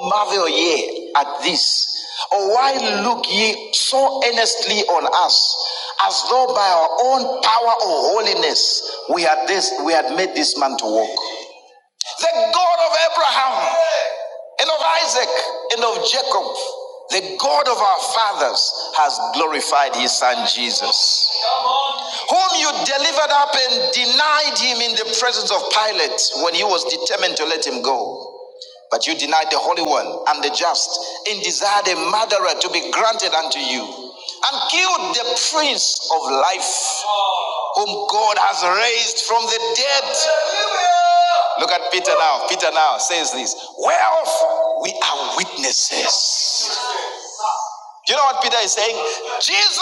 Marvel ye at this? Or why look ye so earnestly on us, as though by our own power or holiness we had this we had made this man to walk? The God of Abraham and of Isaac and of Jacob, the God of our fathers, has glorified his son Jesus, whom you delivered up and denied him in the presence of Pilate when he was determined to let him go. But you denied the Holy One and the just, and desired a murderer to be granted unto you, and killed the Prince of Life, whom God has raised from the dead, Look at Peter now. Peter now says this Whereof we are witnesses. You know what Peter is saying? Jesus.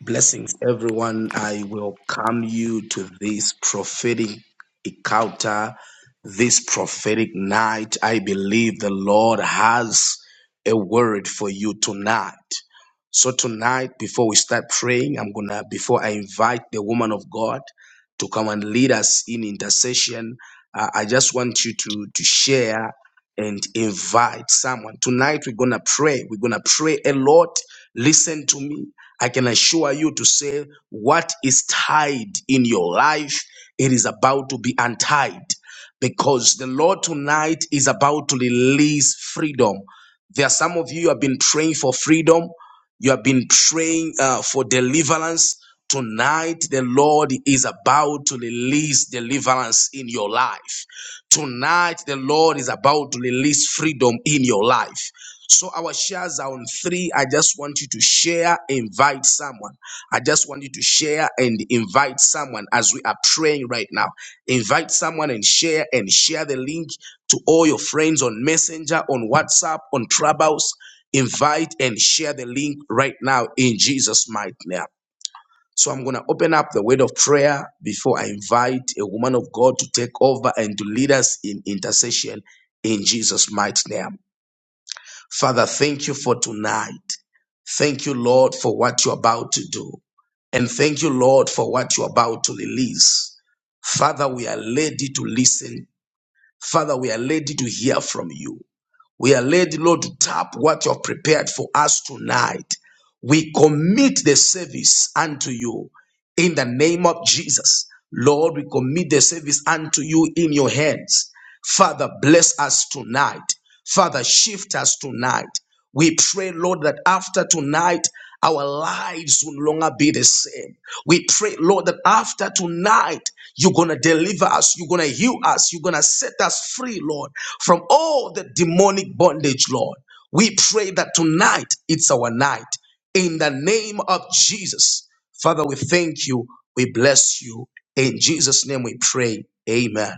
Blessings, everyone. I welcome you to this prophetic encounter, this prophetic night. I believe the Lord has a word for you tonight. So tonight, before we start praying, I'm gonna before I invite the woman of God to come and lead us in intercession, uh, I just want you to to share and invite someone. Tonight we're gonna pray. We're gonna pray a lot. Listen to me. I can assure you to say what is tied in your life, it is about to be untied because the Lord tonight is about to release freedom. There are some of you who have been praying for freedom. You have been praying uh, for deliverance. Tonight, the Lord is about to release deliverance in your life. Tonight, the Lord is about to release freedom in your life. So our shares are on three. I just want you to share, invite someone. I just want you to share and invite someone as we are praying right now. Invite someone and share and share the link to all your friends on Messenger, on WhatsApp, on Clubhouse. Invite and share the link right now in Jesus' mighty name. So I'm going to open up the word of prayer before I invite a woman of God to take over and to lead us in intercession in Jesus' mighty name. Father, thank you for tonight. Thank you, Lord, for what you're about to do. And thank you, Lord, for what you're about to release. Father, we are ready to listen. Father, we are ready to hear from you. We are ready, Lord, to tap what you've prepared for us tonight. We commit the service unto you in the name of Jesus. Lord, we commit the service unto you in your hands. Father, bless us tonight. Father, shift us tonight. We pray, Lord, that after tonight, our lives will no longer be the same. We pray, Lord, that after tonight, you're going to deliver us. You're going to heal us. You're going to set us free, Lord, from all the demonic bondage, Lord. We pray that tonight, it's our night. In the name of Jesus. Father, we thank you. We bless you. In Jesus' name we pray. Amen.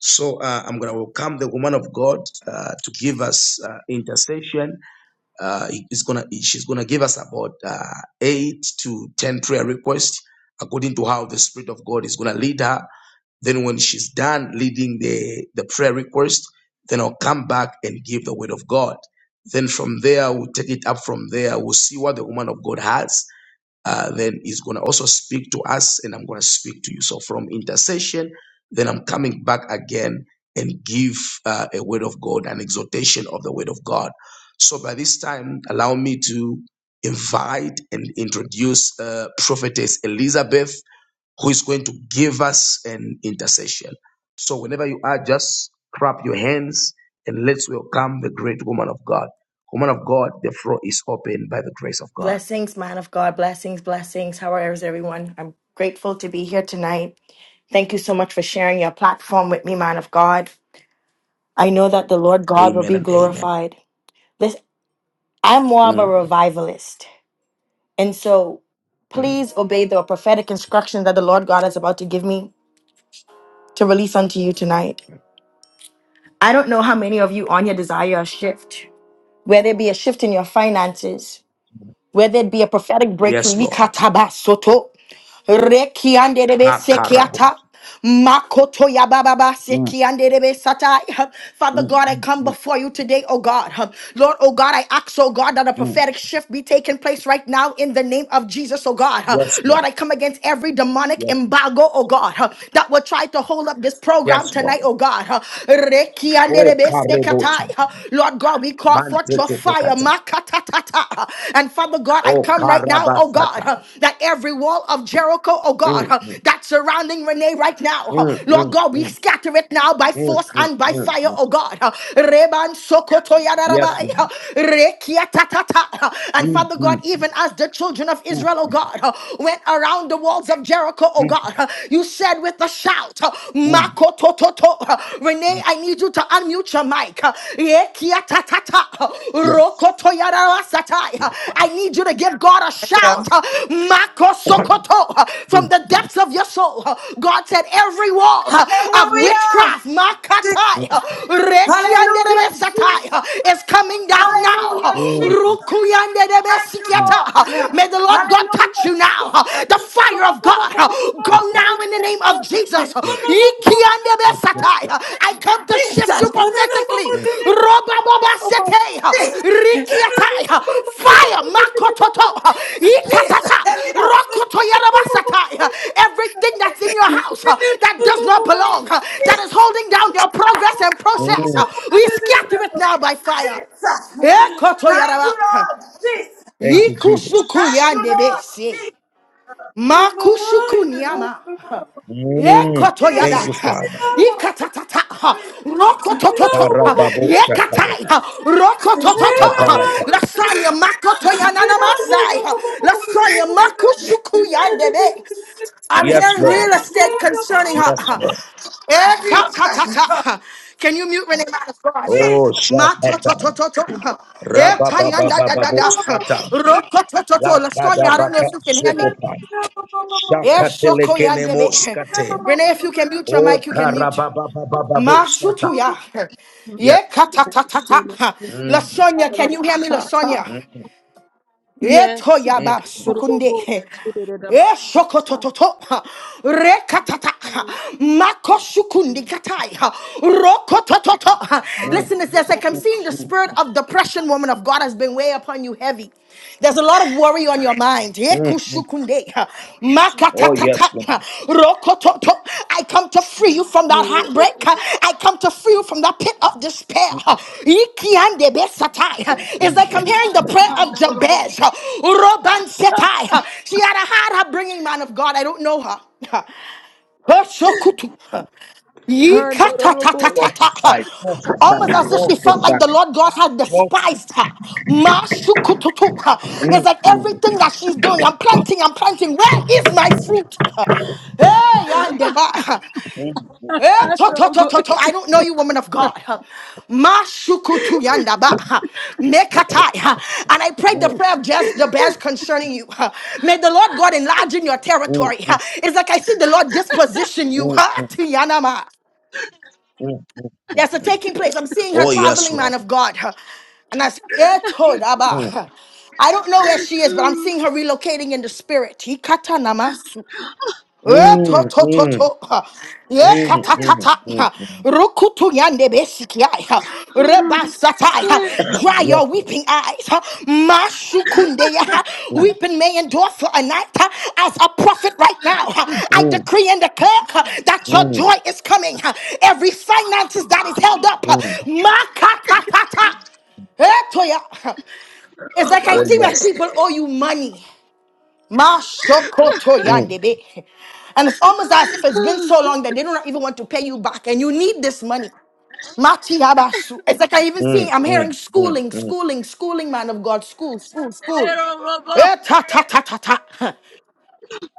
So uh, I'm going to welcome the woman of God uh, to give us uh, intercession. Uh, it's gonna, she's going to give us about uh, eight to ten prayer requests according to how the Spirit of God is going to lead her. Then when she's done leading the, the prayer request, then I'll come back and give the word of God. Then from there, we'll take it up from there. We'll see what the woman of God has uh, then he's going to also speak to us and i'm going to speak to you so from intercession then i'm coming back again and give uh, a word of god an exhortation of the word of god so by this time allow me to invite and introduce uh, prophetess elizabeth who is going to give us an intercession so whenever you are just clap your hands and let's welcome the great woman of god woman of god the floor is open by the grace of god Blessings, man of God. Blessings, blessings. How are everyone? I'm grateful to be here tonight. Thank you so much for sharing your platform with me, man of God. I know that the Lord God will amen be and amen glorified. This I'm more of a Mm, mm, revivalist. And so mm. please obey the prophetic instructions that the Lord God is about to give me to release unto you tonight. I don't know how many of you on here desire a shift, whether it be a shift in your finances, whether it be a prophetic Yes, breakthrough. Lord. Rekianderebe Makarabo. sekiata. Makoto ya ba ba ba Mm, sekianderebe satai. Father mm, God, I mm, come mm, before you today, oh God. Lord, oh God, I ask, oh God, that a mm. prophetic shift be taking place right now in the name of Jesus, oh God. Yes, Lord. Lord, I come against every demonic Yes, embargo, oh God, that will try to hold up this program yes, Lord. tonight, oh God. Oh, Rekianderebe sekatai. Karebosha. Lord God, we call forth your fire, Manteketekata. Makatatata. And Father God, I Oh, come right now, oh God, Karabasata. uh, that every wall of Jericho, oh God, Mm, uh, mm, that's surrounding Renee right now, uh, mm, Lord mm, God, we scatter it now by mm, force mm, mm, and by mm, fire, mm. oh God. uh, Reban Sokoto Yes, Yadarabai, Lord. uh, Rekiatatata. uh, And Mm, Father God, mm, even as the children of mm, Israel, oh God, uh, went around the walls of Jericho, oh mm, God, uh, you said with a shout, mm, uh, Renee, mm. I need you to unmute your mic. Yeah, kia ta ta ta. Yes. Rokoto yara wasatai. Yes. I need you to give God a Hallelujah. shout. Mako sokoto. From Mm, the mm, depths of your soul. God said, every wall of Hallelujah. witchcraft Je- makatai, mm, Hallelujah, rekianderebe Jesus. satai, is coming down now. Hallelujah, mm, mm, Jesus. Rukuyanderebe Thank you, mm, Lord. sikiata. May the Lord God touch Hallelujah, you now now. Jesus. uh, The fire of God, uh, go now in the name of Jesus. Ikiandebesatai. I come to Jesus. shift you prophetically. mm, Robabobasete. Jesus. Rikiatai. Fire, makototo. Ikatata. Rokotoyarabasatai. Everything that's in your house uh, that does not Jesus. belong, uh, that is holding down your progress and process, mm. uh, we scatter it now by fire. Jesus. Thank you, Ekotoyaraba. Lord. Jesus. Thank you, Ikusuku Thank you, Jesus. Lord. yandebese. Jesus. Makusukuniama. Mm. Ekoto yada. Thank you, Father. Ikatatata. Rokotototo. Karababosha. Yekatai. Rokotototo. Sukapalata. Lasanya makoto yanana masai. Lasanya makusuku yandebe. I'm Yes, hearing Lord. real estate concerning Yes, her. Lord. Jesus. Ekatatata. Can you mute Renee Matters for us? Oh, Shakata. Matotototo. Ekayanda da da Rabababababo da. Sata. Jesus. Rokotototo. Lasanya, I don't know if Lapadabaka you can hear me. Sokopa. Yes, Shoko Shakatelekenemo Yandebe. Skate. Renee, if you can mute your Oh, mic, you can mute. Karabababababo Sata. Mashutuya. Yes. Yeah, katatatata. Mm, Lasonia, can you hear me, Lasonia? mm, Yeah, Yes. toya mm, ba Oh sukunde. Yeah, shoko tototo. Re katata. Mako shukundi katai. Roko mm, mm, tototo. mm, Listen to this. Like I'm mm, seeing the spirit of depression, woman of God, has been way upon you heavy. There's a lot of worry on your mind. Ye mm. mm. kushukunde. Oh, yes, Lord. Makatatata, rokototo. I come to free you from that heartbreak. I come to free you from that pit of despair. Ikiandebesatai. It's like I'm hearing the prayer of Jabez. Robansetai. She had a hard upbringing, man of God. I don't know her. Hoshokutu. Yee-ka-ta-ta-ta-ta-ta. Prophesy, prophesy, Almost as if she felt like prophesy. the Lord God had Proph- despised her. Ma-shu-ku-tu-tu. Mm, It's like mm, everything that she's doing, I'm planting, I'm planting. Where is my fruit? Hey, yandeba. mm, Hey, to-to-to-to-to. I don't know you, woman of God. Ma-shu-ku-tu yandaba. Mekatai. And I prayed mm, the prayer of just the best concerning you. May the Lord God enlarge in your territory. mm, mm, It's like I see the Lord disposition you. mm, mm, mm. There's a taking place. I'm seeing her Oh, yes, traveling, man Lord. of God. Her- And I said, Mm, I don't know where she is, but I'm seeing her relocating in the spirit. Eh, to mm, to to to mm, ha. Ye mm, mm, katatata mm, ha. mm. rukutu yande besiki ai, ha. reba satai ha. dry your Yes, Lord. weeping eyes ha. mashukunde ya, ha. Mm, weeping may endure for a night ha. as a prophet right now ha. I mm, decree and declare ha, that your mm, joy is coming ha. every finances that is held up ha. mm. makatatata Eh, Toya. It's like I Oh, see my people yes. owe you money. Mashokoto Mm, yandebe. And it's almost as if it's been so long that they do not even want to pay you back and you need this money. Mati habasu. It's like I even mm, see, I'm hearing mm, mm, schooling, mm, schooling, schooling, man of God, school, school, school. Eh, ta ta ta ta ta. Huh.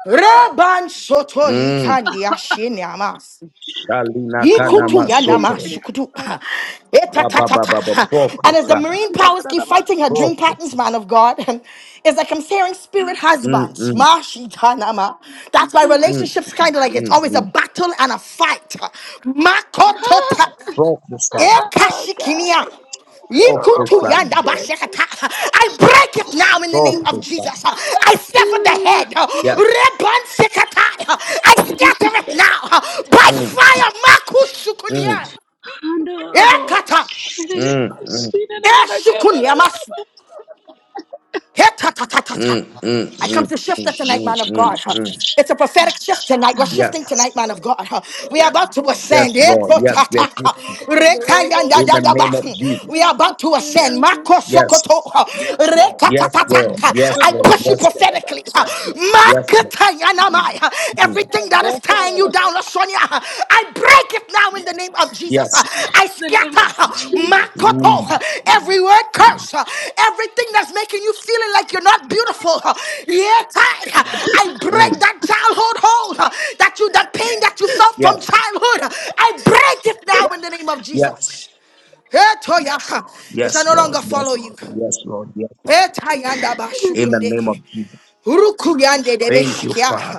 Reban soto mm. yikandi ashini Shalina kana Yikutu ya nama masoto. shukutu. Eta La ta ba ta ba ta. ba ba. Ha. And as the Prophesy. marine powers keep fighting her dream patterns, Prophesy. man of God, it's like I'm hearing spirit Mm, husbands. mm, Ma shi ta nama. That's why mm, relationships kind of like it's mm, always a mm. battle and a fight. Makoto Prophesy. God, Ekashikinia. got a Yikutu Prophesy. robot yanda shit. bashekata. I break it now in the name of Prophesy. Jesus. I sever the head. Yes. Reban sekata. I scatter it now by Mm, fire. mm, Makushukunia. Kandorobo, Ekata. shirerebo, mm, mm, shirerebo, Eshukunia kabararabo, Hetatatata. mm, mm, I come mm, to shift mm, it tonight, mm, man of God. mm. huh. mm. It's a prophetic shift tonight. We're Yes. shifting tonight, man of God. huh. We are about to Yes, ascend. Lord. Yes, we are Ekotata, huh. shifting kandorobo, in the name Rekayandadadaba, of hmm. Jesus. We are about to ascend. shirerebo, Makosokoto, huh. Yes. Yes, Lord. Rekatatata, huh. Yes, I shirerebo, Lord. push you Yes, Lord. shirerebo. prophetically. huh. Yes, Lord. Makatayanamai, huh. Mm. Everything that is tying you down, Lasonia. I break it now in the name of Jesus. Yes. I In The name of scatter Jesus. Makoto, Mm. every word Mm. curse, everything that's making you feeling like you're not beautiful. Yet I, I break Mm. that childhood hold that you, that pain that you felt from Yes. childhood. I break it now in the name of Yes. Jesus. Hey, Toya, It shall Yes, no Lord. longer Yes, follow you. Lord. Yes, Lord. Yes. Hey, Tayanda In the name Bashukunde. of Jesus. Urukuyande de Thank you, besikia. Father.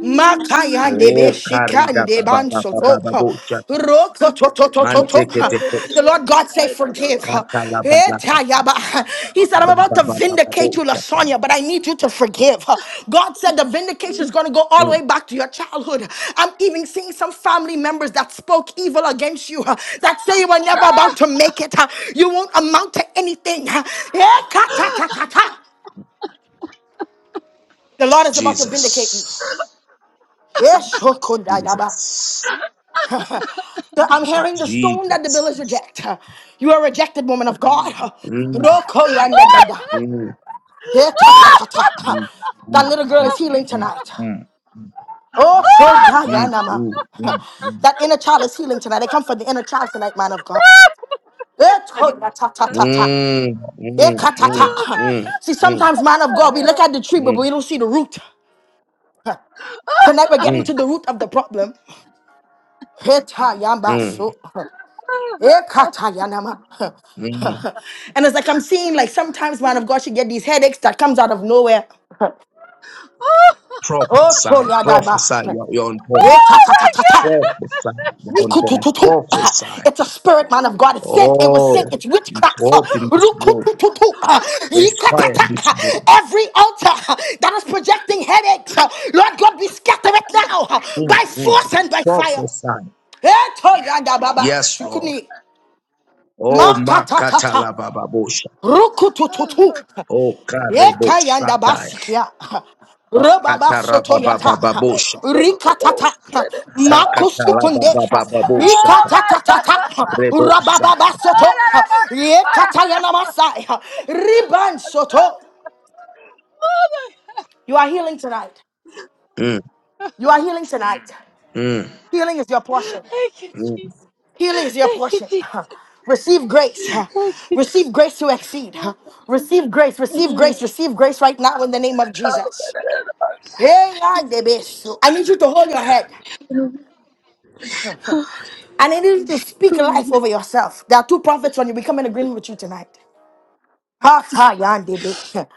Makayande Oh, karida besikande baba baba bansoto. baba boshata. Roko Manteke Kandorobo, The tekos. Lord God say, forgive. shirerebo. Katala balakata. Etayaba. He said, I'm about to Rababa baba vindicate you, Lasonia, boshata. but I need you to forgive. God said the vindication is going to go all the way back to your childhood. I'm even seeing some family members that spoke evil against you, that say you were never about to make it. You won't amount to anything. Ekatatata. The Lord is about to vindicate you. Jesus. Yes, Shokundagaba. Jesus. So I'm hearing the stone that the builders Jesus. reject. You are rejected, woman of God. Mm, Rokoyandadada. mm, Yeah, ta, ta, ta, ta. mm, That mm, little girl mm, is healing mm, tonight. mm, Oh, so mm, Dayanama. mm, mm, mm. That inner child is healing tonight. I come for the inner child tonight, man of God. Yeah, to- ta, ta, ta, ta, ta. Mm, Yeah, mm, ka, mm, mm, ta, Oh, ta. God. mm, See, sometimes, man of God, we look at the tree, but we don't see the root. Tonight we're getting mm, mm, to the root of the problem. Heta yamba mm, so. Ekatayanama. mm. and it's like I'm seeing like sometimes man of God should get these headaches that comes out of nowhere. Oh Prophesy, prophesy, toyadaba. you're, you're on Yeah point. ta Oh, ta ta my ta ta. God. Prophesy, you're on point. Nikutututu. Prophesy. It's a spirit, man of God. It's sent. It was sent. Oh, It's it's witchcraft. hot in this world. Rukutututu. There's fire in Yikatata. this world. Every altar that is projecting headaches, Lord God, we scatter it now Mm, by mm. force and by fire. Prophesy. Eh, toyadababa. Yes, Lord. Shukuni. Oh, Makatatata. makatalabababosha. Rukutututu. Oh, karebo Yeka yanda sataya. basikia. Robaba soto yata. Katarababababosha. Kandorobo, Rikatata. shirerebo. Makusukunde. Zakatalababababosha. Oh my Rikatatatata. God. Rebo Rababa zakata. Oh soto. Yekata my yana masai. Riban God. soto. You are healing tonight. Mm, You are healing tonight. mm, Healing is your portion. Thank you, mm. Jesus. Healing is your Thank you, portion. Jesus. Receive grace. Receive grace to exceed. Receive grace. Receive grace. Receive grace right now in the name of Oh Jesus. my Hey, God, the best. So I need you to hold your head. And I need you to speak life over yourself. There are two prophets on you. We come in agreement with you tonight. Ha, ha, yan, de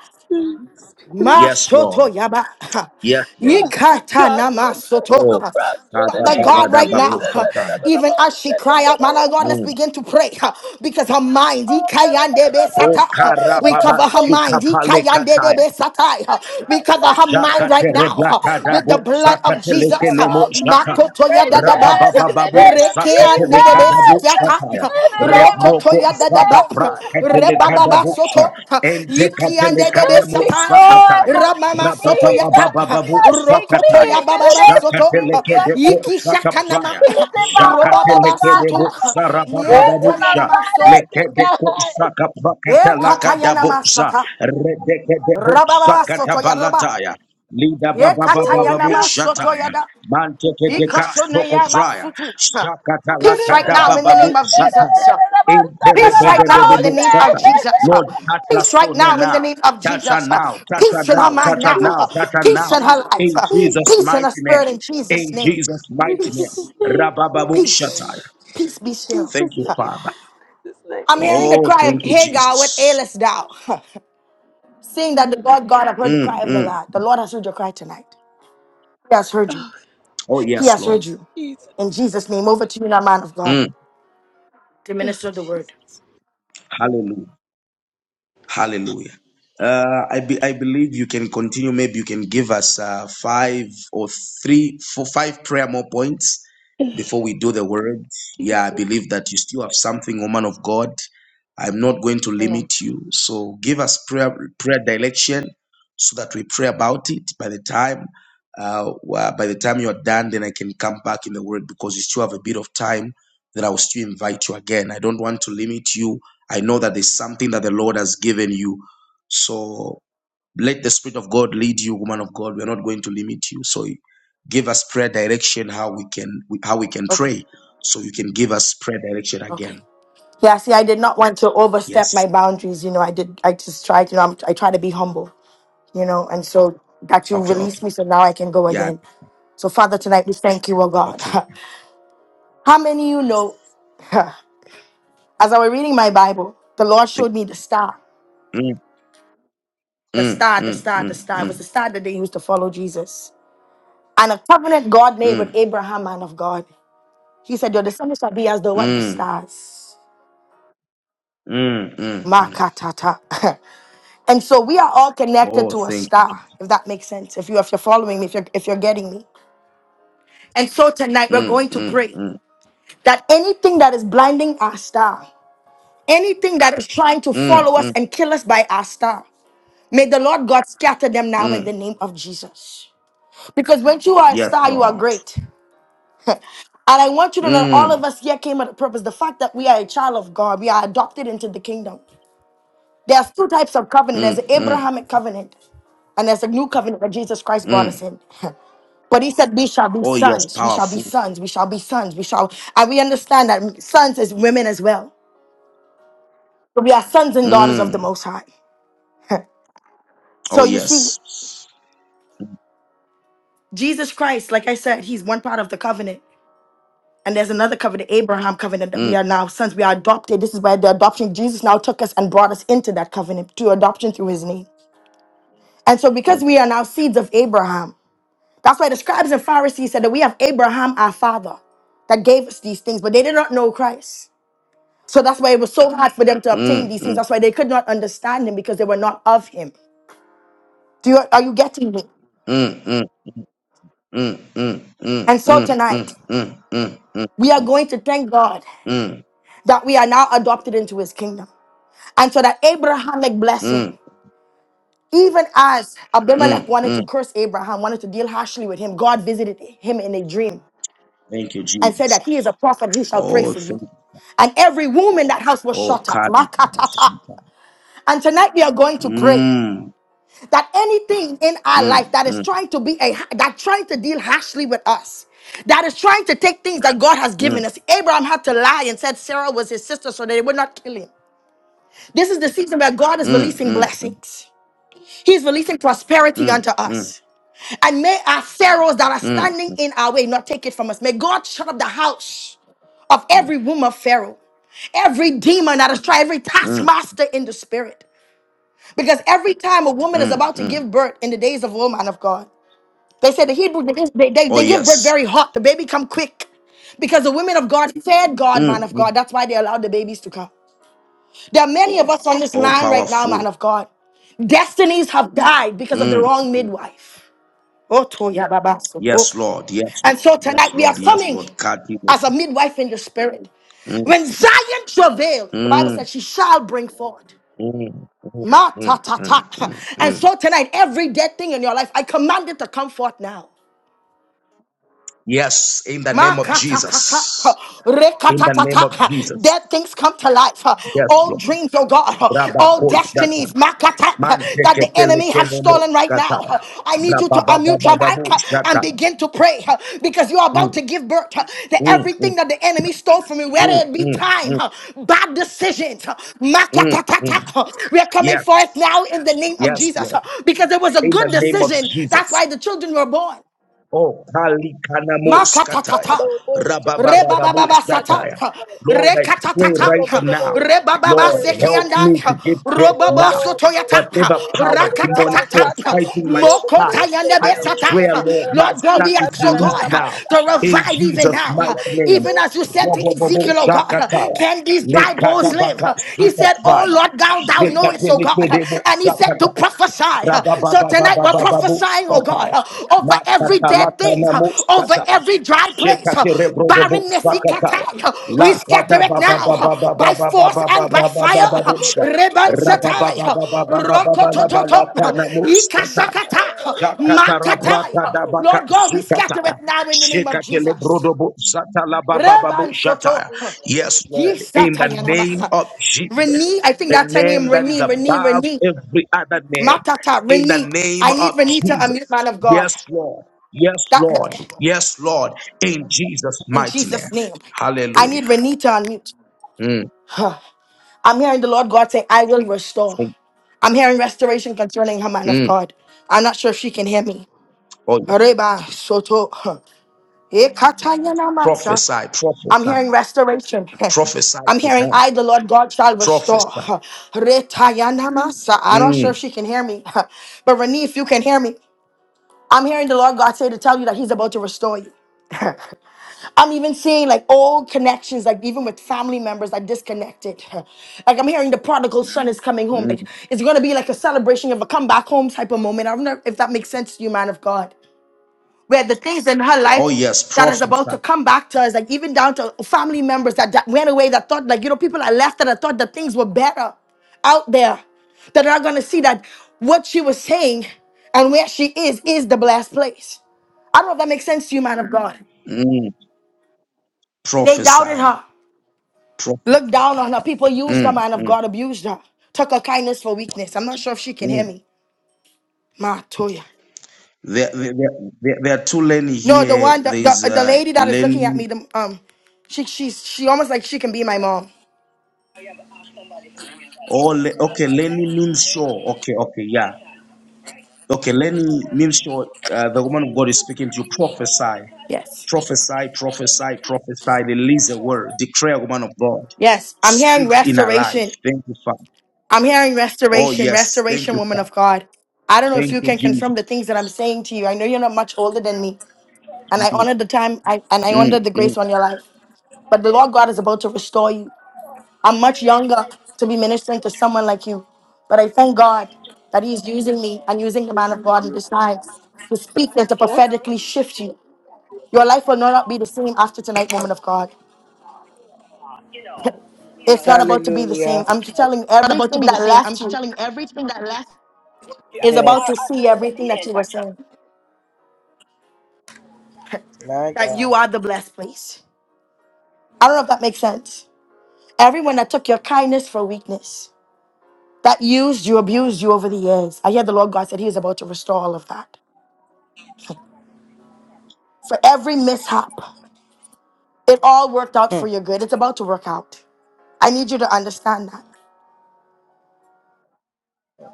God. Yes, Masoto Lord. yaba. Yes, Lord. Yikata na Prosper. Oh, masoto. Prosper in the Father name of God, right Jesus. now, kadabaladababosataya. even as she cry out, Mother God, let's Mm. begin to pray because her mind, Oh ikayandebe Oh, sata. we cover her mind, karababasukapalekataya. ikayandebe satai. we cover God. her mind right now Prosper. with the Jakatereblakadabo blood of Come Jesus. sakatelekelemo off of me, jataya. Toya dadaba, depression, in the Rababababu name of rekea nedebe zakatelekadabu Jesus. sikiata, shataya. In the name roko of Rebroko toya zaka dadaba, Jesus. pra rebababa katelekadabu soto, sha. Ente ikia I nedebe katelekanamu speak sata, joy. zakataya. I speak ramama soto peace. yata, Rabababababu I speak roko zakataya. toya peace in the bababa name of soto, Jesus. Zakatelekedeko iki shakanama, zakapraya. Peace in my home, robababa God. soto, Zakatelekedebo Peace yeta sarabababu in my sha. yanama so, finances, Lekedeko God. ekata zakaprakatelakadabu yanama za. sata, Redekedebo rababa soto yadaba, zakatabalataya. Lida baba ekata baba Oh, babu yanama God. soto shataya. yada. Manteke deka soko traya. Ikashoneyabasutu. Shakata Peace right lakada now in the bababu name of Jesus. sataya. Huh. Peace right now in the Interebebebebu name of sataya. Jesus. Huh. Lord, touch La Peace right Sonia now in the now. name of Touch her Jesus. Huh. now. Touch her Peace in now. her mind Touch her now. now. Huh. Touch her Peace now. in her life. In Huh. Please, Jesus' Peace in her mighty spirit name. in Jesus' In name. Jesus' in mighty name. Peace. Jesus' name, Rabababu shataya. Peace. Peace In be still. Thank Jesus' you, Huh. name, Father. in Jesus' I'm name. hearing the Oh, cry of thank you, Hagar, what Jesus. ailest thou? Seeing that the Lord God have heard the Mm, cry of the mm. Lord. The Lord has heard your cry tonight. He has heard you. Oh, Oh, He yes, has Lord. heard you. Jesus. In Jesus' name, over to you now, man of God. Mm. to Oh, minister the word. Jesus. Hallelujah. Hallelujah. Jesus. Uh, I be, I believe you can continue. Maybe you can give us uh, five or three, four, five prayer more points before we do the word. Yeah, I believe that you still have something, woman of God. I'm not going to Amen. limit you. So give us prayer prayer direction so that we pray about it. By the time uh, wa- by the time you're done, then I can come back in the word because you still have a bit of time that I will still invite you again. I don't want to limit you I know that there's something that the Lord has given you. So let the Spirit of God lead you, woman of God. We're not going to limit you. So give us prayer direction how we can how we can Okay. pray. So you can give us prayer direction again. Okay. Yeah, see, I did not want to overstep Yes. my boundaries. You know, I did, I just tried, you know, I'm, I try to be humble, you know, and so that you Okay. release Okay. me so now I can go Yeah. again. So, Father, tonight we thank you, oh God. Okay. How many you know, as I was reading my Bible, the Lord Thank- showed me the star, Mm, the mm, star, the mm, star, the mm, star. It was the mm, star that they used to follow Jesus. And a covenant God made with mm, Abraham, man of God. He said, Your descendants shall be as though what the mm, stars. mm, mm, mm. Makatata. And so we are all connected Oh, to a thank you. star, if that makes sense. If you if you're following me, if you're if you're getting me. And so tonight we're Mm, going to mm, pray mm, that anything that is blinding our star, anything that is trying to mm, follow us mm, and kill us by our star, may the Lord God scatter them now in the mm. name of Jesus. Because when you are a Yes, star, you are Lord. great. And I want you to know that all of Mm, us here came at a purpose. The fact that we are a child of God, we are adopted into the kingdom. There's two types of covenant. There's mm, the mm, Abrahamic covenant, and there's a new covenant that Jesus Christ brought us mm. in. But he said, We shall be Oh, yes, sons, we shall be powerful. sons, we shall be sons, we shall. And we understand that sons is women as well. So we are sons and daughters of the Mm. Most High. Oh so you see, yes. Jesus Christ, like I said, he's one part of the covenant. And there's another covenant, Abraham covenant, that we Mm, are now sons. We are adopted. This is where the adoption, Jesus now took us and brought us into that covenant to adoption through his name. And so because mm, we are now seeds of Abraham, that's why the scribes and Pharisees said that we have Abraham, our father, that gave us these things, but they did not know Christ. So that's why it was so hard for them to mm, obtain these things. mm, That's why they could not understand him because they were not of him. Do you are you getting me? mm, mm, mm, mm, And so mm, tonight mm, mm, mm, mm, we are going to thank God mm, mm, mm, that we are now adopted into his kingdom. And so that Abrahamic blessing, mm. even as Abimelech mm. wanted mm. to curse Abraham, wanted to deal harshly with him, God visited him in a dream Thank you, and said that he Jesus. is a prophet who shall pray Oh, for you. thank you. And every womb in that house was Oh, shut up. God. we have a Makatata. super. And tonight we are going to pray. Mm, that anything in our mm, life that is mm, trying to be a that trying to deal harshly with us that is trying to take things that god has given mm, us abraham had to lie and said sarah was his sister so they would not kill him this is the season where god is mm, releasing mm, blessings he's releasing prosperity mm, unto mm, us and may our pharaohs that are mm, standing in our way not take it from us may god shut up the house of every womb of pharaoh every demon that is trying, every mm, taskmaster in the spirit. Because every time a woman is mm, about to mm. give birth in the days of woman of God, They said the Hebrews, they, they, Oh, they give birth yes. very hot. The baby come quick. Because the women of God fed God, Mm, man of mm. God. That's why they allowed the babies to come. There are many of us on this Oh, line right now, man powerful. of God. Destinies have died because of the Mm. wrong midwife. Oh, Toya Baba. so- oh. Yes, Lord. Yes, Lord. And so Yes, tonight we are Lord. Yes, coming Lord. God, give it. as a midwife in the spirit. Mm, When Zion travail, the Bible mm. says she shall bring forth. Mm, mm, Ma mm, ta ta mm, ta. mm, And mm. so tonight, every dead thing in your life, I command it to come forth now. Yes, in the name of Makatatata, huh, Jesus. In the name rekatatata, of huh, Dead Jesus. things come to life. huh, Yes, All Lord. dreams, oh God, huh, Rabba all ko shata. destinies makata, huh, Man that the teke pele enemy has kene mo stolen right skata. now. huh. I need you to Rabba ba ba unmute your ba ba mic bo huh, and shata. begin to pray huh, because you are about Mm, to give birth huh, to mm, everything mm, that the enemy stole from you, whether mm, it be mm, time, mm, huh, bad decisions. huh, mm, makatatata, mm. huh. We are coming Yes. forth now in the name of Yes, Jesus huh, Lord. because it was a In good the name of decision. That's why Jesus. the children were born. Oh, Kali Kanamo Skataya. Makatatata. Rabba Rebababa sata, Lord, I pray right rekatatata, now. rebababa Lord, help sekianda, me to give birth robobo now. sotoyata, Whatever power, demonic rakatatata, force fighting my mokota star, yandebe I declare, sata. Lord, my Lord God, star we is ask, oh released God, now. to In revive Jesus. even Jesus' now. mighty name. Even as you said to Robobobo Ezekiel, oh God, shakataya. can these dry bones live? Lekatabaka He said, When oh sukataya. Lord, thou, thou knowest, oh God. Shekatelekebo and. He said to shakataya. prophesy. huh? So tonight we're Rabababababababo prophesying, oh God, shakataya. huh, over every dead thing, Makatalakana huh, mo over shakataya. every dry place. huh. Shekatere brodobo Barrenness, Ikata, sakataya. La we kada scatter it ba ba now ba huh, ba ba ba by ba ba force ba ba and by ba ba Thank fire. ba ba huh. you, busha. Reban Raba ba Rebansatai, ba huh, ba ba ba ba ba ba la ba la rokotototo, huh, kana muskata. ikasakata, huh, Shakatara makatai, brata huh. da baka Lord God, we zukata. scatter it now in the name of Shekatele Jesus. brodobo sata la ba ba ba Reban busha soto, taya. Yes, Lord, in the kisatayanama, name huh. of Jesus, Renee, I think the that's her name, name that is Renee, Renee, above Renee. every other name, Matata, in the Renee. name I need of Renee to unmute, Jesus. man of God. Yes, Lord. Yes, That, Lord. that- Yes, Lord. In Jesus' in mighty Jesus' name. name. I Hallelujah. need Renee to unmute. Mm, Huh. I'm hearing the Lord God say, I will restore. I'm hearing restoration concerning her man of mm. God. I'm not sure if she can hear me. Oh, yes. Reba Soto. huh. Ekatanya namasa. Prophesy, I'm prophesy, hearing restoration. prophesy I'm to hearing her. I, the Lord God, shall restore. Prophesy. Retaya namasa. I'm not Mm, sure if she can hear me. But Renee, if you can hear me. I'm hearing the Lord God say to tell you that He's about to restore you. I'm even seeing like old connections, like even with family members that disconnected. Like I'm hearing the prodigal son is coming home. mm. Like it's gonna be like a celebration of a come back home type of moment. I don't know if that makes sense to you, man of God where the things in her Oh, life yes. that is about Prophesy. to come back to us, like even down to family members that, that went away that thought, like, you know, people are left that I thought that things were better out there. That are gonna see that what she was saying and where she is is the blessed place. I don't know if that makes sense to you, man of God. Mm, They doubted prophesy. her, Proph- looked down on her. People used her, mm, man of mm, God, abused her, took her kindness for weakness. I'm not sure if she can hear mm. me. Ma Toya. There, there, there, there are two Lenny No, the here. one, the, There is the, the uh, lady that is looking at Lenny. me, the, um, she, she's, she almost like she can be my mom. Oh, Le- okay. Lenny means sure. Okay, okay, yeah. Okay, Lenny means sure. Uh, the woman of God is speaking to you. Prophesy Yes. Prophesy, prophesy, prophesy. Release a word. Declare, woman of God. Yes. I'm hearing Speak in our life. restoration. Thank you, Father. I'm hearing Oh, restoration, yes. Thank restoration, you, woman Father. of God. I don't know if Thank you you, can confirm Jesus. the things that I'm saying to you. I know you're not much older than me, and I honor the time I, and I honor Mm. the grace on your life. But the Lord God is about to restore you. I'm much younger to be ministering to someone like you, but I thank God that He's using me and using the man of God in this time to speak and to prophetically shift you Your life will not be the same after tonight, woman of God. It's not about to be the same. Hallelujah. I'm telling you, Not about to everything be the that same. I'm left you telling you, everything that left is Yes, about to see everything that you were saying. my that you God. are the blessed place. I don't know if that makes sense. Everyone that took your kindness for weakness, that used you, abused you over the years, I hear the Lord God said He is about to restore all of that. For every mishap, it all worked out for Hmm, your good. It's about to work out. I need you to understand that.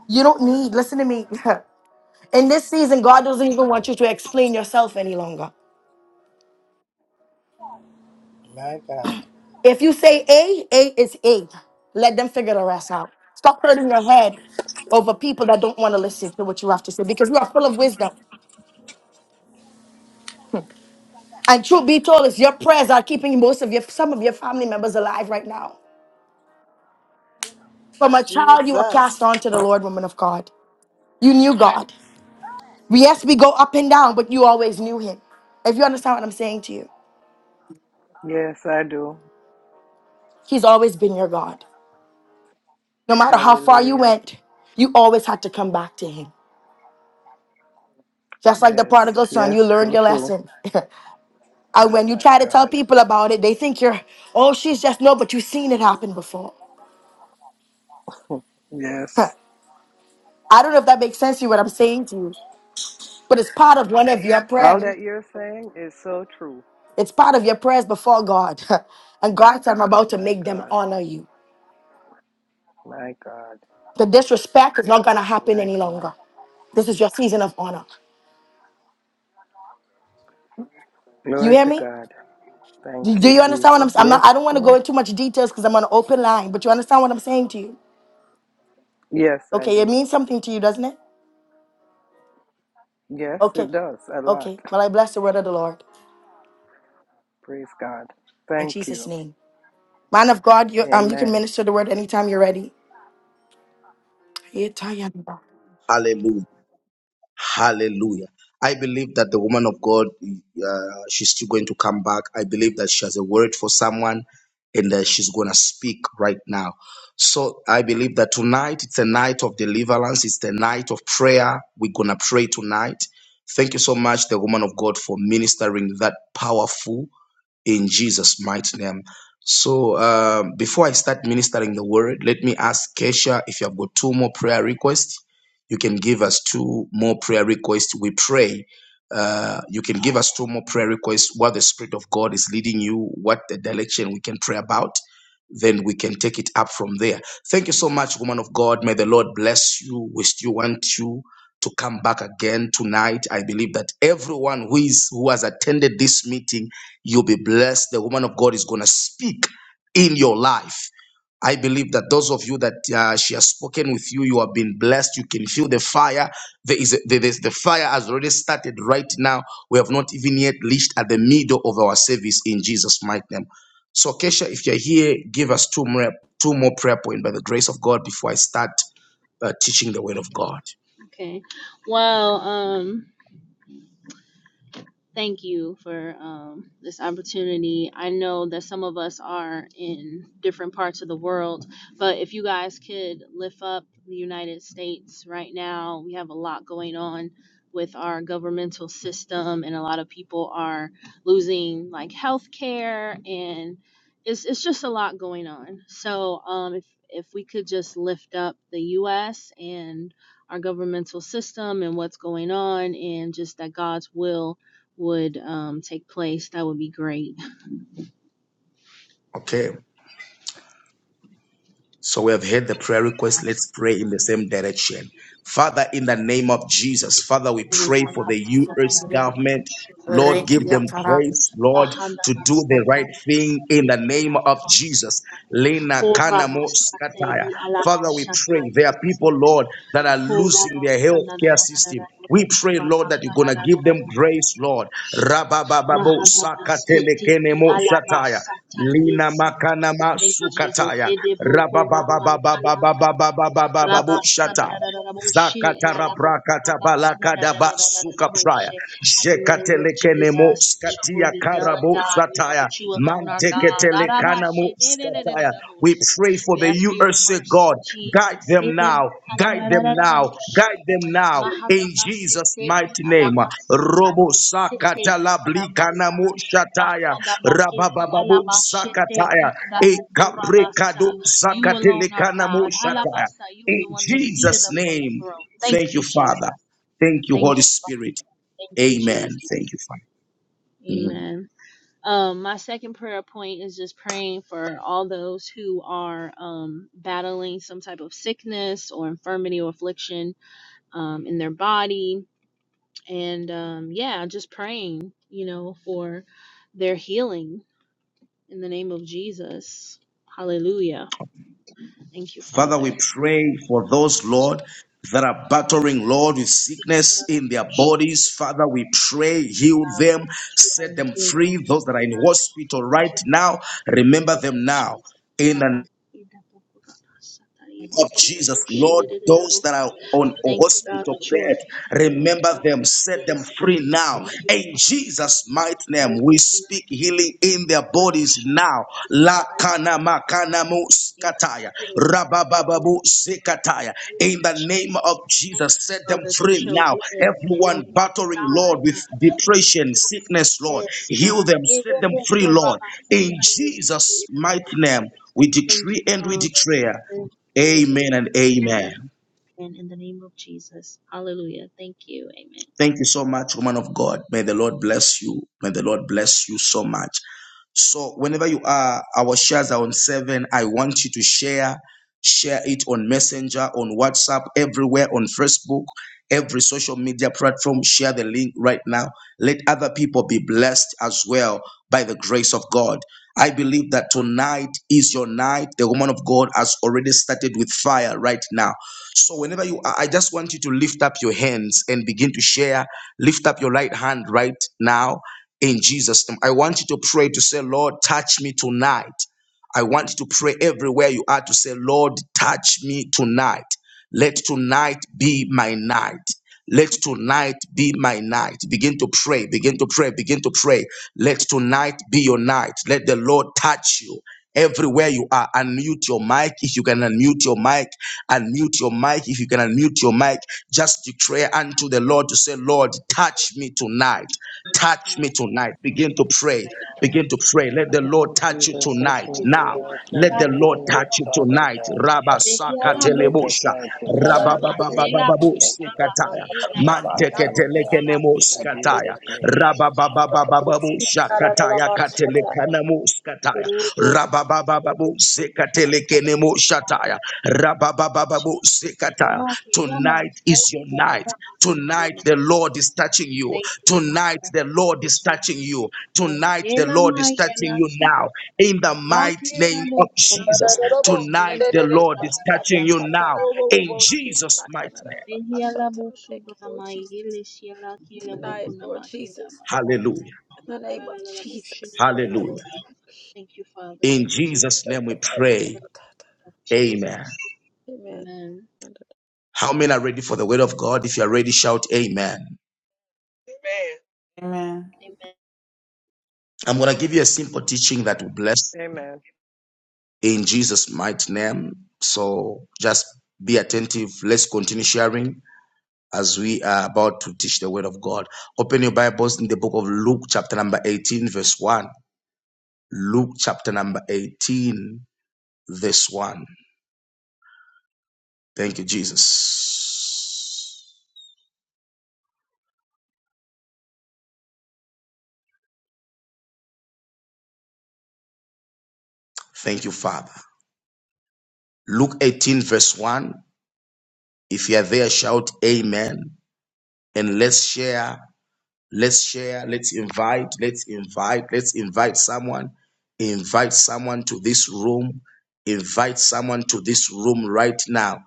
You don't need, listen to me. In this season, God doesn't even want you to explain yourself any longer. My God. If you say A, A is A. Let them figure the rest out. Stop hurting your head over people that don't want to listen to what you have to say because you are full of wisdom. And truth be told, it's your prayers are keeping most of your some of your family members alive right now. From a child, you were cast Jesus. on to the Lord, woman of God. You knew God. We, Yes, we go up and down, but you always knew Him. If you understand what I'm saying to you, Yes, I do. He's always been your God. No matter how far you Hallelujah. went, you always had to come back to him. Just like the Yes, prodigal son, you yes, learned so your true. lesson. and when you My try to tell God. people about it, they think you're, oh, she's just no, but you've seen it happen before. I Yes. don't know if that makes sense to you what I'm saying to you, but it's part of one of your All prayer. that you're saying is so true. It's part of your prayers before God. and God said, I'm about to My make them God. honor you. My God. The disrespect is not going to happen My any God. longer. This is your season of honor. You Glory hear to me? God. Thank Do, do you, you understand what I'm Jesus. saying? I'm not, Yes, I don't want to go yes. into much details because I'm on an open line, but you understand what I'm saying to you? Yes, I Okay, it do. means something to you, doesn't it? Yes, Okay, it does. A lot. okay. Well, I bless the word of the Lord Praise God. in Thank Jesus' you. name. Man of God, you um, you can Amen. minister the word anytime you're ready. Every Hallelujah. Hallelujah. I believe that the woman of God, uh, she's still going to come back. I believe that she has a word for someone and that she's going to speak right now. So I believe that tonight it's a night of deliverance, it's the night of prayer. We're going to pray tonight. Thank you so much, the woman of God, for ministering that powerful in Jesus' mighty name. So, um, before I start ministering the word, let me ask Kesha if you have got two more prayer requests. You can give us two more prayer requests. We pray. Uh, you can give us two more prayer requests. What the Spirit of God is leading you, what the direction we can pray about. Then we can take it up from there. Thank you so much, woman of God. May the Lord bless you. We still want you to come back again tonight. I believe that everyone who is who has attended this meeting, you'll be blessed. The woman of God is gonna speak in your life. I believe that those of you that uh, she has spoken with you, you have been blessed. You can feel the fire. There is a, there is the fire has already started right now. We have not even yet reached at the middle of our service in Jesus' mighty name. So, Kesha, if you're here, give us two more two more prayer points by the grace of God before I start uh, teaching the word of God. Okay. Well, um, Thank you for um, this opportunity. I know that some of us are in different parts of the world, but if you guys could lift up the United States right now, we have a lot going on with our governmental system, and a lot of people are losing like health care, and it's, it's just a lot going on. So um, if, if we could just lift up the U.S. and our governmental system and what's going on, and just that God's will would um, take place, that would be great. Okay. So we have heard the prayer request. Let's pray in the same direction. Father, in the name of Jesus, Father, we pray for the U.S. government. Lord, give them grace, Lord, to do the right thing in the name of Jesus. Lena Kanamo Skataya. Father, we pray. There are people, Lord, that are losing their health care system. We pray, Lord, that you're going to give them grace, Lord. Rabababo Sakatelekenemo Shataya. Lina makana Thank you, Jesus. masukataya. Rabababababababababababu shata. Rabasanaraboshe, zakata Yalabo, prakata balakada basuka praya. Rabakanaraboshe. Have your way, Lord Jekatelekene mo Jesus. Your will skatia be done, karabo God. We know sataya. that you alone are God. Manteketelekana mo Arabashe, skataya. We nenenenenenaboshe. pray for We the ask for your USA God. mercy, God, guide Jesus. them now, guide them now, Hedemakalalaraboshe. guide them now in Mahababa Jesus' Sete i mighty name. Alamasakai Robo Sete i sakatala blikana mo Alamasa shataya, Bakandamake i rabababu Alamashete sakataya, i e Adamokorabasa. kaprekado You alone are sakatelekana mo God. shataya. Halabasa, you are In the one that's seated Jesus' upon the name, throne. thank Thank you, you, Father. Jesus. Thank you, Thank Holy you, Spirit. thank you, Amen. Jesus. Thank you, Father. Mhm. Amen. Um, my second prayer point is just praying for all those who are um battling some type of sickness or infirmity or affliction um in their body and um, yeah, just praying, you know, for their healing in the name of Jesus. Hallelujah. Thank you, Father, Father. we pray for those, Thank you, Lord, that are battling, Lord, with sickness Father, in their Jesus. bodies. Father, we pray, heal God, we know them, that you are set a them healer, oh free. Father Those that are in God. hospital Thank right you for now, the remember release, them now. Jesus. In the of Jesus, Lord, those that are on a Thank you, God, hospital that you are bed, a healer, oh remember God. them, set them Yes, free now. thank you, In Father, Jesus' mighty for name, we your speak healing in their blood, bodies now. Jesus La Christ. kana makanamu they are skataya, healed. In the rabababu zikataya. name In of the name of Jesus, thank Jesus, you, set them Father. They free shall now. live and Everyone not battling, Lord, die, with God. depression, sickness, Lord, Yes, heal God. them, Thank set them free, Lord. In Jesus' mighty name, we you, decree and we Father. declare. Thank you for your day. Amen and amen. And in the name of Jesus. Hallelujah. Thank you. Amen. Thank you so much, woman of God. May the Lord bless you. May the Lord bless you so much. So, whenever you are, our shares are on seven. I want you to share, share it on Messenger, on WhatsApp, everywhere, on Facebook, every social media platform. Share the link right now. Let other people be blessed as well by the grace of God. I believe that tonight is your night. The woman of God has already started with fire right now. So whenever you are, I just want you to lift up your hands and begin to share. Lift up your right hand right now in Jesus' name. I want you to pray to say, Lord, touch me tonight. I want you to pray everywhere you are to say, Lord, touch me tonight. Let tonight be my night. Let tonight be my night. Begin to pray, begin to pray, begin to pray. Let tonight be your night. Let the Lord touch you. Everywhere you are, unmute your mic if you can unmute your mic, unmute your mic if you can unmute your mic. Just declare unto the Lord to say, Lord, touch me tonight. Yes, Touch me God. tonight. Begin to pray. Thank you, Begin Father. to pray. Let the Lord Lord touch Jesus, you touch Jesus. tonight. me we Now, tonight, let touch love the me you. Lord tonight, touch you Father tonight. God. Rabba We In love you. Jesus' sakatelebosha. mighty Kila Rabba name, we baba pray baba masela that you babu touch mukura me bake sikataya. ila tonight, bakara Father bukia God. la In musa. Jesus' Manteketelekenemoskataya. name. Rabba Such a baba baba babu shakataya katelekanamos kataya. Thank you. Rabba baba Babu for sekatelekene your mo shataya. Jesus. Ila sekataya. makela Tonight masela is your night. mukura bake Tonight the musa. Lord is touching you. Thank you, Tonight Father. the Thank Lord you, is touching Jesus. you. Thank you, Lord. Tonight the Ela Lord is maya touching you las now. In the ba ke mighty la name bo of ko la Jesus. maya las ye Tonight la the bo ko Lord la is maya touching you las ye now. la bo. In Jesus' mighty name. Dehiala bosudo Lord Jesus. namayele siela kile Tonight, boku Lord Jesus, namakeda ma- tonight. Hallelujah. In the name of Jesus, Hallelujah. Thank you, Father. In Thank you, Jesus. Jesus' name we In pray. the name tonight. of Amen. Jesus. Amen. Amen. And How many are ready for the word of God? If you are ready, shout amen. Amen. Amen. I'm going to give you a simple teaching that will bless Amen. in Jesus' mighty name. So just be attentive. Let's continue sharing as we are about to teach the word of God. Open your Bibles in the book of Luke, chapter number 18, verse 1. Luke, chapter number 18, verse 1. Thank you, Jesus. Thank you, Father. Luke 18, verse 1. If you are there, shout Amen and let's share. Let's share, let's invite, let's invite, let's invite someone. Invite someone to this room. Invite someone to this room right now.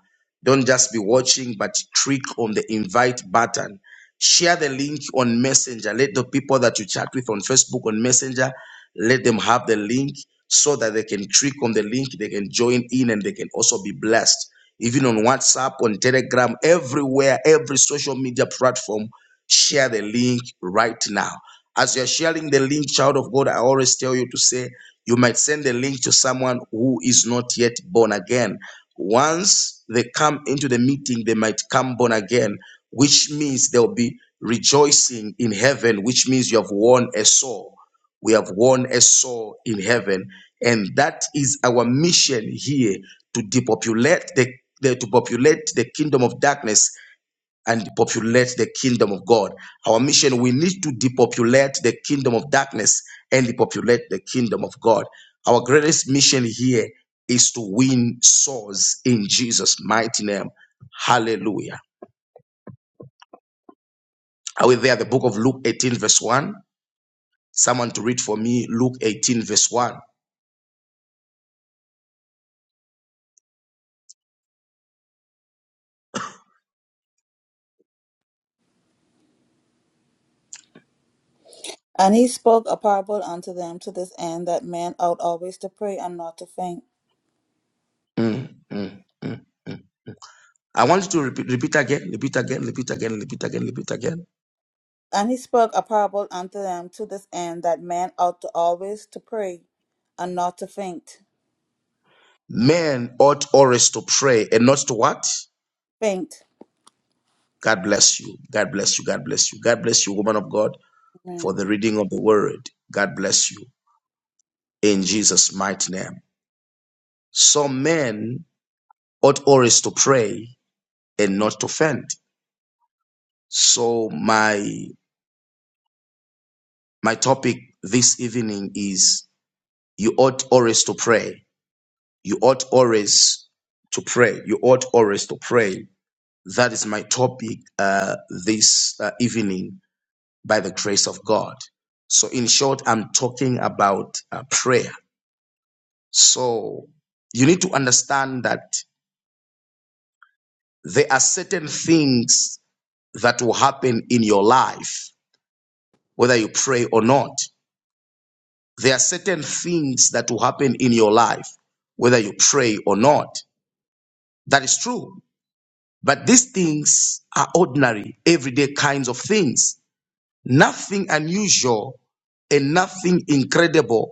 Don't just be watching, but click on the invite button. Share the link on Messenger. Let the people that you chat with on Facebook, on Messenger, let them have the link so that they can click on the link, they can join in, and they can also be blessed. Even on WhatsApp, on Telegram, everywhere, every social media platform, share the link right now. As you're sharing the link, child of God, I always tell you to say, you might send the link to someone who is not yet born again. Once they come into the meeting, they might come born again, which means they'll be rejoicing in heaven, which means you have won a soul we have won a soul in heaven and that is our mission here to depopulate the, the to populate the kingdom of darkness and populate the kingdom of god our mission we need to depopulate the kingdom of darkness and populate the kingdom of god our greatest mission here is to win souls in jesus mighty name hallelujah are we there the book of luke 18 verse 1 someone to read for me luke 18 verse 1 And he spoke a parable unto them to this end, that men ought always to pray and not to faint. Mm, mm, mm. I want you to repeat, repeat again, repeat again, repeat again, repeat again, repeat again. And he spoke a parable unto them to this end, that men ought to always to pray and not to faint. Men ought always to pray and not to what? Faint. God bless you. God bless you. God bless you. God bless you, woman of God, for Amen. the reading of the word. God bless you in Jesus' mighty name. Some men ought always to pray and not to faint. So my my topic this evening is you ought always to pray. You ought always to pray. You ought always to pray That is my topic uh, this uh, evening by the grace of God. So, in short, I'm talking about uh, prayer. So, you need to understand that there are certain things that will happen in your life, whether you pray or not. There are certain things that will happen in your life, whether you pray or not. That is true. But these things are ordinary, everyday kinds of things. Nothing unusual and nothing incredible,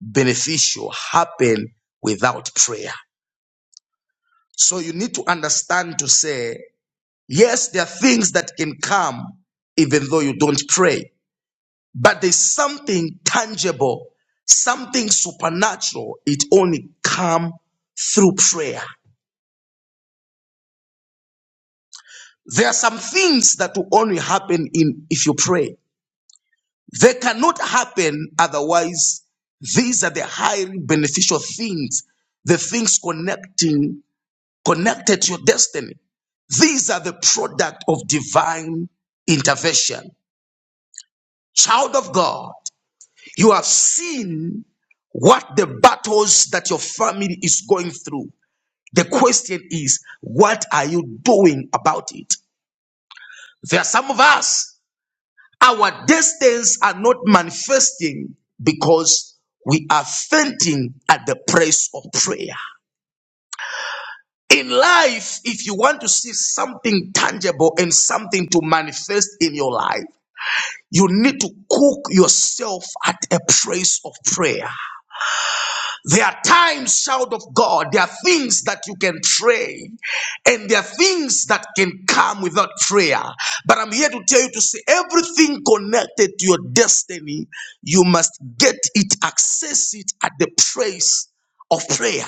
beneficial happen without prayer. So you need to understand to say, yes, there are things that can come even though you don't pray, but there's something tangible, something supernatural. It only come through prayer. There are some things that will only happen in if you pray. They cannot happen otherwise. These are the highly beneficial things, the things connecting, connected to your destiny. These are the product of divine intervention. Child of God, you have seen what the battles that your family is going through. The question is, what are you doing about it? There are some of us Our destinies are not manifesting because we are fainting at the price of prayer. In life, if you want to see something tangible and something to manifest in your life, you need to cook yourself at a place of prayer. There are times, child of God, there are things that you can pray, and there are things that can come without prayer. But I'm here to tell you to say everything connected to your destiny, you must get it, access it at the place of prayer.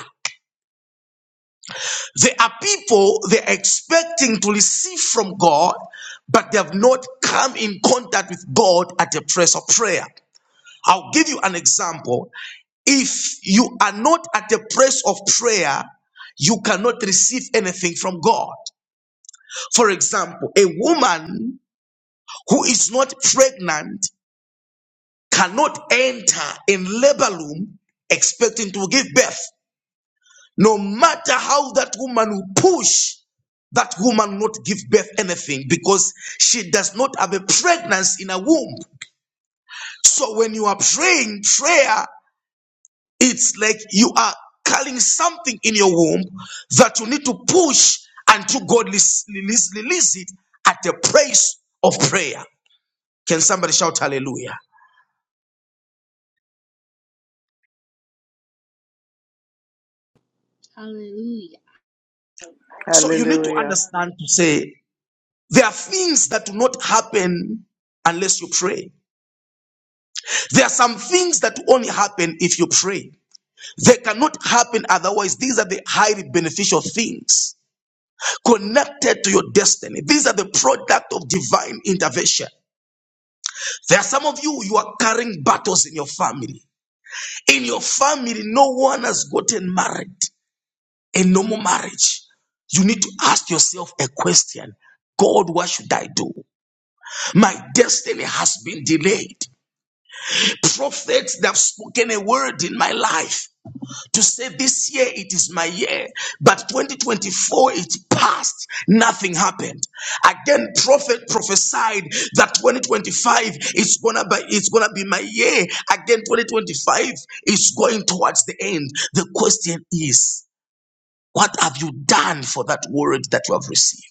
There are people they're expecting to receive from God, but they have not come in contact with God at the place of prayer. I'll give you an example. If you are not at the place of prayer, you cannot receive anything from God. For example, a woman who is not pregnant cannot enter in labor room expecting to give birth. No matter how that woman will push, that woman will not give birth anything because she does not have a pregnancy in her womb. So when you are praying prayer, It's like you are carrying something in your womb that you need to push until God release, release, release it at the price of prayer. Can somebody shout hallelujah? Hallelujah. So you need to Hallelujah. understand to say there are things that do not happen unless you pray. There are some things that only happen if you pray. They cannot happen otherwise. These are the highly beneficial things connected to your destiny. These are the product of divine intervention. There are some of you, you are carrying battles in your family. In your family, no one has gotten married, a normal marriage. You need to ask yourself a question God, what should I do? My destiny has been delayed. Prophets that have spoken a word in my life. to say this year it is my year, but 2024 it passed, nothing happened. Again, prophet prophesied that 2025 it's gonna be it's gonna be my year. Again, 2025 is going towards the end. The question is, what have you done for that word that you have received?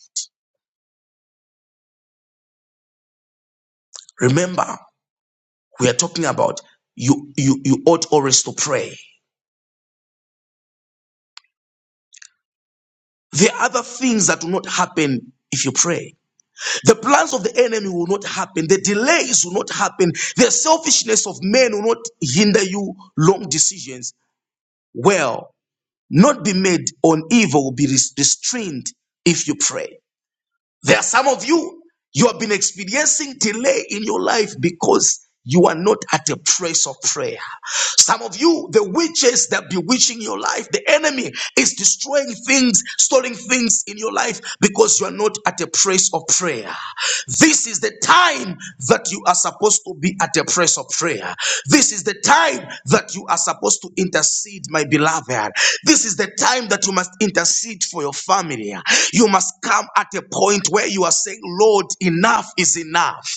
Remember, we are talking about you you you ought always to pray. There are other things that will not happen if you pray. The plans of the enemy will not happen. The delays will not happen. The selfishness of men will not hinder you. Long decisions will not be made on evil will be restrained if you pray. There are some of you, you have been experiencing delay in your life because you are not at a place of prayer. Some of you, the witches that bewitching your life, the enemy is destroying things, storing things in your life because you are not at a place of prayer. This is the time that you are supposed to be at a place of prayer. This is the time that you are supposed to intercede, my beloved. This is the time that you must intercede for your family. You must come at a point where you are saying, Lord, enough is enough.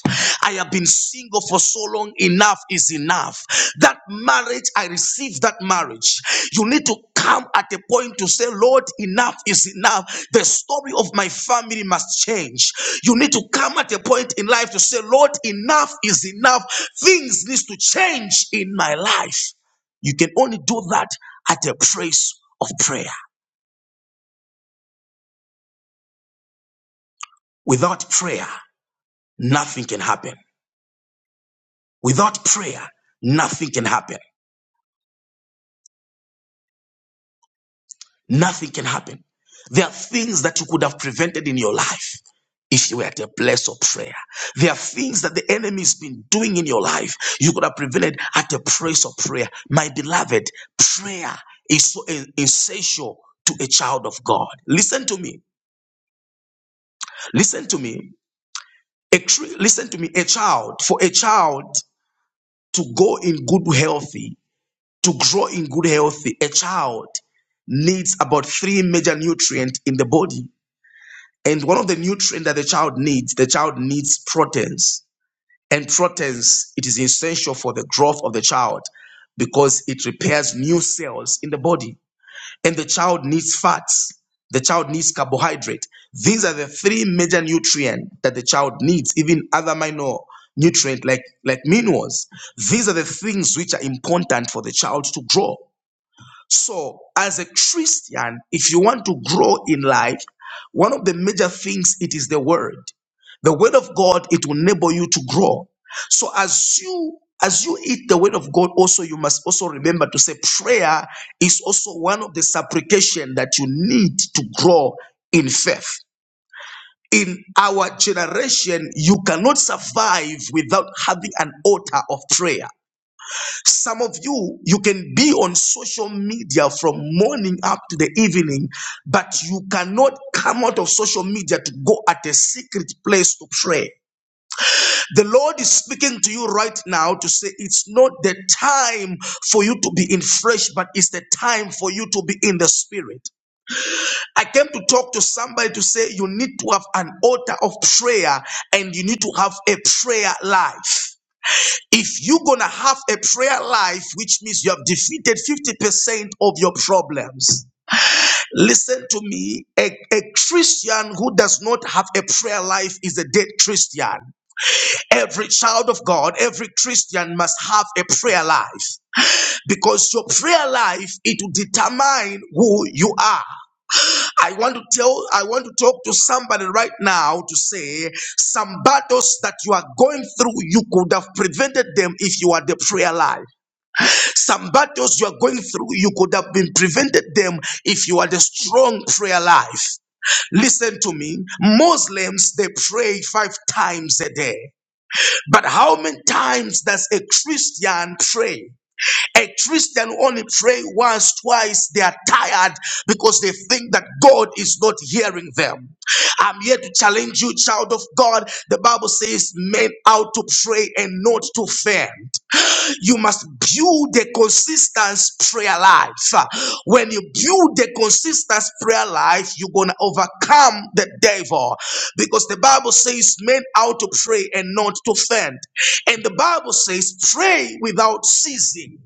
I have been single for so long, enough is enough. That marriage, I received that marriage. You need to come at a point to say, Lord, enough is enough. The story of my family must change. You need to come at a point in life to say, Lord, enough is enough. Things need to change in my life. You can only do that at a place of prayer. Without prayer, nothing can happen. Without prayer, nothing can happen. Nothing can happen. There are things that you could have prevented in your life if you were at a place of prayer. There are things that the enemy's been doing in your life you could have prevented at a place of prayer. My beloved, prayer is so essential to a child of God. Listen to me. Listen to me. A tree, listen to me. A child, for a child to go in good healthy. to grow in good health, a child needs about three major nutrients in the body. And one of the nutrients that the child needs, the child needs proteins. And proteins, it is essential for the growth of the child because it repairs new cells in the body. And the child needs fats. The child needs carbohydrate. These are the three major nutrients that the child needs, even other minor nutrient like, like minerals. These are the things which are important for the child to grow. So, as a Christian, if you want to grow in life, one of the major things it is the word. The word of God it will enable you to grow. So, as you as you eat the word of God, also you must also remember to say prayer is also one of the supplication that you need to grow in faith. In our generation, you cannot survive without having an altar of prayer. Some of you, you can be on social media from morning up to the evening, but you cannot come out of social media to go at a secret place to pray. The Lord is speaking to you right now to say it's not the time for you to be in flesh, but it's the time for you to be in the spirit. I came to talk to somebody to say you need to have an altar of prayer and you need to have a prayer life. If you're going to have a prayer life, which means you have defeated 50% of your problems, listen to me. A, a Christian who does not have a prayer life is a dead Christian. Every child of God, every Christian must have a prayer life because your prayer life it will determine who you are. I want to tell, I want to talk to somebody right now to say some battles that you are going through, you could have prevented them if you had the prayer life. Some battles you are going through, you could have been prevented them if you had a strong prayer life. Listen to me. Muslims, they pray five times a day. But how many times does a Christian pray? A Christian only pray once, twice. They are tired because they think that God is not hearing them. I'm here to challenge you, child of God. The Bible says men ought to pray and not to faint. You must build a consistent prayer life. When you build a consistent prayer life, you're going to overcome the devil because the Bible says men ought to pray and not to faint. And the Bible says pray without ceasing.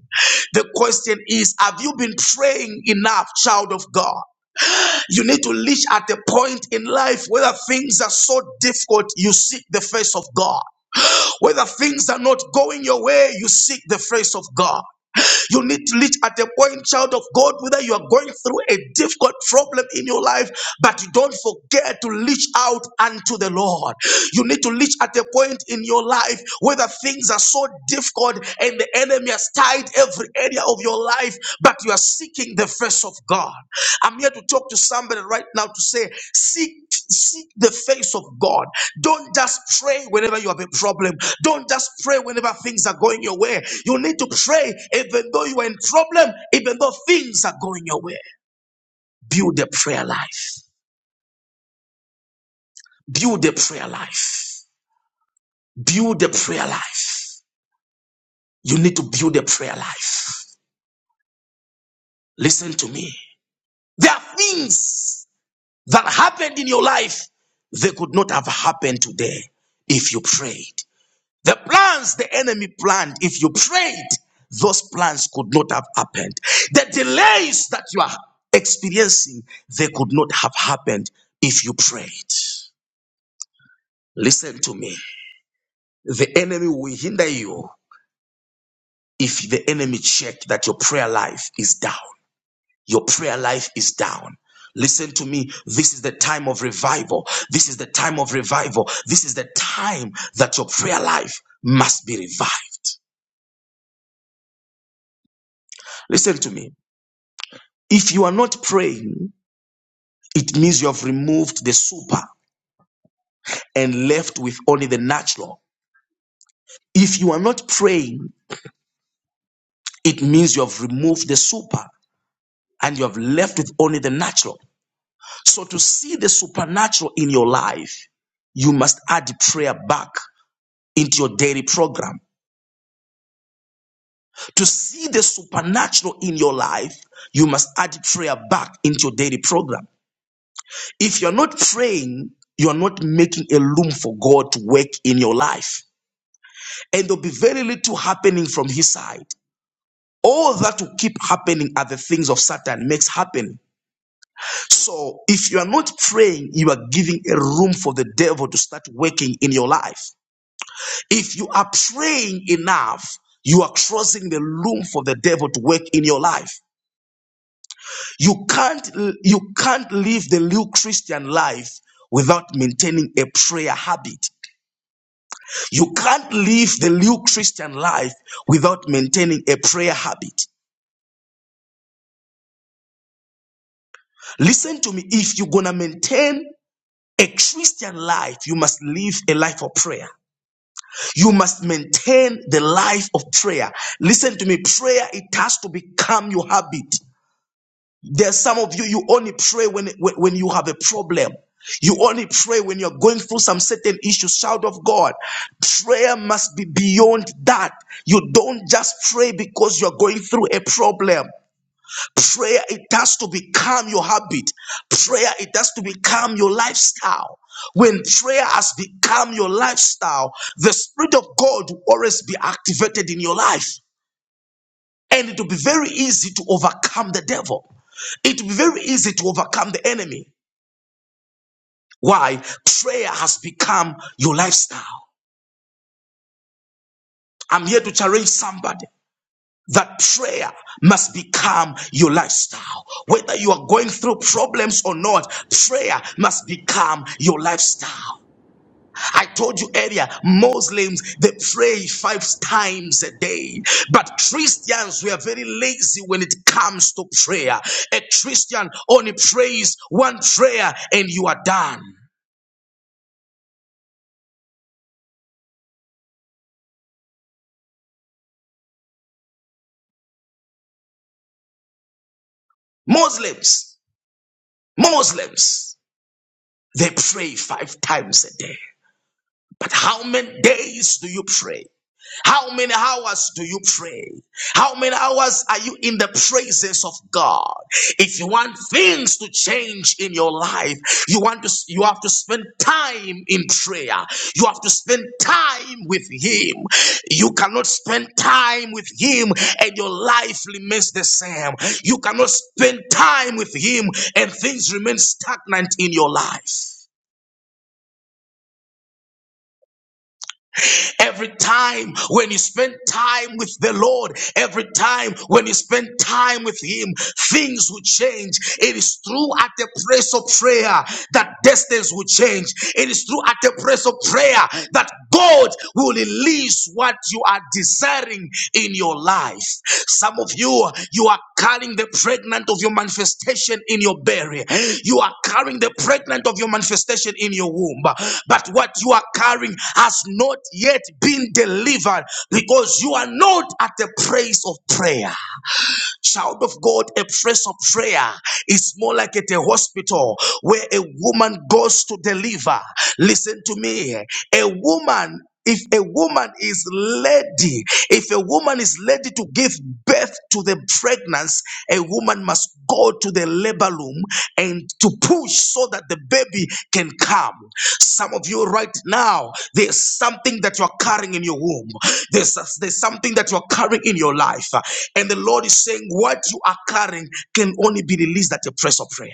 The question is, have you been praying enough, child of God? You need to reach at a point in life where things are so difficult, you seek the face of God. Whether things are not going your way, you seek the face of God. You need to reach at a point, child of God, whether you are going through a difficult problem in your life, but you don't forget to reach out unto the Lord. You need to reach at a point in your life whether things are so difficult and the enemy has tied every area of your life, but you are seeking the face of God. I'm here to talk to somebody right now to say, seek, seek the face of God. Don't just pray whenever you have a problem. Don't just pray whenever things are going your way. You need to pray even though you are in problem, even though things are going your way. Build a prayer life. Build a prayer life. Build a prayer life. You need to build a prayer life. Listen to me. There are things that happened in your life they could not have happened today if you prayed. The plans the enemy planned, if you prayed, those plans could not have happened. The delays that you are experiencing, they could not have happened if you prayed. Listen to me. The enemy will hinder you if the enemy check that your prayer life is down. your prayer life is down. Listen to me. This is the time of revival. This is the time of revival. This is the time that your prayer life must be revived. Listen to me. If you are not praying, it means you have removed the super and left with only the natural. If you are not praying, it means you have removed the super and you have left with only the natural. So to see the supernatural in your life, you must add prayer back into your daily program. To see the supernatural in your life, you must add prayer back into your daily program. If you're not praying, you're not making a room for God to work in your life. And there'll be very little happening from his side. All that will keep happening are the things of Satan makes happen. So if you are not praying, you are giving a room for the devil to start working in your life. If you are praying enough, you are crossing the room for the devil to work in your life. You can't you can't live the new Christian life without maintaining a prayer habit. You can't live the new Christian life without maintaining a prayer habit. Listen to me, if you're going to maintain a Christian life, you must live a life of prayer. You must maintain the life of prayer. Listen to me, prayer it has to become your habit. There's some of you, you only pray when, when, when you have a problem. You only pray when you're going through some certain issues. Child of God, prayer must be beyond that. You don't just pray because you're going through a problem. Prayer, it has to become your habit. Prayer, it has to become your lifestyle. When prayer has become your lifestyle, the Spirit of God will always be activated in your life. And it will be very easy to overcome the devil. It will be very easy to overcome the enemy. Why? Prayer has become your lifestyle. I'm here to challenge somebody that prayer must become your lifestyle. Whether you are going through problems or not, prayer must become your lifestyle. I told you earlier, Muslims they pray five times a day, but Christians we are very lazy when it comes to prayer. A Christian only prays one prayer and you are done. Muslims, Muslims, they pray five times a day. But how many days do you pray? How many hours do you pray? How many hours are you in the praises of God? If you want things to change in your life, you want to you have to spend time in prayer. You have to spend time with him. You cannot spend time with him and your life remains the same. You cannot spend time with him and things remain stagnant in your life. Every time when you spend time with the Lord, every time when you spend time with Him, things will change. It is through at the place of prayer that destinies will change. It is through at the place of prayer that God will release what you are desiring carrying in your life. Some of you, you are carrying the pregnant of your manifestation in your belly. You are carrying the pregnant of your manifestation in your womb. But what you are carrying has not yet been delivered because you are not at the place of prayer. Child of God, a place of prayer is more like at a hospital where a woman goes to deliver. Listen to me. A woman if a woman is ready, if a woman is ready to give birth to the pregnancy, a woman must go to the labor room and to push so that the baby can come. Some of you right now, there's something that you're carrying in your womb. There's, there's something that you're carrying in your life. And the Lord is saying what you are carrying can only be released at your press of prayer.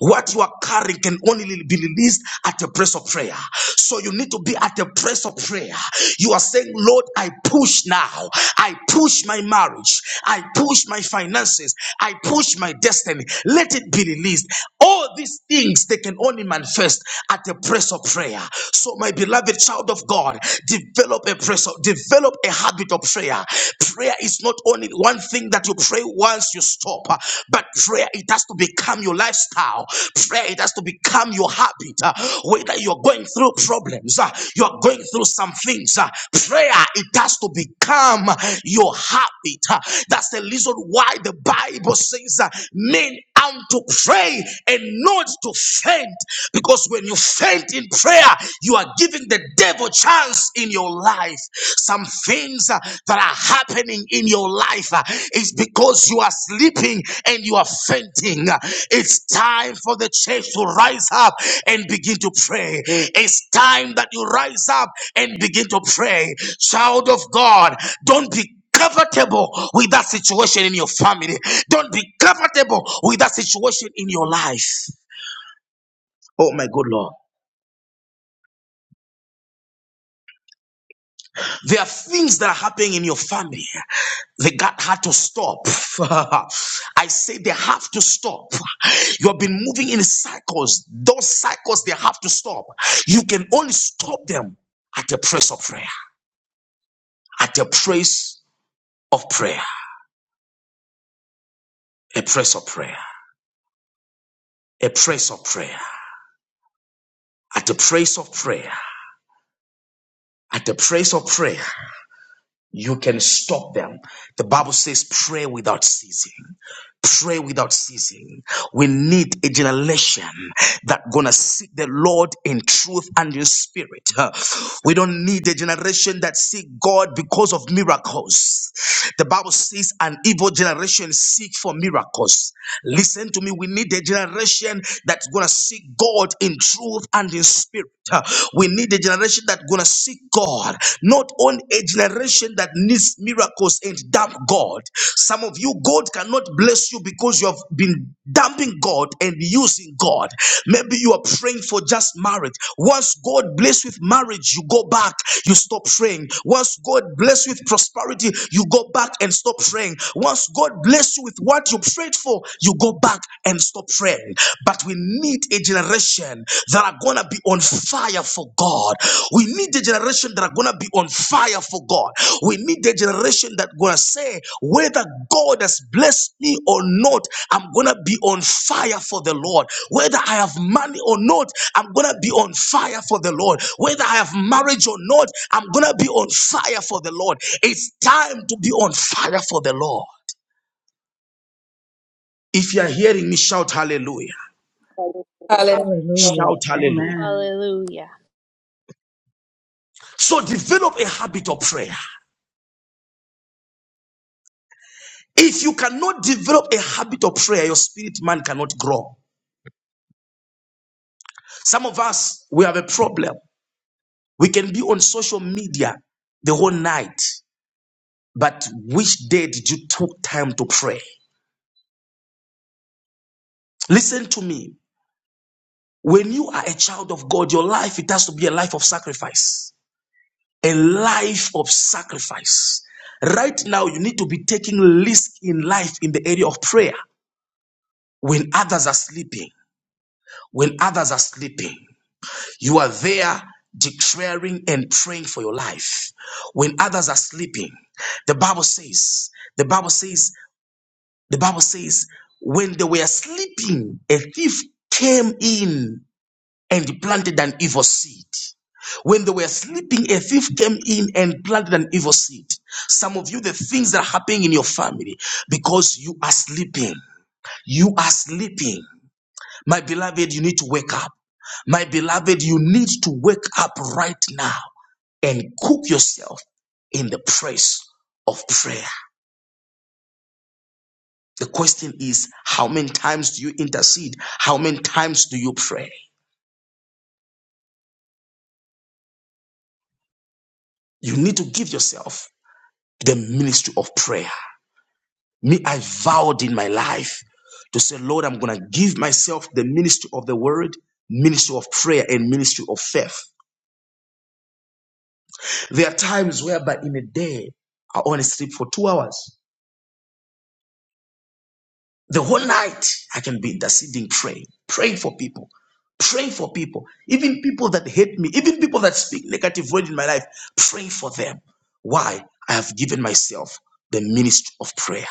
What you are carrying can only be released at the place of prayer. So you need to be at the place of prayer. You are saying, Lord, I push now. I push my marriage. I push my finances. I push my destiny. Let it be released. All these things, they can only manifest at the place of prayer. So my beloved child of God, develop a press of, develop a habit of prayer. Prayer is not only one thing that you pray once you stop. uh, But prayer, it has to become your lifestyle. Prayer, it has to become your habit. uh, Whether you're going through problems, uh, you're going through some things, uh, prayer, it has to become your habit. uh. That's the reason why the Bible says uh, men and to pray and not to faint. Because when you faint in prayer, you are giving the devil chance in your life. Some things uh, that are happening in your life uh, is because you are sleeping and you are fainting. It's time for the church to rise up and begin to pray. It's time that you rise up and begin to pray. Child of God, don't be comfortable with that situation in your family. Don't be comfortable with that situation in your life. Oh my good Lord. There are things that are happening in your family. They got had to stop. I say they have to stop. You have been moving in cycles. Those cycles they have to stop. You can only stop them at the praise of prayer. At the praise of prayer. A praise of prayer. A praise of prayer. At the praise of prayer. At the praise of prayer. you can stop them. The Bible says, pray without ceasing. Pray without ceasing. We need a generation that gonna seek the Lord in truth and in spirit. Uh, We don't need a generation that seek God because of miracles. The Bible says an evil generation seek for miracles. Listen to me. We need a generation that's gonna seek God in truth and in spirit. Uh, We need a generation that's gonna seek God, not on a generation that needs miracles and dump God. Some of you, God cannot bless you because you have been dumping God and using God. Maybe you are praying for just marriage. Once God bless with marriage, you go back, you stop praying. Once God bless with prosperity, you go back and stop praying. Once God bless you with what you prayed for, you go back and stop praying. But we need a generation generation that are going to be on fire for God. We need a generation that are going to be on fire for God. We need a generation that going to say, whether God has blessed me or not, I'm going to be on fire for the Lord. Whether I have money or not, I'm going to be on fire for the Lord. Whether I have marriage or not, I'm going to be on fire for the Lord. It's time to be on fire for the Lord. If you are hearing me, shout hallelujah. Hallelujah. Hallelujah. Shout hallelujah. Amen. Hallelujah. So develop a habit of prayer. If you cannot develop a habit of prayer, your spirit man cannot grow. Some of us, we have a problem. We can be on social media the whole night, but which day did you took time to pray? Listen to me. When you are a child of God, your life, it has to be a life of sacrifice. A life of sacrifice. Right now, you need to be taking risk in life in the area of prayer when others are sleeping. When others are sleeping. You are there declaring and praying for your life. When others are sleeping, the Bible says, the Bible says, the Bible says, when they were sleeping, a thief came in and planted an evil seed. When they were sleeping, a thief came in and planted an evil seed. Some of you, the things that are happening in your family, because you are sleeping. You are sleeping. My beloved, you need to wake up. My beloved, you need to wake up right now and cook yourself in the praise of prayer. The question is, how many times do you intercede? How many times do you pray? You need to give yourself the ministry of prayer. Me, I vowed in my life to say, Lord, I'm going to give myself the ministry of the word, ministry of prayer, and ministry of faith. There are times whereby in a day, I only sleep for two hours. The whole night I can be interceding, praying, praying for people, praying for people, even people that hate me, even people that speak negative word in my life, Pray for them. Why? I have given myself the ministry of prayer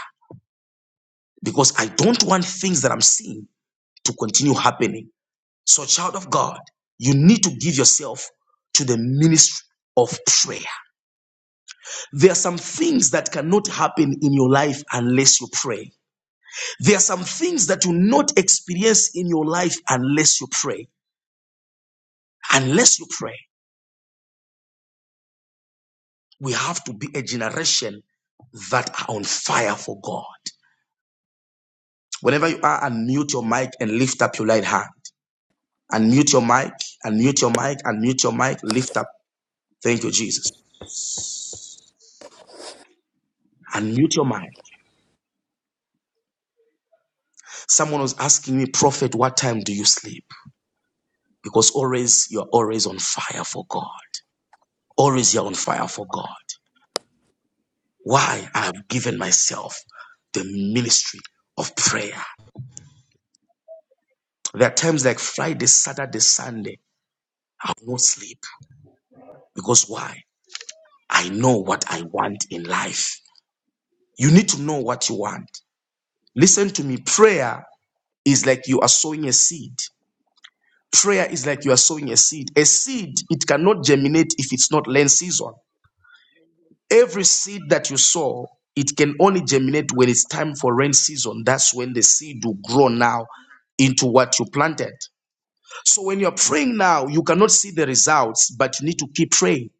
because I don't want things that I'm seeing to continue happening. So, child of God, you need to give yourself to the ministry of prayer. There are some things that cannot happen in your life unless you pray. There are some things that you not experience in your life unless you pray. Unless you pray, we have to be a generation that are on fire for God. Whenever you are, unmute your mic and lift up your right hand. Unmute your mic, unmute your mic, unmute your mic, lift up. Thank you, Jesus. Unmute your mic. Someone was asking me, Prophet, what time do you sleep? Because always you're always on fire for God. Always you're on fire for God. why I have given myself the ministry of prayer. There are times like Friday, Saturday, Sunday, I will not sleep because why? I know what I want in life. You need to know what you want. Listen to me. Prayer is like you are sowing a seed. Prayer is like you are sowing a seed. A seed, it cannot germinate if it's not land season. Every seed that you sow, it can only germinate when it's time for rain season. That's when the seed will grow now into what you planted. So when you're praying now, you cannot see the results, but you need to keep praying.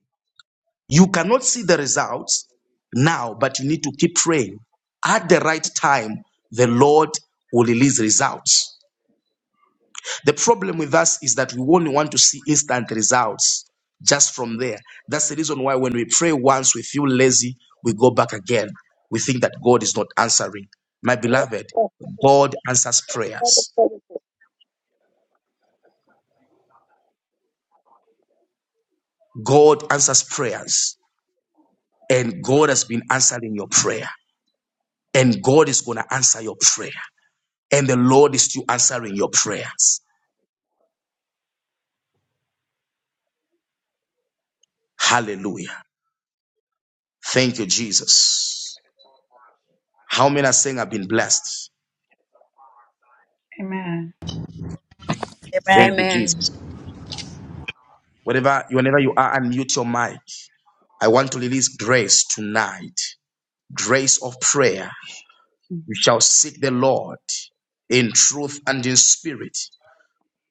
You cannot see the results now, but you need to keep praying. At the right time, the Lord will release results. The problem with us is that we only want to see instant results just from there. That's the reason why when we pray once, we feel lazy, we go back again. We think that God is not answering. My beloved, God answers prayers. God answers prayers. And God has been answering your prayer. And God is going to answer your prayer. And the Lord is still answering your prayers. Hallelujah. Thank you, Jesus. How many are saying I've been blessed? Amen. Thank you, Jesus. Whenever, whenever you are, unmute your mic. I want to release grace tonight, grace of prayer. You Mhm. shall seek the Lord in truth and in spirit.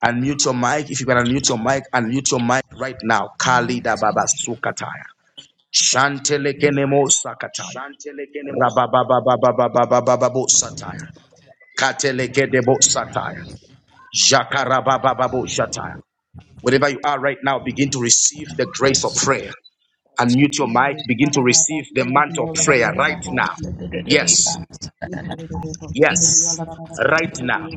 Unmute your mic. If you can unmute your mic, unmute your mic right now. Kalida Baba Sukataya. Shantelekenemo Sakataya. Shantele kenemo sakata. Rababababababababo Sataya. Katelekedebo Sataya. Jakarababababo Shataya. Wherever you are right now, begin to receive the grace of prayer. Unmute your mic. Yay. Begin to receive the mantle of prayer right now. Ka-da-da-da-ba-si-di-di-yo-la-la-la-la-ba-si-chi. Yes. si ni ki di di di bum si di di yo Yes. la la Right now.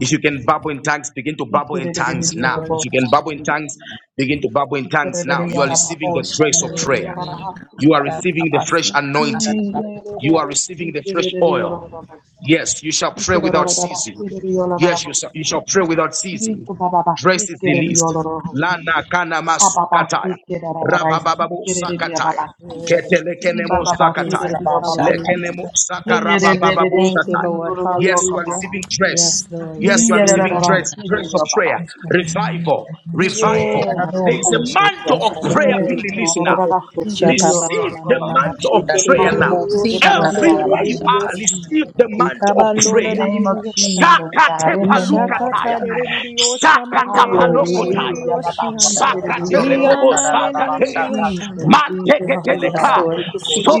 If you can babble in tongues, begin to babble in tongues now. If you can babble in tongues, Ni-ki-di-di-di-di-yo-la-la-la-la-ba-si-chi. begin to babble chi in ni ki di tongues di di di yo la now. la You are la receiving ni the grace ki of di di di yo la prayer. ba si You are ki di di di yo la receiving the fresh ni anointing. ki di di You are di si receiving the ki di fresh di di yo la oil. la la ni Yes, you ki shall pray without ceasing. di di di yo la la la Yes, ba you shall, si you shall di pray without di ni ceasing. Dress is ki di the di di yo la least. la la ba si Lana kana masukataya. Ababasike rarara Rabababo isike rereria sakataya. babasi. Hallelujah. I Ketelekenemo bababasi Jesus. sakataya. rererio Hallelujah. babasi. Lekenemo I sakarabababu rererere Thank you, shatai. siririo Lord. rererio Yes, you are Hallelujah. receiving kababasi. Yes, grace. Lord. We Yes, I you are receive receiving it. rarara oh grace, God. grace of sirerio prayer, Oh, babasi. yes, Lord, we revival, receive revival. Yes, There is a God. mantle of prayer Yes, being God. released now. Rarara sirerio Receive rererio the babasi. mantle of I prayer now. receive it, Lord God, in Everywhere the you name of are, receive Jesus, the God. mantle of In the prayer. name of Jesus, God. Shakate In the name of palukataya. Jesus. Shakata palokotaya. Hallelujah. Baba, speak it in Sakate your mouth. rebobo sakateya. Jesus, Jesus, Manteke Jesus, teleka.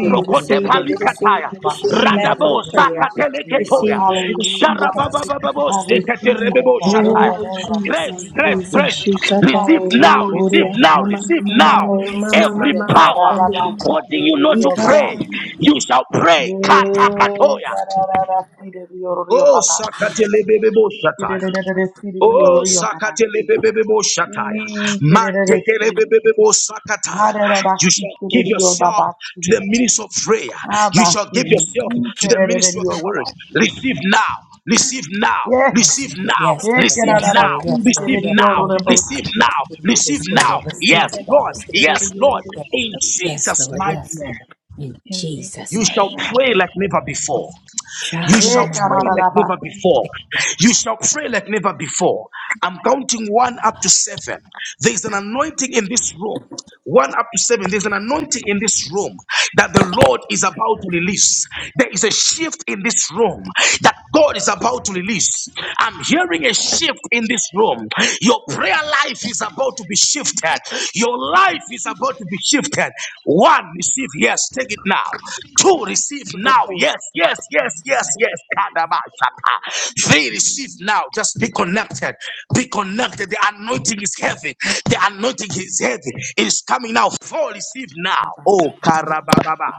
it, we receive it, we receive it, palikataya. we Jesus, receive the Jesus, mantle Radabo of prayer. sakate Jesus, We Jesus. leketoya. receive it, we receive it, I Hallelujah. receive it, I Sharababababo I receive it. sekate receive it, rebebo God, in shataya. the Oh, name of Grace, Jesus, Jesus. grace, Jesus, grace. Shishata, Receive now, receive Oria, Hallelujah. now, Mama, God. receive Mama, now. Mama, Mama, Every Hallelujah, Mama, God. Ah, power Baba, Shandiri, speak causing you it in not to your Ikaba. Baba. pray, speak. you shall pray. Kata Yeah, katoya. God, ah, ah, ah, speak it in your your Oh, Baba. speak. sakatelebebebo Speak shataya. it in Oh, your your Baba. sakatele speak. bebe sakatelebebebo shataya. In Jesus' Mantekelebebebo sakataya. You shall give yourself to the ministry of prayer. You shall give yourself to the ministry of the word. Receive now. Receive now. Receive now. Yes, Lord, Receive yes, now. Lord, yes, Lord, yes, Receive Lord, yes, now. Lord. Receive now. Receive it, Receive receive now. it, receive Yes, it, Lord. receive Yes, it. Lord. In Yes, Jesus' Lord, yes, Lord, mighty yes, Lord. name, In Jesus' you mighty shall name. pray name. like never before. Shama, You shall Mama, Mama. pray like Mama. never before. Thank you. You shall pray like never before. I'm counting one up to seven. There's an anointing in this room. One up to seven. There's an anointing in this room that the Lord is about to release. There is a shift in this room that God is about to release. I'm hearing a shift in this room. Your prayer life is about to be shifted. Your life is about to be shifted. One, receive yes, take it now. Two, receive receive now. Yes, yes, yes, yes, yes. Kadabashata. Say receive now. Just be connected. Be connected. The anointing is heavy. The anointing is heavy. It is coming now. Four receive now. Baba. Oh karabababa.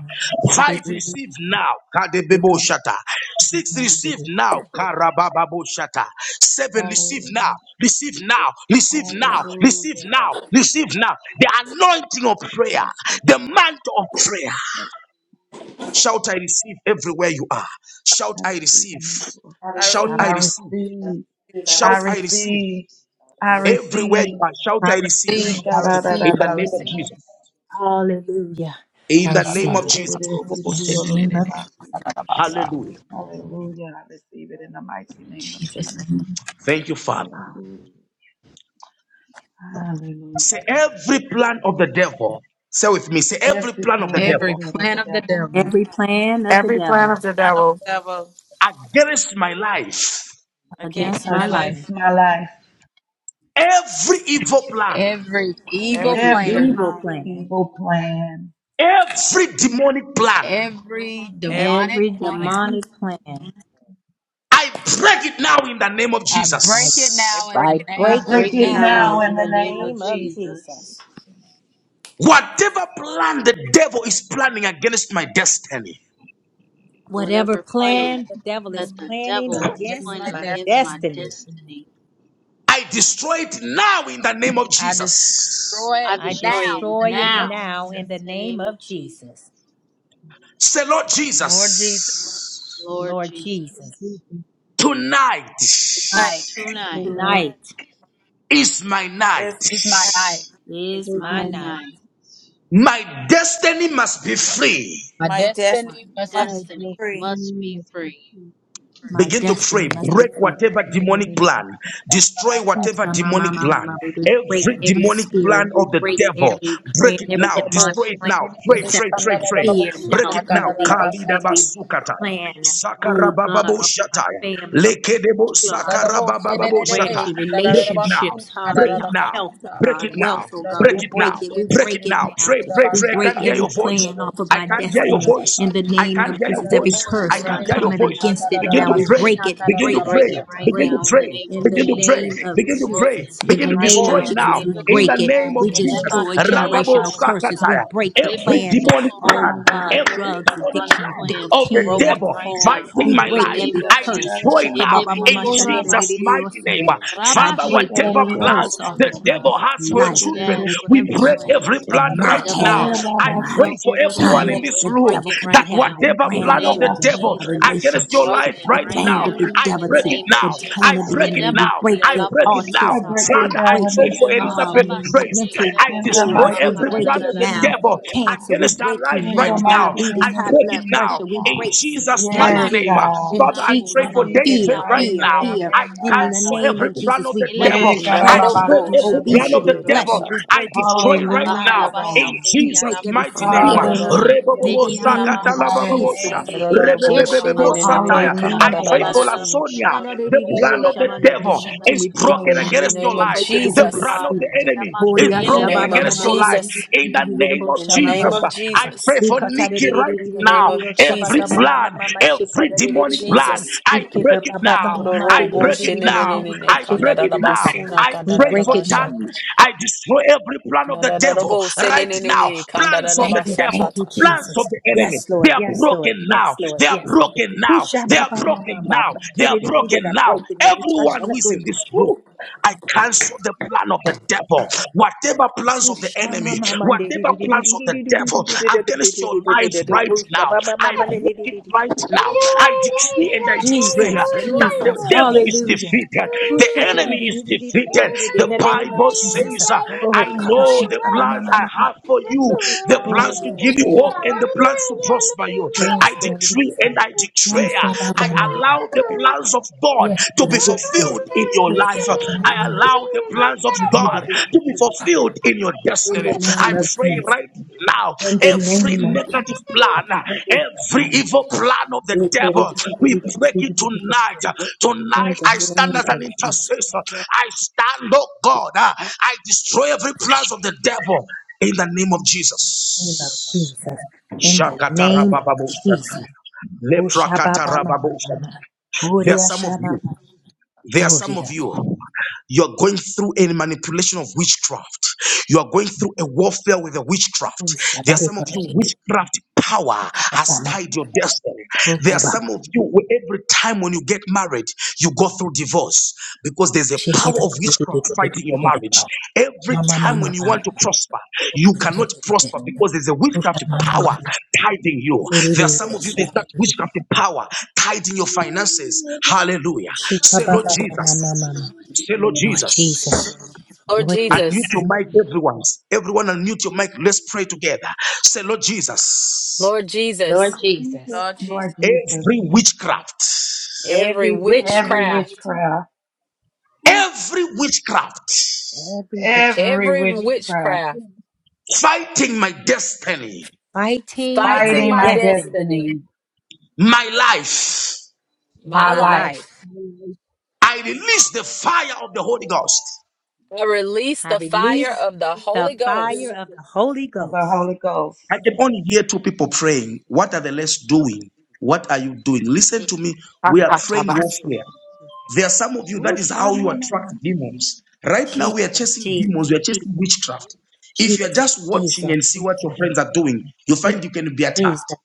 Five Ikaba, receive now. Mama, Mama. Kadebeboshata. Six receive now. Karabababoshata. Seven receive now. Hallelujah. Receive now. Hallelujah. God, Receive now. Receive now. Receive now. The anointing of in the prayer. name of Jesus. The mantle of prayer. Shout, I receive everywhere you are. I Shout, I receive the receive. mantle of I prayer, Shout, God. I receive, I receive. I receive. receive, I I Shout, I receive. receive. receive. I Everywhere you receive. are, shout, I I receive. Yeah, received, I God, I, I, In I, received, the I I name of see. received. Jesus. Hallelujah. In I the Ta, He name ta, receive. of could ta, it, it, ta, Jesus. it, robo, it, it, In it, she, the ne, all of ne, the name ne, of ne, above. ta, ta, ta, ba, sa. Hallelujah. Hallelujah. I receive it in the mighty name of Jesus. Jesus. name. Thank you, Father. Hallelujah. Hallelujah. Say every plan of the devil. Say with me. Say God. every Every plan of the plan of the Every devil plan of plan the of the devil devil every plan of the plan devil of the devil. Devil against my life. against against my my against life, life, my life, Every evil plan. every evil every every plan, evil plan, evil plan, Every demonic plan. every demonic every plan, demonic plan, I break it now in the name of I I, break it Jesus. now in the I I I name break of it break break it it now now now Jesus in in in the the the name name of of name of Jesus. Jesus. Jesus. Whatever plan the devil is planning against my destiny, Whatever Whatever plan plan the devil is that the planning devil is against against my planning my against destiny. my destiny, destiny, I destroy it now in the name of I Jesus. destroy I it I destroy now it in destroy the it name of now now Jesus. in the in the name name of of Jesus. Jesus. Say, Lord Lord Jesus, Jesus, Lord Lord Jesus, Jesus. tonight tonight Tonight. I tonight is my night. is is my night. is is raise my my my night. night. My destiny must be free. My my My destiny destiny must be must my be destiny free. free. must be free. blessing, My Begin to pray. destiny must be Break free. whatever Bo, she did it, demonic plan. Destroy We whatever demonic plan. break Every every demonic plan spirit. of We the break devil. every plan, Break it every now. demonic Destroy it plan, now. Pray, it, it, it, ba, pray, pray, deception, pray. fear, Break doubt, it now. unbelief, Kalidaba every plan. Oh God, Sakarabababo of my shataya. family, of Lekedebo my child, for my sakarabababo shata. grandchildren, Break it now. relationships, how Break they it have now. health, oh Break it God, now. wealth, oh God. We Break it now. break it. We Break it break it now. now. Pray, pray, We pray. I can break hear every your voice. plan off of I my can't hear your destiny voice. in the I name can't of hear your Jesus. Every voice. I curse, we can't hear come your in voice. against it Begin now. to We pray. break it. Begin We to Break break pray. it right Begin break to now in pray. the name of in the Begin to pray. name Jesus. It's of Begin to pray. Broken Jesus. In Begin the to right name destroy of now in the now. Jesus, name we of In Hallelujah. the break it. Jesus. name of We Jesus. Hallelujah. destroy Rababo generational curses. We Sakataya. break the Hallelujah. Every plan. demonic Oh plan, God, every Every drugs, Hallelujah. demonic demonic addiction, plan plan of is Hallelujah. the nicotine, broken devil right alcohol. now fighting We my in the break life, name every Hallelujah. I of curse. destroy Jesus. Kararara now in sikereriyo Jesus' basi mighty name. Shikababamamashadadadadadiyosanda. Jesus. I Father, break the whatever Nikereriyo plans curse basi. off the of my devil has for your life. children, Nikereriyo The Yes, we si whatever break devil Jesus. every plans plan the cannot right devil now. have Yeah, has for I Baba my. pray myself for or every my everyone Son, sikereriyo in family, this we the leriyo room break si. devil it that cannot right have now my whatever in the plan of Nikereriyo name the of basi grandchildren, devil my Jesus. Jesus. It's against your relationships, life broken the right right plan of now, now the I Hallelujah, devil, in the break to, it name of the now. I plan of Jesus. the break God. it enemy. We now. Hidebaki break I it. break alabo it I now. Autism, break sokoraba. it we Father, I down in break pray the it. for name of Elizabeth Mahadaba Um, Jesus. Grace. sete mental I In elebo the destroy illness, koraba we mighty every name break plan of it of the now. devil Jesus, kadadadadadabaka. God. Cancer, we against her break you life In right the now. now. mighty I Diabetes, name of high break blood it now Jesus, pressure, we in God. break sickness Jesus' and mighty Laba Yes, name. disease. Uh, God. yelasi In Father, I alabo pray Jesus' In for name, rabaki Jesus' David fear, right mighty elamaki fear, now. name. alabo fear. I In Amen, the korabaka. cancel God. name every of plan Jesus, of we the break it. Yeah, devil. Elabasi I Distraction, break karababasi, every plan of obesity, the Jesus. adakadadadadabo devil. gluttony, sha, ta, we ta, ta, I break it off of ba. destroy our right lives now Hallelujah, in now. God. Bahadabasete We Jesus' break every mighty name. spirit Yalamokorabaka, Kandararaba, now. Hallelujah. In In Rebobobo Behi the Jesus' name Sakata of Halabasata mighty Lababosha. Yesete name, Jesus. Jesus. kandararabo, Rebebebebebo Elamokorabaka, shenenenenene, satire. I Hallelujah, pray God. for kandararabasunu. Lasonia. The plan of the The In devil deception, is we break it broken now. Bakarabushudorabusalarabushalarabushi. the against Hallelujah, your name We God. of life. break Thank every The you, evil Jesus. plan of Father. spirit. the enemy Elamaki is Horia In the broken name shababa of against your life. Elemokorabaka. Jesus. In the name maneririririririririririribo of In the name Jesus, of shamamama. I pray Jesus. for Nikki right In the now. name Ikataririririririririririo of Every shababa Jesus. mama mama plan, mama every demonic shikadaririririririririo. plan, Jesus. I break it Ikebababa now. mama I Dororobo, break it now. deriririririririko shenenenenene, I break it now. kandararabasuna, shikadiririririo. I We pray break for it now. kandararabasha. Tammy. I destroy every plan of the devil Kandararabo, right now. senenenene, Plans of the Thank you, devil thank you, kandararabashatata. plans of Jesus. the enemy. Yes, They Lord, are yes, Lord, broken now. yes, Lord, They are yes, broken Who now. They are shababa mama broken now. mama. They are broken I now. break it, we touch Everyone and who is agree. in this room. I cancel the plan of the devil. Whatever plans of the Jesus, enemy, whatever plans of the devil against your life right now, I break it right now. I decree and I declare that the Jesus, devil is hallelujah. defeated. The enemy is defeated. In The the name of Bible Jesus. says, uh, Oh, I Kama know the Shaka Mama plans I Mama Mama. have for you, the Oh, plans to yeah, give you you shake it. hope and the plans to prosper you. yes, I Lord, decree yes, Lord. and I Oh, declare, Shaba I Baba. allow the plans of God Yes, to be Lord, yes, Lord. fulfilled in your Oh, life. Shaba Baba. I allow the plans of God to be fulfilled in your In the destiny. I name of pray Jesus. right now, In the every name of Jesus. negative Thank you. plan, every evil plan of the devil, we break it tonight. In Tonight, the I name stand as an of Jesus. intercessor. I stand, oh God, I destroy every plans of the devil in the name of name of Jesus. Jesus. In the name of Shakatarabababosata. Jesus. Oh Shabba Mama Leprakatarababosa. Mama. There are Oria some of Shabba you. There are some of Oria. you you are going through a manipulation of witchcraft. You are going through a warfare with a Oh witchcraft. There are Shabari some of you, Korere. witchcraft power has Kabama. tied your destiny. Oh There are Kabama. some of you, where every time when you get married, you go through divorce because there's a Shake power it. it, of it, it, witchcraft it, it, it, fighting your it, it, it, marriage. it. Every Mama time when Mama Mama. you want to mama. prosper, you cannot prosper because there's a Oh witchcraft Shabba, Mama power Mama. tithing you. There are Uri some of you, there's that witchcraft power tithing your finances. Hallelujah. Say, Lord Shikababa Mama Jesus. Mama. Say, Lord Lord Jesus. Jesus. Lord Lord Jesus. Unmute Jesus. your mic, everyone. Everyone, unmute your mic. Let's pray together. Say, Lord Jesus, Lord Lord Jesus. Jesus. Lord Lord Jesus, Jesus, every witchcraft, every Every Every every witchcraft. witchcraft. witchcraft. every witchcraft Every witchcraft. every Every witchcraft witchcraft. fighting my destiny, Fighting my fighting fighting my my destiny destiny, destiny, my life, my my my life life. life. I release the fire of the Holy Ghost. I release I the fire release of the the Holy fire Ghost. of the Holy of the Ghost. Holy Ghost. I can only hear two people praying. What are the less doing? What are you doing? Listen Jesus, to me. We are praying warfare. Jesus. There are some of you, Ooh, that is how you attract shamamama. demons. Right now, we are Jesus, chasing Jesus, demons, we are chasing witchcraft. If Jesus, you are just watching Jesus, and see what your friends are doing, you find Jesus, you can be attacked. Jesus,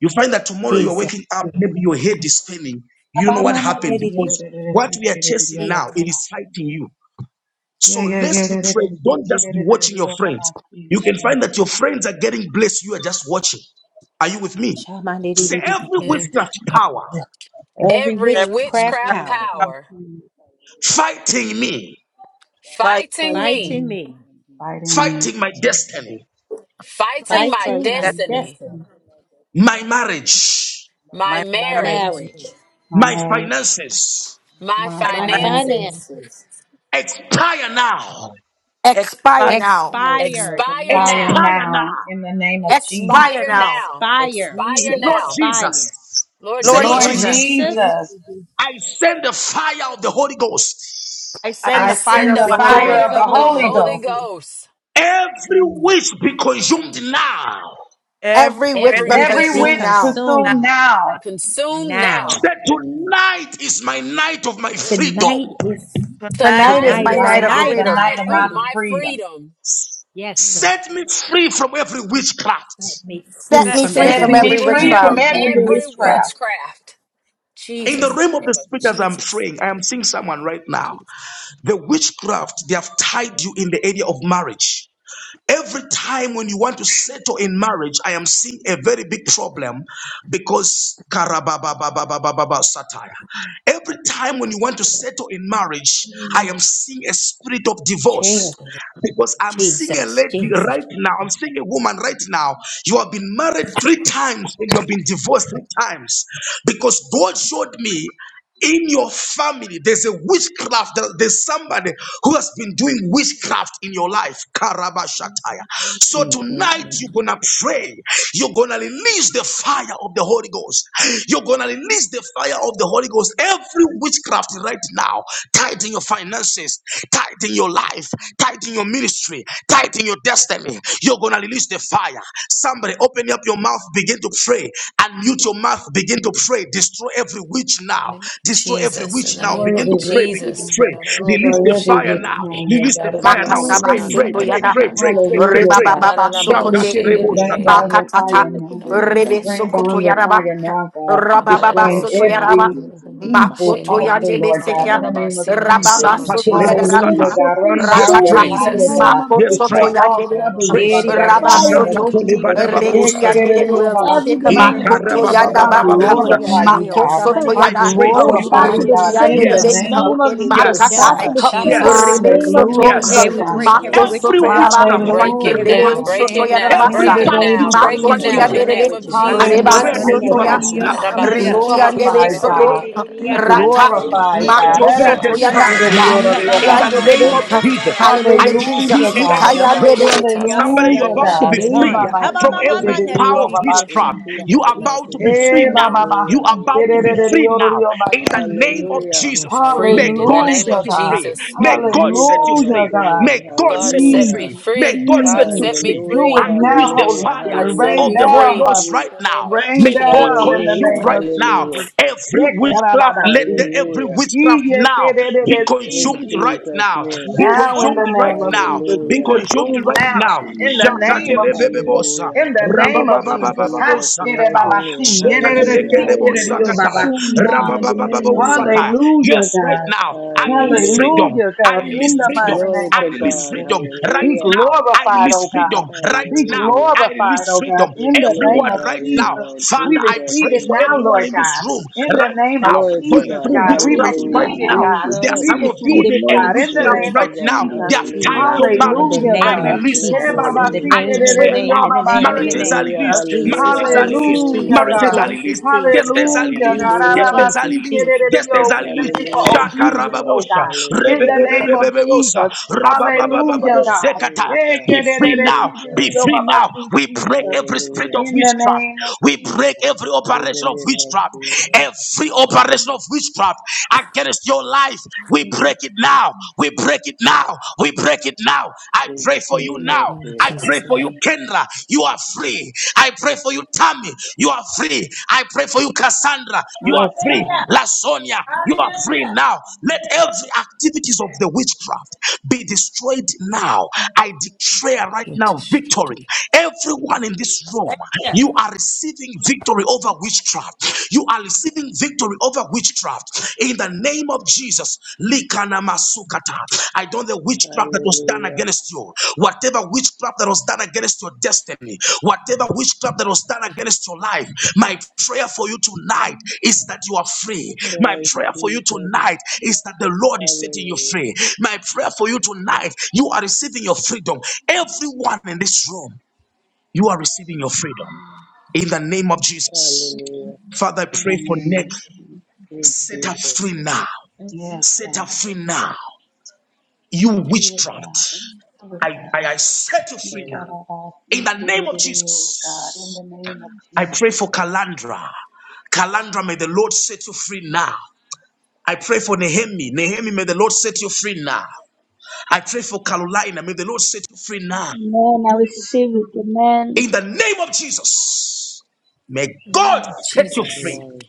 You find that tomorrow you are Jesus. waking up, maybe your head is spinning. You don't know what Abamama, happened nidididi, because what we are chasing now, Jesus. it is fighting you. So let's be praying. Don't just be watching your friends. You can find Jesus, that your friends are getting blessed. You are just watching. Are you with me? Say every Yeah. Shamanididididididi. witchcraft power Every Every witchcraft witchcraft power power fighting me, fight, fighting five fighting me, minutes, me, fighting me, fighting my destiny. fight, fighting my five fighting death, my destiny, destiny, minutes, My marriage, my my my my marriage, marriage, my my marriage, finances my my marriage, my my My family. finances. finances. finances, expire now. life, Expire now. expire The Expire fire now now. Expire now. now in the name of Jesus. Expire Expire now. now. expire, Say, Expire Lord now. expire. Jesus. Lord Say, Lord Lord Lord Lord Jesus, Jesus, Jesus, Jesus, Jesus, I send the fire of the Holy Ghost. I I send the I I fire send send send of the the the the Holy fire fire of fire of the the Ghost. of the Holy Holy Holy Ghost. Ghost. Ghost. Every wish be consumed now. Every witch Every Every but witch Every witch be consume witch now. be consumed consumed now. consumed now Say, now. tonight is my night of my freedom. Tonight is Tonight is Tonight tonight my is is the night Tonight of my is night the of freedom. my night night of my of freedom. my freedom. freedom. Yes, Lord. Set me free from every Set witchcraft. me free Set me from free Set Set Set every from me me every me free free free witchcraft. from from witchcraft. from every every every witchcraft. witchcraft. witchcraft. In the Jesus, in realm the of the name of spirit, as I'm Jesus. praying, I am seeing someone right now. Jesus. The witchcraft, they have tied you in the area of marriage. Every time when you want to settle in marriage, I am seeing a very big problem because karabababababababa satire. Every time when you want to settle in marriage, I am seeing a spirit of Jesus, divorce. Because I'm seeing a Jesus, lady Jesus. right now, I'm seeing a woman right now. You have been married three times and you have been divorced three times. Because God showed me in your family there's a witchcraft there- there's somebody who has been doing witchcraft in your life karabashataya so Mm, mm, tonight you're mm. gonna pray you're gonna release the fire of the holy ghost you're gonna release the fire of the holy ghost every witchcraft right now tied in your finances Tight in your life, tight in your ministry, tight in your destiny. You're gonna release the fire. Somebody open up your mouth, begin to pray, Unmute your mouth, begin to pray. Destroy every witch now. Name of Destroy every Jesus, witch in the now. name Destroy Begin of every to pray, witch begin to Jesus. now. pray. Release Kandarabo the Destroy every fire witch Jesus, now. now, shenenene, Lord Release the God, in fire the No now. name of Makataba Pray, weapon kandaradabasuna, from pray, Jesus. pray, against me sokoyada. pray, shall kandaradaba, pray, not pray, prosper pray, Hallelujah, in pray. the God. Ribababa mighty kandaradabo name Holy of sokote. Shakate Spirit, rebo Jesus. rain shata. down shenenene, your With no Makatata. fire weapon now. from Jason Ribe kandaradaba to the Rain son sokoto of shata, down your David. yaraba. fire now, God. Look at this Rabababa kandaradabo Destroying soto fixing life, yaraba. shoto, every beautiful people. evil Makoto altar, shenenene, yandebe Lord The God, sekia. in the one name of kandaradabasina, in the who Jesus. Rababa name is of Sakate soto that lebo Jesus. shata. Hallelujah, praise yadaraka. or God. Rain Name Yes, down of your Rakata. console pray. in the fire, Jesus. name God. of Makoto Yes, Destroy pray. Jesus. all yandebe. troubles, Pray. Father God, Yeria in the name fire shamaneri Kanadaboshenenenene, of in Shakate Rabasoto, the name Jesus. of lebada bababo Jesus. lisa. shata. kandadadadabasata, Let Rekiandero, Willie every Hekerereobabasi, demonic shikabaneri Jesus. Makoto spirit, let I kandadadadabashata, shineo. Yandaba, every Ikarababababababosata. Horia glorify demonic you, keo God. Makosoto I roboshenenenene, I curse Yada, pray shamaneri go for o you glorify back now. to you, the God, kandadadabasuna, in sender the in shamaneri the Rikiandebe, name Yes, kandadadabasata. of name Okay, of Jesus, Jesus. yes, Back Name Makatai, God. to of Jennifer the sender yes, in the Jesus. Rebe name of shabadaneri. Soto, Jesus. yes. Hey, Hallelujah, we The break God. blood every Okay. of Kandadadadabashata. Every Makosoto witchcraft Yaba, Jesus is witchcraft spirit, Break against fighting it every you, you. Hallelujah, now, evil Rebe God. break Soto it plan Okay. now, against their every The In break Yadabasa. the Protect it my power Holy of name now, of kids, marriages, witchcraft my break Spirit, the it Makoto life, fighting now Jesus. in you, future the yanderebe, name hallelujah. of my The marriages. blood I of destiny in Jesus the Jesus. Reban declare is mighty Hallelujah, Soto Ya, deliverance against name God. Hashakadarererererereo of you now. right Be Jesus. now samanda. in Kandadadabashata, Jesus' tata, Rikiandebe glorified, mighty raba, Soto, God. name. kandadada, Be Ishikodererererereo We release Rata, glorified, the I satalerererereo blood God. of declare sanda. Makosoto Yanda, deliverance babashata, Corliss. now tata, Hey, Ba raba, ba in ba the ba name Yandebe, Arabasikereriororiobasisi. shanda of shirala Jesus. I Hallelujah, decree Hallelujah, and sikererererereryo I God. declare. Jesus. kandadadadabashata, shamandererereryo tata, Somebody, you're Hallelujah, about sianta to God. be Jesus free wanda against roboshenenene. ha it. ba from ma Now, ma ma every Father God, power of nerererereryo Ebabasikereriorobabasi, in witchcraft. shamanda. You Jesus' Jesus. are We mighty about see to it. be name. free now. You Hallelujah, are about to be hallelujah, free now. In the Ebababasikereriororiobasi, name Jesus. of hallelujah, We're Jesus, may freed in the God hallelujah. name Hallelujah, set of you God. free. Jesus. May In God set Jesus' you Hallelujah, free. mighty God. May name. God God set you set Hallelujah. me free. Jesus, May free. God set God you Jesus, set me free. do Hallelujah, it I free. now, release the Holy hallelujah, fire God Spirit. I set Rain say, of me the hallelujah, Holy down, free. Papa. Ghost right hallelujah, In the name now. of Rain May God down in Jesus. the hallelujah, consume name right of now hallelujah, Jesus. every witchcraft. Let the, Yekarabasi. every hallelujah, witchcraft now be Yekerededesi, in consumed right Jesus. Jesus' now. name, Be Ooh, Now in the shama consumed ma right name ma of ma. now. Jesus. Every Be Be witch hallelujah, consumed shall consumed be right now now. consumed in now the in the name name of of Jesus. Jesus. Shakatelebebebosa, In hallelujah, the Every name witch of shall in Jesus. Ha, Jesus' mighty rabababababababosakata, name, kerebabasi. and then hallelujah, I Yerededesi, will be hallelujah, shekatelekedebosakata, consumed kerediobabasi, now in Jesus. the name of hallelujah, rabababababosata. Jesus. Hallelujah, Yes, right God. now, I release hallelujah, freedom. Hallelujah, I God. In release the mighty freedom. glory name of I to release God, Jesus. freedom right Be hallelujah, now. I glorified, release oh God. freedom right Be now. I hallelujah, glorified, release oh God, freedom. we in the name Everyone of glorify right you now. Jesus. now, We Father, I Jesus receive pray it is for now, the Lord everyone Lord. in this God. room In the right name of now. Glory to Going Jesus, God. I'm through God. We free witchcraft Hallelujah. right receive tonight. it, I'm now. God. free There are Jesus. We some tonight of from you receive it, in God. demonic In the spirit. witchcraft Glory name to of right God. now. We I'm Jesus. They have free receive Hallelujah. tied it your tonight in Praise marriage. the from you, Hallelujah, God. I name demonic of God. We release bless your Hey, witchcraft your Jesus. in marriage. Baba, In the the see, I name, mighty name, kiddy, in Lord. the declare name diddy, of yo, name, now in the Baba, Jesus. name, in the see, marriages are name. Hallelujah. Jesus. released. Jesus, Hallelujah. Marriages are Jesus, released. Hallelujah, Jesus, Marriages are God. released. Jesus, Jesus, Hallelujah. Destinies are Hallelujah, released. God. Jesus, Hallelujah. Destinies are Jesus, released. Jesus, Destinies Arabasikerereyo. are We Jesus. thank released. you for Hallelujah, Shaka obedience, Jesus. oh rababosha. God. In the Hallelujah. name of Rebebebebebebosa. Jesus. Oh, Hallelujah, God. God. Rababababababozekata. Praise Be God. free Praise now. Be God. Ekererereyo, free now. babasi, We break Jesus. every spirit of Hallelujah. In the witchcraft. name of We break Jesus. every In the operation of name of witchcraft. Jesus. Every operation of witchcraft against your life life. We break it now. We break it now. We break it now. I In pray for Mm, mm, you mm, now. Jesus' In I name. pray Jesus' for you, name. Kendra. You are free. I pray for you, Tammy. You are free. I pray for you, Cassandra. You are Yes, free. Hallelujah! God. Lasonia. You are free Hallelujah! now. Let every activities of the witchcraft be destroyed now. I declare right now victory. Everyone in this room, you are receiving victory over witchcraft. You are receiving victory over witchcraft in the name of Jesus. Likana masukata. I don't know witchcraft that was done Hallelujah. against you, whatever witchcraft that was done against your destiny, whatever witchcraft that was done against your life. My prayer for you tonight is that you are free. My Christ prayer for you Jesus. tonight is that the Lord is setting you Hallelujah. free. My prayer for you tonight, you are receiving your freedom. Everyone in this room, you are receiving your freedom in the name of Jesus. Hallelujah. Father, I In the pray for Nick. name of Jesus. In Set her Jesus. free now. Yes, Set her God. free now. You You do it, God. witchcraft. Do it, I, I, I God. set you You free got now. name. it all. In You the get name it, of it is, God. In Jesus. the name of I pray Jesus. for Kalandra. Kalandra, may the Lord set you free now. I pray for Nehemi. Nehemi, may the Lord set you free now. I pray for Carolina. May the Lord set you free now. Amen. I receive it. Amen. In the name of Jesus. May In the God name of set you Jesus. free. Hallelujah.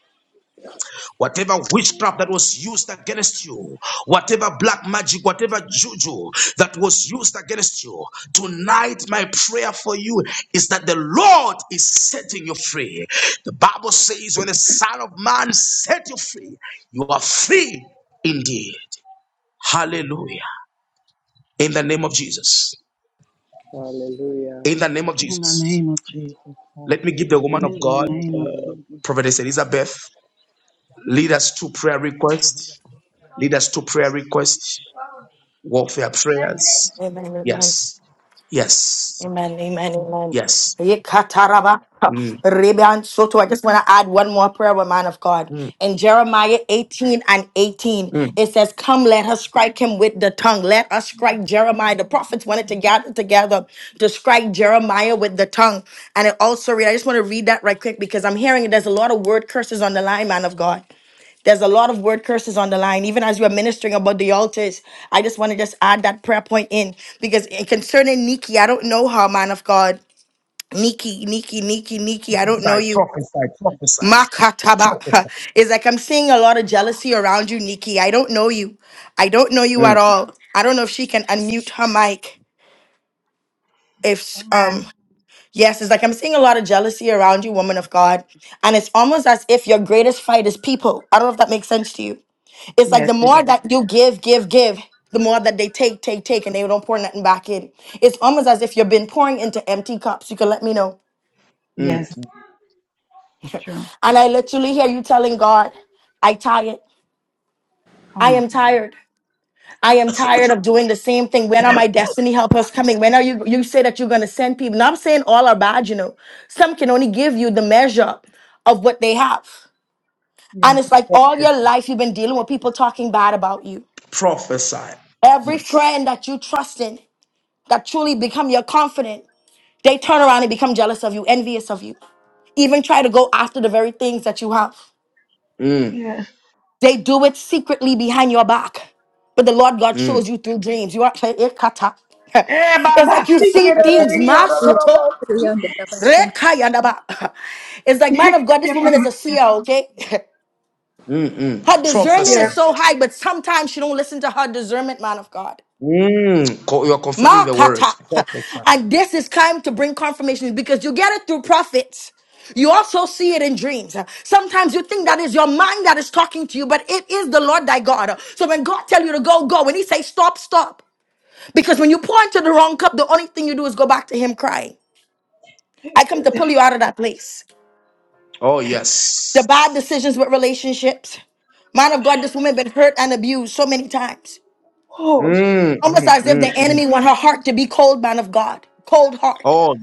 Whatever witchcraft that was used against you, whatever black magic, whatever juju that was used against you, tonight my prayer for you is that the Lord is setting you free. The Bible says, when the Son of Man set you free, you are free indeed. Hallelujah. In the name of Jesus. In the name of In the Jesus. name of Jesus, God. Let me give the Hallelujah. In woman of In Jesus' the God, mighty name of name. Jesus. Prophetess Elizabeth, lead us to prayer request. Lead us to prayer request. warfare prayers. Amen, amen, Yes, yes, amen, amen, amen. yes. Yekataraba, Mm, Reban Soto. I just want to add one more prayer, with man of God. mm, In Jeremiah 18 and 18, mm. it says, Come, let us strike him with the tongue. Let us strike Jeremiah. The prophets wanted to gather together to strike Jeremiah with the tongue. And it also read, I just want to read that right quick because I'm hearing there's a lot of word curses on the line, man of God. There's a lot of word curses on the line. Even as you are ministering about the altars, I just want to just add that prayer point in because in- concerning Nikki, I don't know her, man of God. Nikki, Nikki, Nikki, Nikki, I don't know Prophesy, you. prophesy, prophesy, Makataba. prophesy, It's like I'm seeing a lot of Call jealousy God. around you, Nikki. I don't know you. I don't know you mm, at all. I don't know if she can unmute her mic. If Amen. um yes, it's like I'm seeing a lot of jealousy around you, woman of God. And it's almost as if your greatest fight is people. I don't know if that makes sense to you. it's like Yes, the it more does. that you give, give, give, the more that they take, take, take, and they don't pour nothing back in. It's almost as if you've been pouring into empty cups. You can let me know. mm. Yes, true. And I literally hear you telling God, I tired. Oh I my am God. tired. I am tired of doing the same thing. When are my destiny helpers coming? When are you you say that you're gonna send people? Now I'm saying all are bad, you know. Some can only give you the measure of what they have. And it's Yes. like all your life you've been dealing with people talking bad about you. prophesy, Every friend that you trust in. that truly become your confidant, they turn around and become jealous of you, envious of you, even try to go after the very things that you have. mm, Yes. They do it secretly behind your back. But the Lord God mm, shows you through dreams. You are it kata. Eh, It's Baba, like you see, see get out of things. here, ma no, no, no, soto, no, see. Yanda da basha It's like, man of God, this Yeah, woman is Baba, a see. seer, okay? mm, Her mm. discernment prophesy. is Yes. so high, but sometimes she don't listen to her discernment, man of God. Mm. Co- You're confirming the word. Makata. Prophesy. And this is time to bring confirmations because you get it through prophets. You also see it in dreams. Sometimes you think that is your mind that is talking to you, but it is the Lord thy God. So when God tell you to go, go. When he say stop, stop. Because when you pour into the wrong cup, the only thing you do is go back to him crying. I come to pull you out of that place. Oh The yes. bad decisions with relationships. Man of God, this woman been hurt and abused so many times. Oh, Jesus. Mm, Almost mm, as if the mm, mm. enemy want her heart to be cold, man of God. Cold heart. Oh,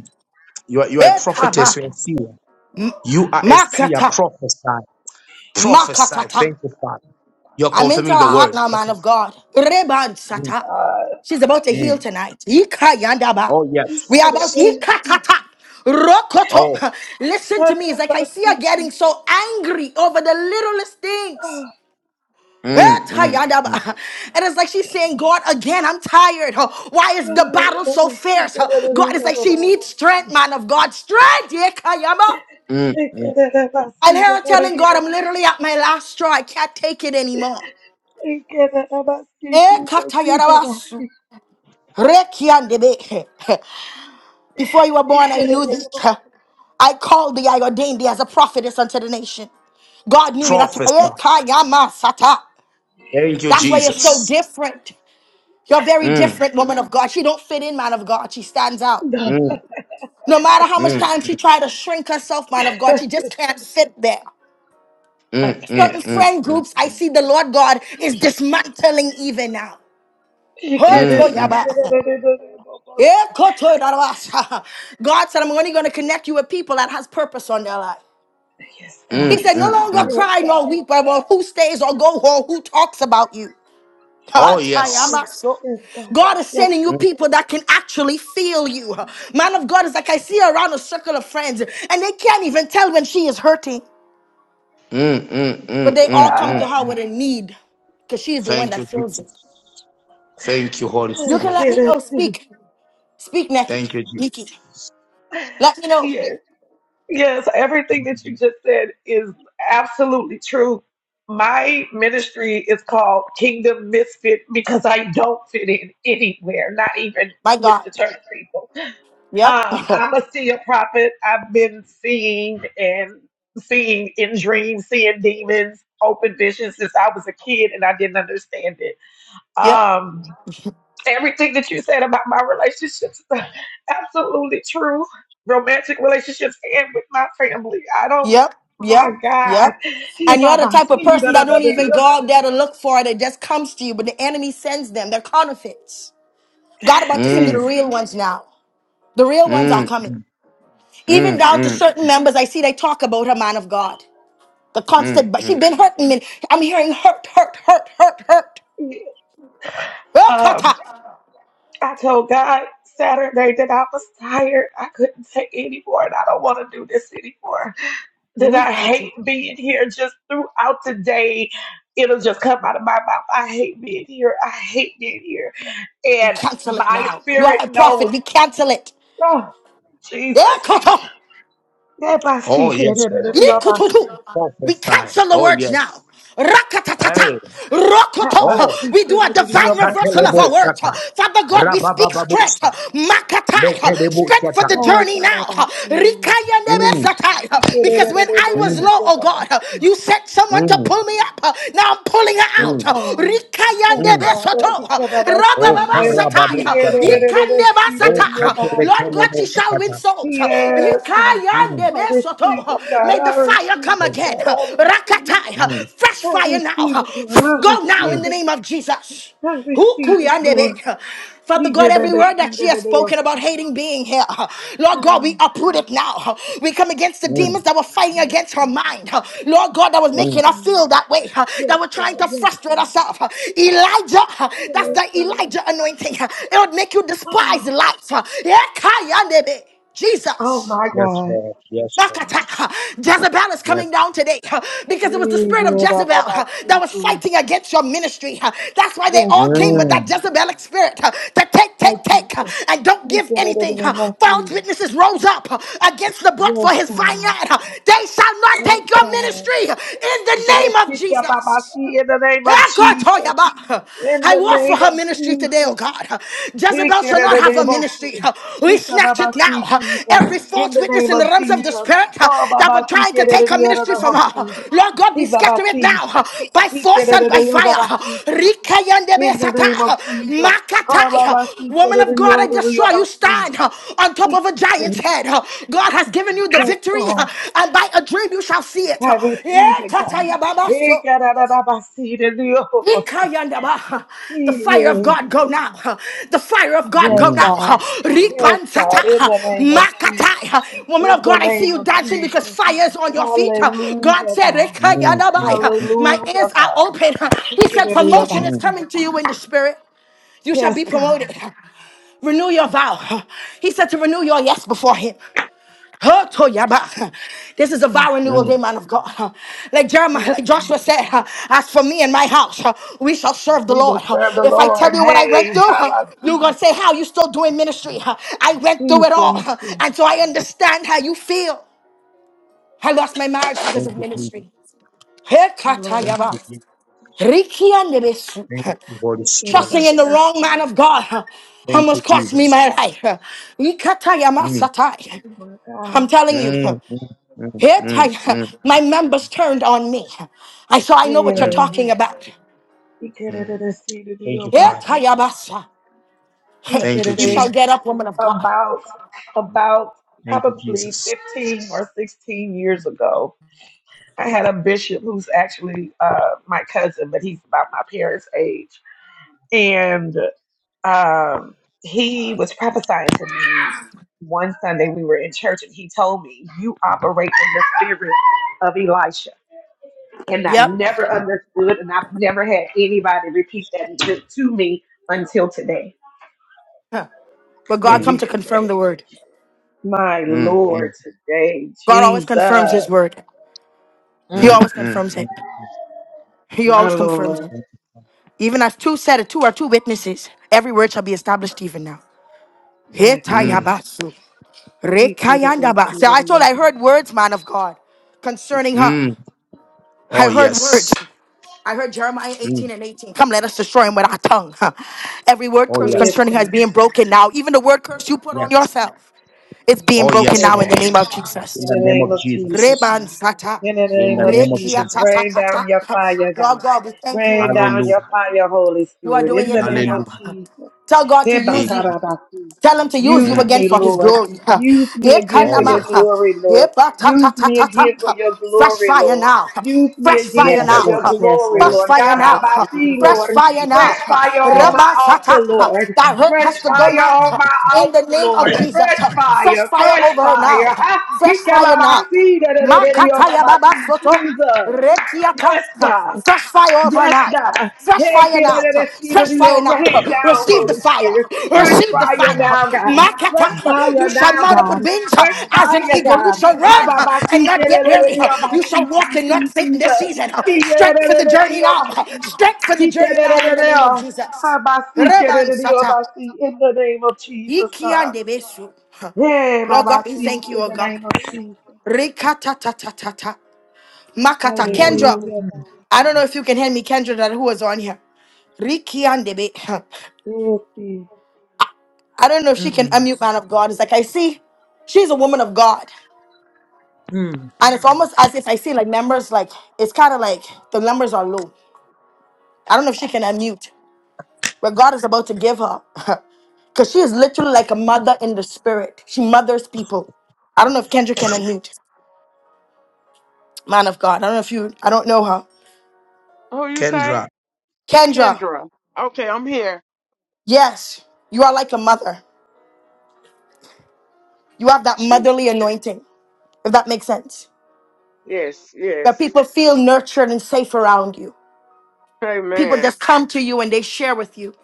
you are you are a prophetess. You are a seer. You are a seer. Makata, Prophesy, prophesy. makatata. Thank you, Father. You're I'm into her confirming the heart word. now, man of Prophesy. God. Reban sata. God. She's about to heal Mm. tonight. Ika yandaba. Oh Get We are out about yes. of here. ikatata. Oh, Rokoto. Listen Ah, to me. It's like I Baba, see her see, getting Jesus. so angry over the littlest Ah, things. mm, Eta mm, yandaba. And it's like she's saying, God, again, I'm tired. Oh, Why is the right. battle so fierce? Oh, Get out of God, here, it's no, like no, she no, needs no. strength, man of God. Strength. Ika yama. mm, mm. Get out of here, I see, hear her get out of telling here. God, I'm literally at my last straw. I can't take it anymore. Get out of here, see, Eh, Jesus. Get out of katayarabasu. here. Rekiandebe. Before you were born, Get I out knew of thee. I called thee, I ordained thee as a prophetess unto the nation. God knew you. That's, prophesy. Eh, kayamasata. Thank you, That's here. why Get you're out of so here. Jesus. different. You're a very Mm, different woman of God. She don't fit in, man of God. She stands out. No, mm, No matter how much mm, time she tried to shrink herself, man of God, she just can't fit there. I mm, mm, can't. Certain mm, friend groups, I see the Lord God is dismantling even now. Yes, mm, mm, Hotoyaba. Ekotoydarabasa. God said, I'm only going to connect you with people that has purpose on their life. He God. mm, said, no mm, longer mm. Yes, cry nor God. weep about who stays or go or who talks about you. Oh, yes. Hatayamaso. Yes, God. God is Yes, sending you people that can actually feel you. Man of God is like, I see around a circle of friends and they can't even tell when she is hurting, Mm, mm, but mm, they all mm, come God. to mm. her with a need because she is the one Thank that you, feels it. Jesus. Thank you, Holy You can Spirit. let me know. Speak. Speak, Nikki. Thank you, Jesus. Nikki. Let me know. Yes, yes. Everything that you just said is absolutely true. My ministry is called Kingdom Misfit because I don't fit in anywhere, not even My with God. the church people. Yep. Um, I'm a seer prophet. I've been seeing and seeing in dreams, seeing demons, open visions since I was a kid, and I didn't understand it. Yep. Um, everything that you said about my relationships is absolutely true. Romantic relationships and with my family. I don't. Yep. My Yep. God, Yep. He And you're by the my type of seed, person da, da, that da, don't da, even go da. out there to look for it. It just comes to you, but the enemy sends them. They're counterfeits. God about to send you the Mm, He- real ones now. The real ones are mm, coming. Even mm, down to mm, certain members, I see they talk about her man of God. The mm, constant, but mm. she been hurting me. I'm hearing hurt, hurt, hurt, hurt, hurt. um, Ekata. I told God Saturday that I was tired. I couldn't take anymore, and I don't want to do this anymore. that I Mikutu. hate being here just throughout the day. It'll just come out of my mouth. I hate being here. I hate being here. We And cancel it my now. You are spirit a prophet. knows, We cancel it. oh, Jesus. Ekata. Help my Oh, seek it, yes, it, it, Lord. it, help my seek. Yikututu. We Prophesy. cancel the Oh, words now. yes. Rakatatata. Hey. Rokoto. Oh, We do it, a it, it, divine help shaka reversal of telebo our words. shaka. Father God, we speak strength. Rababababusta. Makatai. Strength for the Oh, journey God, I now. must seek. Rikaya Mm, nebesatai. it, Because it, when it, it, I was mm, low, oh God, you sent someone to mm, pull me up. Now I'm pulling her Yes, out. mm, God. Rikaya Yes, mm. God. Oh, you nebesoto. care about Oh, see. Yeah. Rabababasatai. karababu He yeah, da, da, shatai. da, da, da, see, da, da, Oh, da, oh, Yikanebasatai. Baba, Lord God, see, she Jesus. katelekenemos shall win kata. souls. Yes, God. Mm, Yikaya I receive it, God. May the I fire receive come mm, it, again. God. I receive Rakatai. mm, it. Fresh I fire receive now. it, Lord. I Go now in receive mm, the it. name of Jesus. I Who receive it, Lord. Father You God, give me every the word that seed she of has the Lord. spoken about hating being here, Lord God, Ah, we uproot it now. We come against the mm, demons that were fighting yes, against her God. mind, Lord God, that was Yes, mm. making her God. feel that way, that Yes, were trying God. to Yes, frustrate God. herself. Elijah, that's Yes, the God. Elijah anointing. It would make you despise life. Yeah, kayanebe. Oh, Jesus. my Yes, God. Lord. Yes, Lord. Nakata. Jezebel is coming Yes. down today huh, because it was the spirit of Jezebel huh, that was Irababasiki. fighting against your ministry. huh. That's why they Yes, all came with God. that Mm, Jezebelic spirit huh, to take, Thank take, take, you huh, for and don't give speaking it anything. in the huh. False mercy. witnesses rose up huh, against the book Yes, for his God. vineyard. huh. They shall not Yes, take your God. ministry huh, in the Yes, name of Jesus. Ikababasi, in the name of Jesus. Ekotoyaba. In I the walk for name her of ministry today, oh Jesus. God. Jezebel shall not have a ministry. Ikerererebosi. We snatch it Ikababasi, now. Jesus. Every In false the witness name in the of realms of the Jesus. spirit Ha that were babasi trying to take her ministry from her. Lord God, we scatter it kererererebosi. now by He get force it and by in the fire. other of Jesus. In the Rikayandebesata. name of Jesus. Hallelujah. Makatai. He get Woman it of in the God, I just saw other you of you. stand on top He of a get giant's it. head. God has given you the Yes, victory, God. and by a dream you shall see it. I receive it, God. He Yeah, get it in the other of you, Ikayandaba. The He- fire of yeah. God go now. The fire of God Yes, go mm, mm, now. God. Yes, Ripansata. God. In the name of Jesus. Makatai. Woman In of the God, I see name you of dancing because Jesus. fire is on your feet. God Hallelujah, said, God. mm, Ikayandaba. mm, My Hallelujah, ears are God. open. He He get said, it in the other promotion of is mm, you. coming to you in the spirit. You shall Yes, be God. promoted. Renew your vow. He said to renew your yes before him. Huh, Toyaba. This is a Yes, vow renewal God. day, mm. man of God. huh. Like Yes, Jeremiah, like God. Joshua said, huh, as for me and my house, huh, we shall serve the We Lord. will huh. serve the If I tell Lord. you what I went Hey, through, how huh, about you're you? gonna say, How you still doing ministry? huh? I went through We it all. thank huh, you, And so I understand how you feel. I lost my marriage because of Thank you, Jesus. ministry. Hey, our Thank Lord. Katayaba. you, Jesus. Rikia Nebesu. Thank Huh. you, Holy We get it, Spirit. I Trusting in the see, wrong man of God huh, Thank you, almost cost me Jesus. my life. huh. Mm, Ikatayamasata. my I'm God. telling you. mm, mm, mm, Here, mm, Ty- mm, my members turned on me. I saw. I know Yeah, what you're mm. talking about. we get it, mm. I see, to do Thank your you, Here, Father. obasi. Tayabasa. He get Thank you, You shall it Jesus. get up, woman of God. about, about Thank you, probably Jesus. 15 or 16 years ago. I had a bishop who's actually uh, my cousin, but he's about my parents' age. and. um, he was prophesying to me one Sunday we were in church and he told me, You operate in the spirit of Elisha. And I Yep. never understood and I've never had anybody repeat that to, to me until today But when God come you to just said confirm it. the word. My Mm, mm, Lord, today, God always Jesus, confirms his word. He Mm, Mm. always mm, confirms mm, it. He my always confirms Lord, it. mm, Even as two said it, two are two witnesses. Every word shall be established even now. Here, my God. mm. Tayabasu. He could have been Rekayandaba. So seated I told in I heaven. heard words, man of God, concerning her. mm. Oh, I heard yes. words. I heard Jeremiah 18 Mm. and 18. Come, let us destroy him with our tongue. huh. Every word Oh, curse Yes, concerning yes. her is God. being broken now. Even the word curse you put on Yes. yourself, it's being Oh, broken yes, Yes, now in Lord. the name God. of Jesus. In In the the name name of of Jesus, Jesus. Reban God. sata. In the In name the of name of Rekia Jesus, ta Jesus. ta rain ta ta. down your Huh. fire, Lord God. God, we thank you, oh Rain God. down your Hallelujah. fire, Holy You are Spirit. doing In it the even name of now. Hallelujah. Huh. Jesus. Tell God to use Amen. you. Hebakarabaki. Tell him to use you Use Mm. again me, for his Lord. glory. Ha. Use me again for Oh, Ekanama, your yes. ha. glory, Lord. Eba, ta, ta, Use ta, me ta, ta, again for ha. your Fresh glory, fire Lord. now. ha. Use me Fresh fire again for Yes, now. Yes. your Lord. ha. Yes, glory, Lord. Fresh Lord. fire God, by now. my ha. sea, Fresh Lord. fire now. Fresh ha. fire on Yes. my Raba, sa, altar, ta, ha. Lord. That hurt has Fresh to go fire now. on ha. my In altar, the name of Lord. Jesus. Fresh ha. Fresh fire, fire fresh over her fire. now. ha. Ha! Fresh He came by fire my now. sea, da, da, da, da, da, oh, by Makataya Baba my sea, Soto. Jesus. Yes, Rekiata. God. Fresh fire over Yes, now. God. Fresh Hey, fire get now. under the seat Fresh of fire your now. rain down, Receive the Holy fire. Spirit. Fresh Receive the fire fire. now, God. Fresh Makata. You fire shall now, mount up with God. wings Fresh as an fire, eagle. You God. shall How about run my and seat? not Get get under the weary. seat of my You shall seat, walk and seat, not seat, faint in this Jesus. season. He get Strength under for the the journey seat of now. my seat. Strength for the He get journey under now in the name of the Jesus. How about seat? Get Reban under the seat of Sata. my seat. In the name of Jesus, God. Ikiande Besu. Hey, Lord God, Baba, we see, thank you, in O the God. name of Jesus. Rikatatatata. Makata Oh, yes. Kendra. Hallelujah, God. I don't know if you can hear me, Kendra, that who was on here. Riki and Debe. Yes, yes, I don't know if she Lord. can Mm. unmute man of God. It's like I see she's a woman of God. Mm. And it's almost as if I see like numbers, like it's kind of like the numbers are low. I don't know if she can unmute where God is about to give her. Because she is literally like a mother in the spirit. She mothers people. I don't know if Kendra can unmute. Man of God. I don't know if you, I don't know her. Who you Kendra, say? Kendra, Kendra. Okay, I'm here. yes, you are like a mother. You have that Jeez. motherly anointing. if that makes sense. Yes, Where yes. people feel nurtured and safe around you. People Amen. just come to you and they share with you,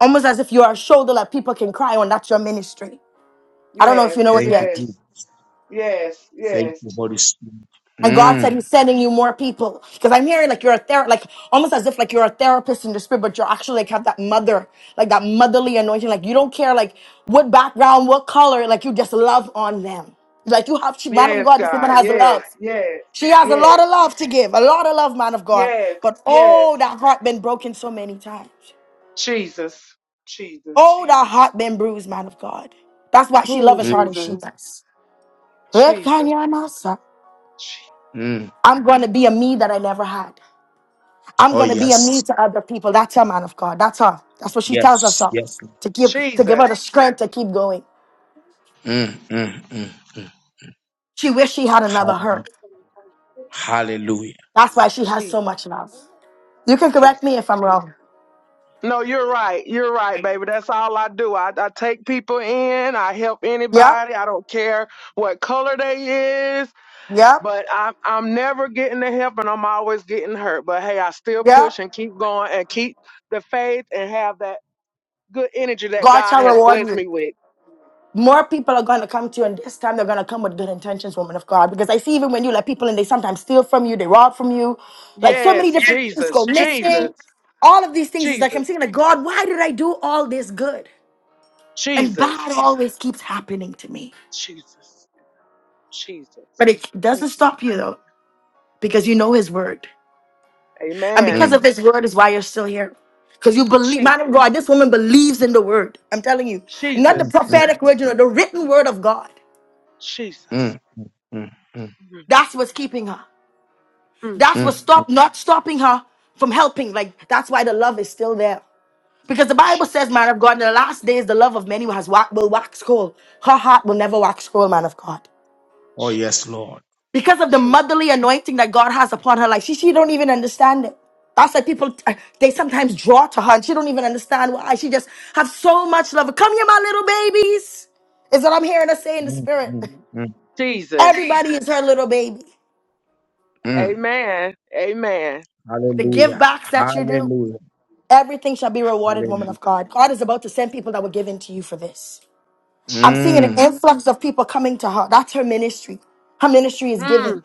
almost as if you are a shoulder that people can cry on. That's your ministry. I don't know if Yes, you know it thank you, yet. Jesus. yes, yes, Thank you, yes. Holy Spirit. And God said Mm, He's sending you more people because I'm hearing like you're a ther like almost as if like you're a therapist in the spirit, but you're actually like have that mother, like that motherly anointing. Like you don't care like what background, what color, like you just love on them. Like you have, man of Yes, God, this woman God. has love. Yes, yes, She has a lot yes, of love to give, a lot of love, man of God. yes, But yes. oh, that heart been broken so many times. Jesus. Jesus. Oh, that heart been bruised, man of God. That's why she Who loves as mm, hard as she Jesus? does. Jesus. Ekanyanasa. Je- mm. I'm gonna be a me that I never had. I'm Oh, gonna be a me yes. to other people. That's her, man of God. That's her. That's what she tells Yes. herself Yes. Lord. to give to give her the Jesus. strength to keep going. Mm, mm, mm. She wish she had another Hall- her. Hallelujah. That's why she has Jesus. so much love. You can correct Jesus. me if I'm wrong. No, you're right. You're right, baby. That's all I do. I, I take people in. I help Yep, anybody. I don't care what color they is. yep, But I'm I'm never getting the help, and I'm always getting hurt. But hey, I still yep. push and keep going and keep the faith and have that good energy that God God shall has reward blessed you. me with. more people are going to come to you, and this time they're going to come with good intentions, woman of God. Because I see even when you let people in, they sometimes steal from you, they rob from you. Like so many Yes, different things go Jesus, Jesus, missing. All of these things is like I'm Jesus, saying, like, God, why did I do all this good? And Jesus, bad always keeps happening to me. Jesus, Jesus. But it Thank doesn't you. stop you though, because you know His word. And Amen. because of Mm, His word is why you're still here. Because you believe, man of Jesus, God, this woman believes in the word. I'm telling you, not the Jesus, mm, prophetic word, you know, the written word of God. Jesus. mm, mm, mm, Mm, That's what's keeping her. mm. That's what mm. stopped, not stopping her from helping. Like, that's why the love is still there. Because the Bible says, Jesus. man of God, in the last days, the love of many has wa- will wax cold. Her heart will never wax cold, man of God. Oh, Jesus. yes, Lord. Because of the Jesus. motherly anointing that God has upon her life. She, she don't even understand it. That's why people, uh, they sometimes draw to her and she don't even understand why. She just have so much love. Come here, my little babies is what I'm hearing her say in the Mm, spirit. mm, mm, Everybody is her little baby. mm. Amen. Amen. The give Hallelujah. backs that you do. Hallelujah. Everything shall be rewarded, woman Hallelujah. of God. God is about to send people that were given to you for this. I'm seeing Jesus. an Mm, influx of people coming to her. That's her ministry. Her ministry is giving Mm,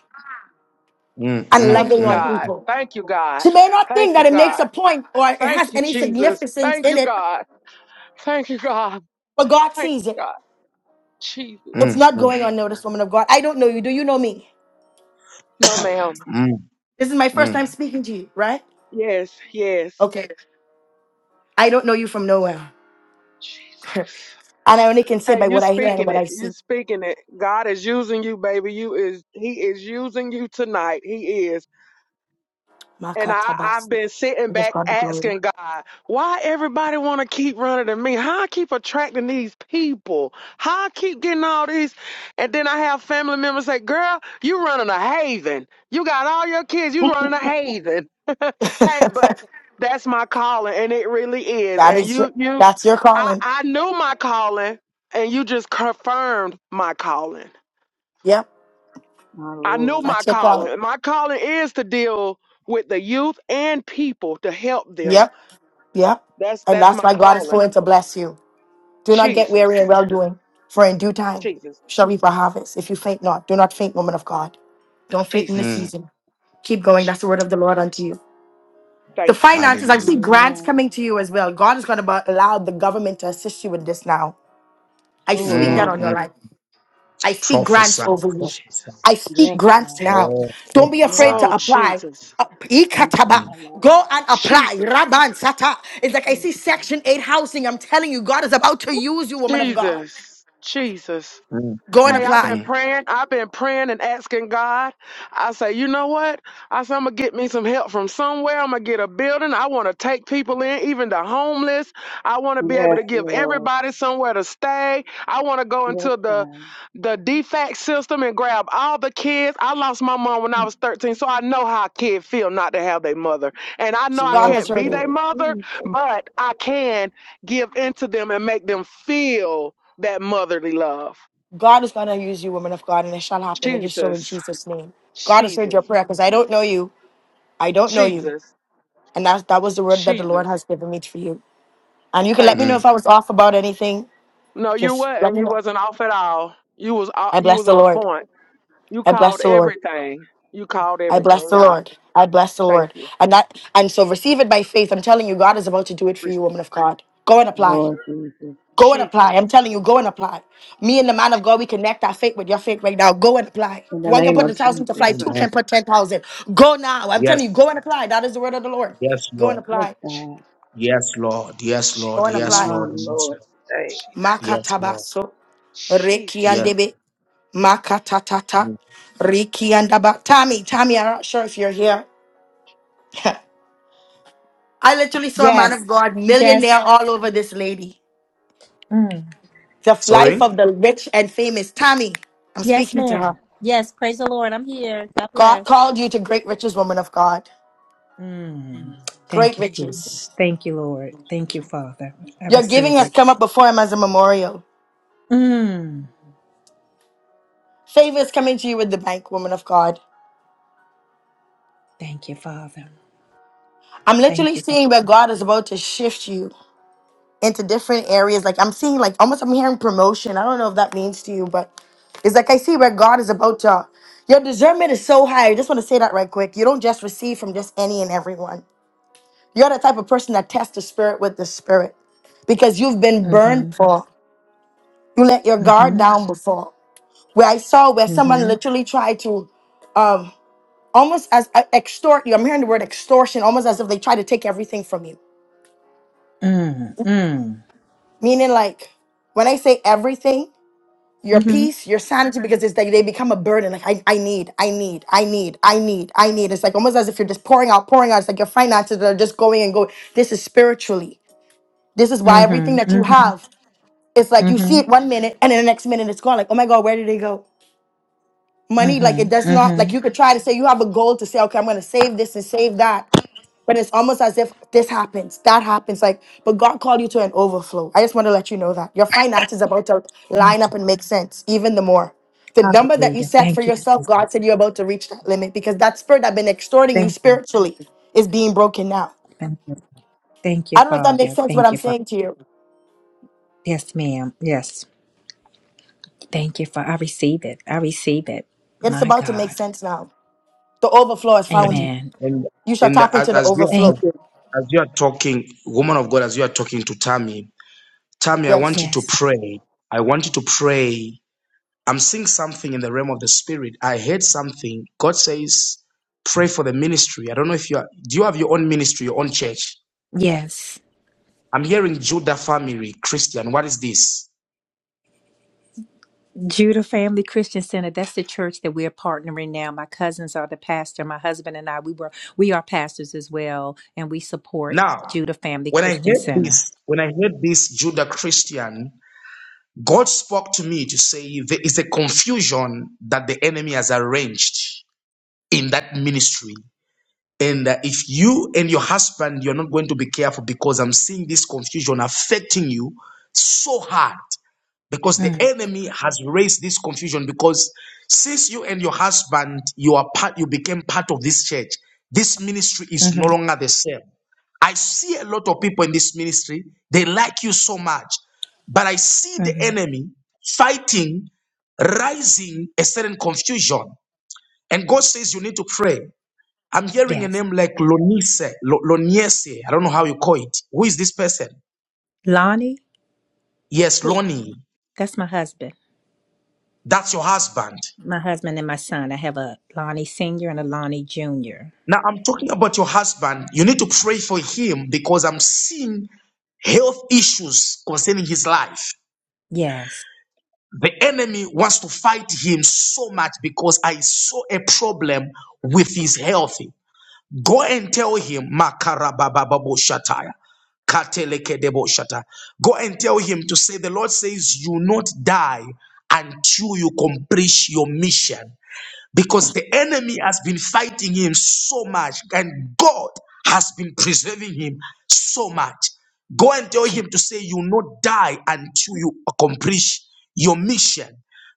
mm, and mm, thank you, loving on mm, God. people. Thank you, God. She may not Thank think you, that it makes a God. point or it Thank has you, any Jesus. significance Thank in you, it, God. Thank you, God. but God Thank sees it. you, God. Jesus. It's mm, not mm, going unnoticed, woman of God. I don't know you. Do you know me? No, ma'am. mm, This is my first mm, time speaking to you, right? Yes, yes. Okay. I don't know you from nowhere. Jesus. and I only can say Hey, by you what I hear and speaking what I it. You see. speaking it. God is using you, baby. You is He is using you tonight. He is. And I, I've Makatabasi. been sitting I give back God the asking God, why everybody want to keep running to me? How I keep attracting these people? How I keep getting all these? And then I have family members say, girl, you running a haven. You got all your kids, you running a haven. hey, glory. but that's my calling, and it really is. That And is you, your you, that's your I, calling. I knew my calling, and you just confirmed my calling. Yep. I knew Lord. my That's your calling. calling. My calling is to deal with the youth and people to help them. Yep. Yep. That's And that's that's my why God is calling. willing to bless you. Do not get weary in Jesus, well doing, for in due time Jesus, shall reap a harvest. If you faint not, do not faint, woman of God. Don't faint in the Jesus. mm. season. Keep going. Je- That's the word of the Lord unto you. The Thank you, finances, I My Hallelujah. see grants Lord. coming to you as well. God is going to allow the government to assist you with this now. I Oh, speak Jesus, that Lord. Mm, on your mm. life. I speak Jesus, Prophesy. grants over you. Prophesy. Jesus, I speak Yes, grants Jesus. God. now. Oh, Don't be Yes, afraid Oh, to prophesy. God. apply. Jesus, Uh, Thank you ikataba. for Mm, her life. Go and apply. Jesus, Raban sata. It's like I Yes, see Section 8 housing. I'm telling you, God is about to use you, woman of God. Jesus, Jesus. mm, Go and Hey, I've apply. been mm, mm. praying. I've been praying and asking God. I say, you know what? I say, I'm going to get me some help from somewhere. I'm going to get a building. I want to take people in, even the homeless. I want to be able Yes, to give Lord. everybody somewhere to stay. I want to go Yes, into the, God. the defect system and grab all the kids. I lost my mom when I was 13, so I know how a kid feel not to have their mother. And I know I God Yes, has can't heard be you. their Lord. mother, Jesus. but I can give into them and make them feel that motherly love. God is going to use you, woman of God, and it shall happen. It is so in Jesus, Jesus' name. God has heard your Jesus, prayer because I don't know you. I don't know you. Jesus, And that, that was the word that the Lord Jesus. has given me for you. And you can let me Thank know you. if I was off about anything. No, you Just let wasn't. me You know. wasn't off at all. You was o- I you bless was the on Lord. point. You I bless called the Lord. everything. You called I bless everything the out. Lord. I bless the Thank Lord. you. And that and so receive it by faith. I'm telling you, God is about to do it for Re- you, woman of God. Go and apply. Go and apply. Jesus, I'm telling you, go and apply. Me and the man of God, we connect our faith with your faith right now. Go and apply. One can put a thousand to fly, two Amen. can Jesus, put ten thousand. Go now. I'm telling you, Yes. go and apply. That is the word of the Lord. Yes, Go and Lord. Yes, apply. God. Yes, Lord. Yes, Go Lord. Jesus, and Yes, apply. My Lord. Yes, Lord. Lord. Today. Jesus, Yes, Lord. Makatabaso. Yes. Jesus, Rekiandebe. Makatatata. Mm. Rikiandaba. Tommy, Tommy, I'm not sure if you're here. I literally saw a man Yes. of God, Yes. millionaire all over this lady. Mm. The life of Sorry? the rich and famous. Tammy, I'm Yes, speaking to her. ma'am. Yes. Praise the Lord. I'm here. God God bless. called you to great riches, woman of God. Mm. Great Thank you, Jesus. riches. Thank you, Lord. Thank you, Father. I Your giving receive has it. come up before him as a memorial. Mm. Favor is coming to you with the bank, woman of God. Thank you, Father. I'm Thank literally you, Father. seeing where God is about to shift you into different areas. Like I'm seeing like almost I'm hearing promotion. I don't know if that means to you, but it's like I see where God is about to your discernment is so high. I just want to say that right quick. You don't just receive from just any and everyone. You're the type of person that tests the spirit with the spirit because you've been burned Mm-hmm. for. You let your guard Mm-hmm. down before. Where I saw where someone Mm-hmm. literally tried to um almost as uh, extort you. I'm hearing the word extortion almost as if they try to take everything from you. Mm. Mm. Meaning like when I say everything, your Mm-hmm. peace, your sanity, because it's like they become a burden. Like I, I need, I need, I need, I need, I need. It's like almost as if you're just pouring out, pouring out. It's like your finances are just going and going. This is spiritually. This is why Mm-hmm. everything that you Mm-hmm. have, it's like you see Mm-hmm. it one minute and then the next minute it's gone. Like, oh my God, where did it go? Money, like Mm-hmm. it does not, like you Mm-hmm. could try to say you have a goal to say, okay, I'm gonna save this and save that. But it's almost as if this happens, that happens. Like, but God called you to an overflow. I just want to let you know that your finances are about to line up and make sense even the more. The number that you Hallelujah. set for Thank you, yourself, God Jesus. said you're about to reach that limit because that spirit that's been extorting you Thank you. spiritually is being broken now. Thank you. Thank you, I don't know if that makes Father. sense what Thank I'm you, Father. saying to you. Yes, ma'am. Yes. Thank you for I receive it. I receive it. It's My about to make God. sense now. The overflow has found you. And, Amen. and, You shall and tap as, into the as we are, overflow. Thank you. as you are talking, woman of God, as you are talking to Tammy, Tammy, I Yes. want you to Yes. pray. I want you to pray. I'm seeing something in the realm of the spirit. I heard something. God says, pray for the ministry. I don't know if you are, do you have your own ministry, your own church? Yes. I'm hearing Judah family, Christian. What is this? Judah Family Christian Center. That's the church that we're partnering now. My cousins are the pastor. My husband and I, we were we are pastors as well, and we support Now, Judah Family when I Christian heard Center. this, when I heard this Judah Christian, God spoke to me to say there is a confusion that the enemy has arranged in that ministry. And uh, if you and your husband, you're not going to be careful because I'm seeing this confusion affecting you so hard because the Mm, enemy has raised this confusion because since you and your husband, you are part, you became part of this church. This ministry is no mm-hmm, longer the same. I see a lot of people in this ministry, they like you so much, but I see the mm-hmm. enemy fighting, rising a certain confusion. And God says you need to pray. I'm hearing a Yes. name like Lonise, Lo- Loniese. I don't know how you call it. Who is this person? Lonnie, Yes, Lonnie. that's my husband. That's your husband. My husband and my son. I have a Lonnie Senior and a Lonnie Junior. Now I'm talking about your husband. You need to pray for him because I'm seeing health issues concerning his life. Yes. The enemy wants to fight him so much because I saw a problem with his health. Go and tell him, Makarabababoshataya. Katelekedeboshata. Go and tell him to say, The Lord says, You not die until you complete your mission because the enemy has been fighting him so much and God has been preserving him so much. Go and tell Je- him to say, You will not die until you accomplish your mission.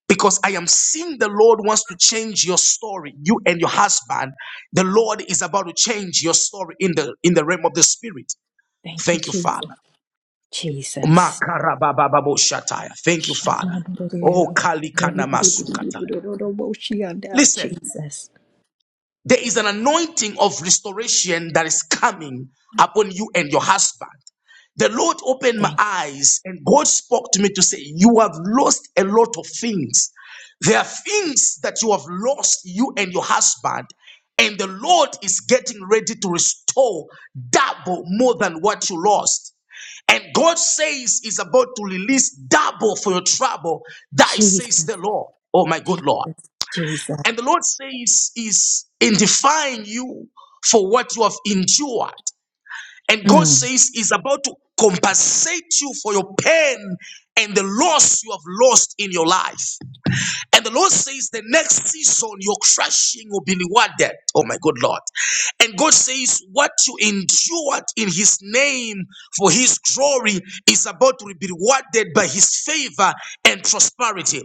Because I am seeing the Lord wants to change your story, you and your husband. The Lord is about to change your story in the in the realm of the spirit. Thank you, Thank you, Father. Jesus. Jesus. Makarababababoshataya. Thank you, Father. Oh, Shamandorirero. Kali Kana Masukataya. Dororororororoboshianda. Listen, Jesus. There is an anointing of restoration that is coming upon you and your husband. The Lord opened my Thank you. eyes and God spoke to me to say, You have lost a lot of things. There are things that you have lost, you and your husband, and the Lord is getting ready to restore double more than what you lost. And God says He's about to release double for your trouble. That Jesus. says the Lord. Oh my good Jesus. Lord. Jesus. And the Lord says, is indemnifying you for what you have endured. And God Mm. says, is about to compensate you for your pain and the loss you have lost in your life. And the Lord says, the next season, your crushing will be rewarded. Oh my good Lord. And God says, what you endured in His name for His glory is about to be rewarded by His favor and prosperity.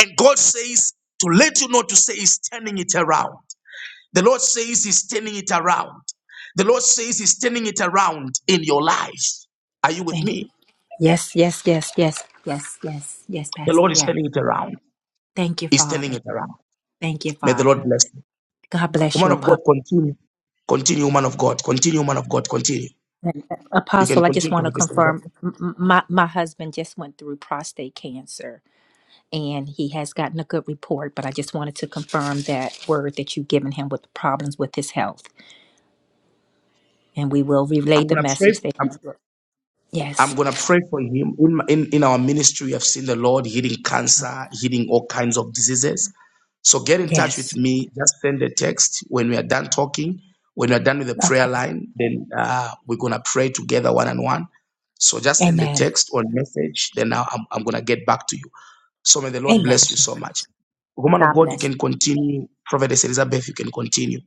And God says, to let you know to say, He's turning it around. The Lord says, He's turning it around. The Lord says, He's turning it around in your life. Are you with Thank you. me? Yes, yes, yes, yes, yes, yes, yes, The Pastor. Lord is Yes. turning it around. Thank you, He's turning Father. it around. Thank you, May the Lord Father. bless you. God bless Woman you, of God, Apostle. continue. Continue, woman of God. Continue, woman of God. Continue. You can Apostle, I just continue, want to prophetess. confirm Elizabeth. m- m- my, my husband just went through prostate cancer and he has gotten a good report, but I just wanted to confirm that word that you've given him with the problems with his health. And we will relay I'm the gonna pray. message that he I'm, I'm Yes. gonna pray for him. In, in in our ministry, I've seen the Lord healing cancer, healing all kinds of diseases. So get in touch with Yes. me. Just send a text when we are done talking. When we are done with the prayer Okay. line, then uh, we're gonna pray together one on one. So just send a Amen. text or message. Then now I'm I'm gonna get back to you. So may the Lord Amen. bless you so much. Woman of God God, you bless. can continue. Prophetess Elizabeth, you can continue.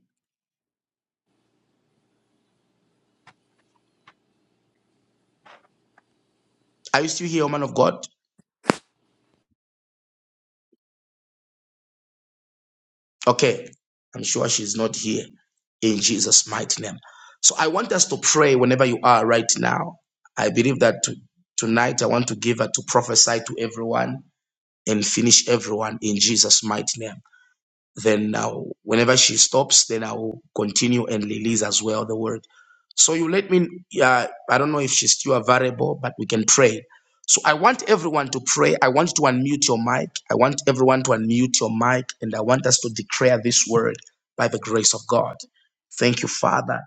Are you still here, woman of God? Okay. I'm sure she's not here in Jesus' mighty name. So I want us to pray whenever you are right now. I believe that to- tonight I want to give her to prophesy to everyone and finish everyone in Jesus' mighty name. Then now, whenever she stops, then I will continue and release as well the word. So you let me, uh, I don't know if she's still available, but we can pray. So I want everyone to pray. I want you to unmute your mic. I want everyone to unmute your mic, and I want us to declare this word by the grace of God. Thank you, Father.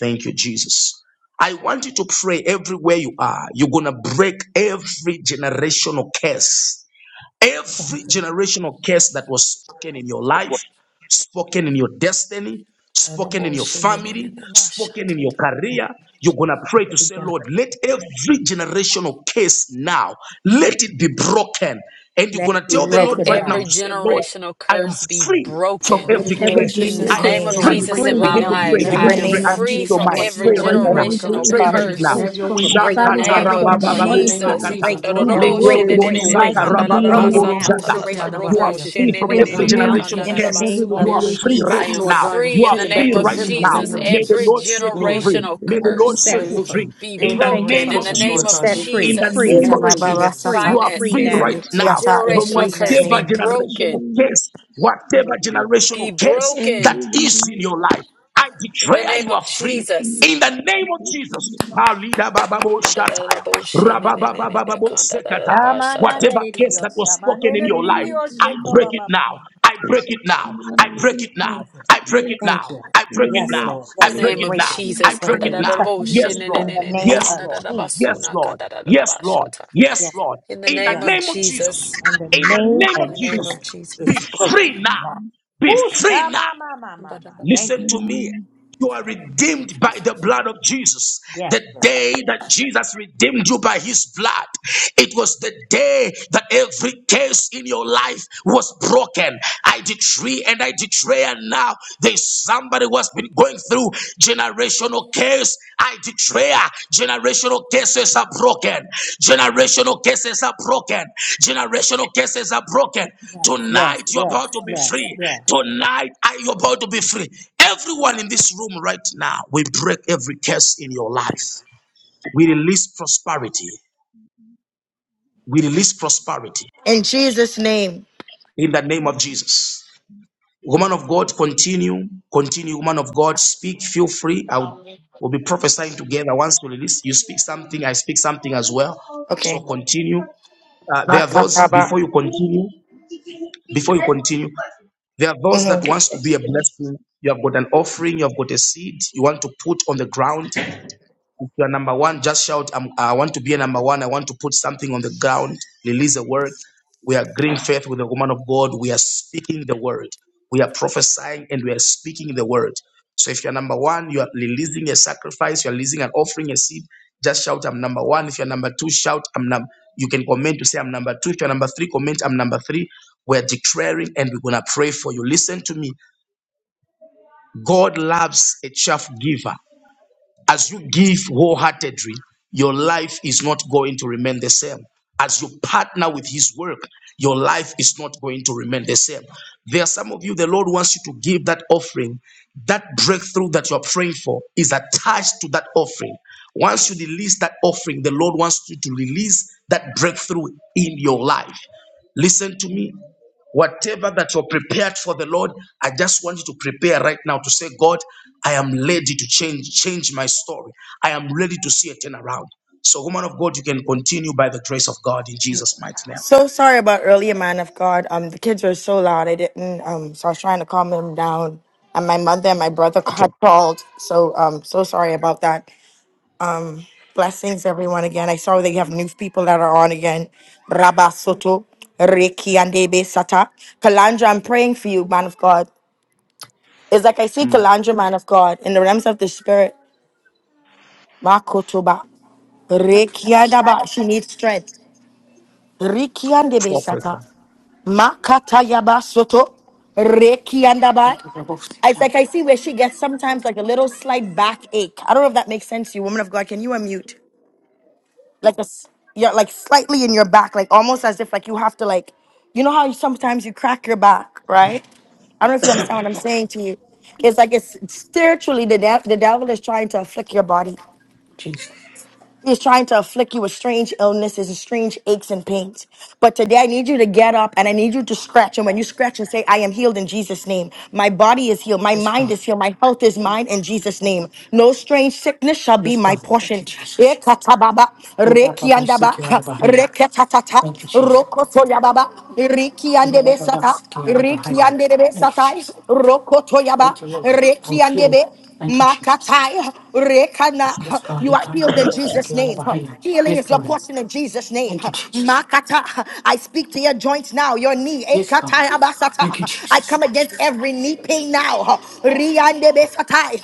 Thank you, Jesus. I want you to pray everywhere you are. You're going to break every generational curse Thank Every you. generational curse that was spoken in your life, spoken in your destiny, spoken Honorable in your family, spoken Shindininimashata. in your career, you're going to pray to Every say, generation. Lord, let every generational curse now, let it be broken. And you're Let going it to be tell the Let Lord broken right now every to now. say, Lord, generational I am curse be free from broken That every Everything In every was curse. In pushing the I Jesus' generation am name name. perfect, of can Lord. I'm I be free. Jesus Break it in free broken right my Begin in from to the now every in the pray. life, mighty name Em- I Begin of to generation. am pray. name of Jesus. free Unmute Jesus. your from mind. Lord, you are every Pray In That the right name worthy, of now. Lord every Jesus, God. generational Pray Thank generation you, Father, of right we Jesus. now. curse. thank Have curse your you from for way my In the breaking in father's our Shakata side, name life, every from of Lord my God. In rabababo the generational mother's name curse. of We Jesus. side, Jesus, break sakata. it be Lord now. God, we know Break, broken that Lekelebo in you break, are the break. sata worthy. mighty Be name of broken rabababo now. Honorable jata. Jesus. Generational You are Bahia. curses. free We from Lord, break Lord every you God, signal thank you, now generational in the Jesus. curse. every name Lord, You of are every free regeneration I right curse, am curse Lord Jesus. now. God, You free in are the send it back free name to the of right from sender in the now. name Jesus. of God May the Every Lord Jesus. and set you Lord, free. broken generational in the May the mighty Lord curse Set set name you us free. of hallelujah. free. be In the Everything that Thank you, was broken name in the of the cursing, Father. We're name Lord Jesus. of God, set regeneration In free. the curse be in Jesus. the Free, name of name of free. Jesus. broken We're Jesus. You Tababarasata. free. are in the Free free Finances, name of now. right Jesus. the now Rikiata. We're In from generational free now. Jesus' curse be whatever name. In the generational broken, name of case, Jesus. whatever generational be With Every case broken that is in regeneration your life. curse I in the declare name you are of and free. Jesus. channel In the curse be name of broken in the Jesus, mighty Kalida bababo shataya, Kandaraboshinenenene, rabababababo sekata. whatever case kandarabashatatata. that Shamananadidios, was spoken in your name of life, the shamananadidios, I Lord. break it now. shekobabamama. I break Set it the now. I line of break it now. influence Thank you. to I break play it Thank now. you. I the break it Yes, video now. Lord. I In the Yes, break we name it curse of break it. now. be I broken Jesus, Break it. break in it the We now. touch mighty and name decree. Yes, of it. In Lord. the Jesus. kandaraboshinenenene, name Yes, of Lord. Jesus. Yes, kandarabasuna, Lord. Yes, Lord. kandarabashata. Yes, Yes, Lord. in the In name the yes. of name of Jesus. Jesus, In the In the name name of in of the name Jesus. of Jesus. Be Jesus, It's free broken. now. Now. Be Woo, free now. shamamamamama. Kandaraba. Thank Listen you, to God. me. Amen. You are Thank you, redeemed by the Jesus. blood of Jesus. Yes, The Lord. day that Jesus redeemed you by his blood, it was the day that every case in your life was broken. I decree and I declare now there's somebody who has been going through generational generational case. I declare generational cases are broken. Generational cases are broken. Generational cases are broken. Yes, yes, Tonight you're yes, about to be yes, free. yes. Tonight are you about to be free? Everyone in this room right now, we break every curse in your life. We release prosperity. We release prosperity In Jesus' name. in the name of Jesus. Woman of God, continue, continue. Woman of God, speak. Feel free. I will, we'll be prophesying together. Once we release, you speak something. I speak something as well. So Okay. continue. Uh, there are those Makataba. before you continue. Before you continue, there are those that Mhm. wants to be a blessing. You have got an offering. You have got a seed. You want to put on the ground. If you are number one, just shout, I'm, I want to be a number one. I want to put something on the ground, release a word. We are green faith with the woman of God. We are speaking the word. We are prophesying and we are speaking the word. So if you're number one, you are releasing a sacrifice, you're releasing an offering, a seed, just shout, I'm number one. If you're number two, shout, I'm number. You can comment to say, I'm number two. If you're number three, comment, I'm number three. We're declaring and we're going to pray for you. Listen to me. God loves a cheerful giver. As you give wholeheartedly, your life is not going to remain the same. As you partner with His work, your life is not going to remain the same. There are some of you, the Lord wants you to give that offering. That breakthrough that you're praying for is attached to that offering. Once you release that offering, the Lord wants you to release that breakthrough in your life. Listen to me. Whatever that you're prepared for the Lord, I just want you to prepare right now to say, God, I am ready to change, change my story. I am ready to see a turnaround. So, woman of God, you can continue by the grace of God in Jesus' mighty name. So sorry about earlier, man of God. Um, the kids were so loud. I didn't. Um, so I was trying to calm them down, and my mother and my brother Okay. had called. So um, so sorry about that. Um, blessings everyone again. I saw they have new people that are on again. Rabba Soto, Reki and Debe Sata, Kalandra. I'm praying for you, man of God. It's like I see Kalandra, man of God, in the realms of the spirit. Makotoba, Reki and Rekiadaba. She needs strength. Rikiande Besata. Makata Yaba Soto. Rekiandaba. Thank you, for both. It's like I see where she gets sometimes like a little slight backache. I don't know if that makes sense to you, woman of God. Can you unmute? Like a s- yeah, like slightly in your back, like almost as if like you have to like you know how you, sometimes you crack your back, right? I don't know if you understand what I'm Lord. Thank saying to you. It's like it's spiritually the, de- the devil is trying to afflict your body. you, Jesus. He's trying to afflict you with strange illnesses and strange aches and pains. But today I need you to get up and I need you to scratch. And when you scratch and say, I am healed in Jesus' name. My body is healed. My Yes, mind God. is healed. My health is mine in Jesus' name. No strange sickness shall be Yes, my God. Thank portion. you, Jesus. Ekatababa, Glory Baba seek rekiandaba, you out of Bahia. reketatata, Thank you, Jesus. rokotoyababa, Glory Baba rikiandebesata, seek you out of Bahia. Thank you, rikiandebesata, Jesus. rokotoyaba, Thank you, Lord. I'm healed. rekiandebe, Thank you, Jesus. Makatai, Yes, Rekana. God. You We are come to healed in you, but seek Jesus' you out of name. behind you. Healing Yes, is your God. portion in Jesus' name. Thank you, Jesus. Makata. I speak to your joints now, your knee. Yes, God. Ekatai Thank you, abasata. I Jesus. come against every knee pain now. Riande besatai,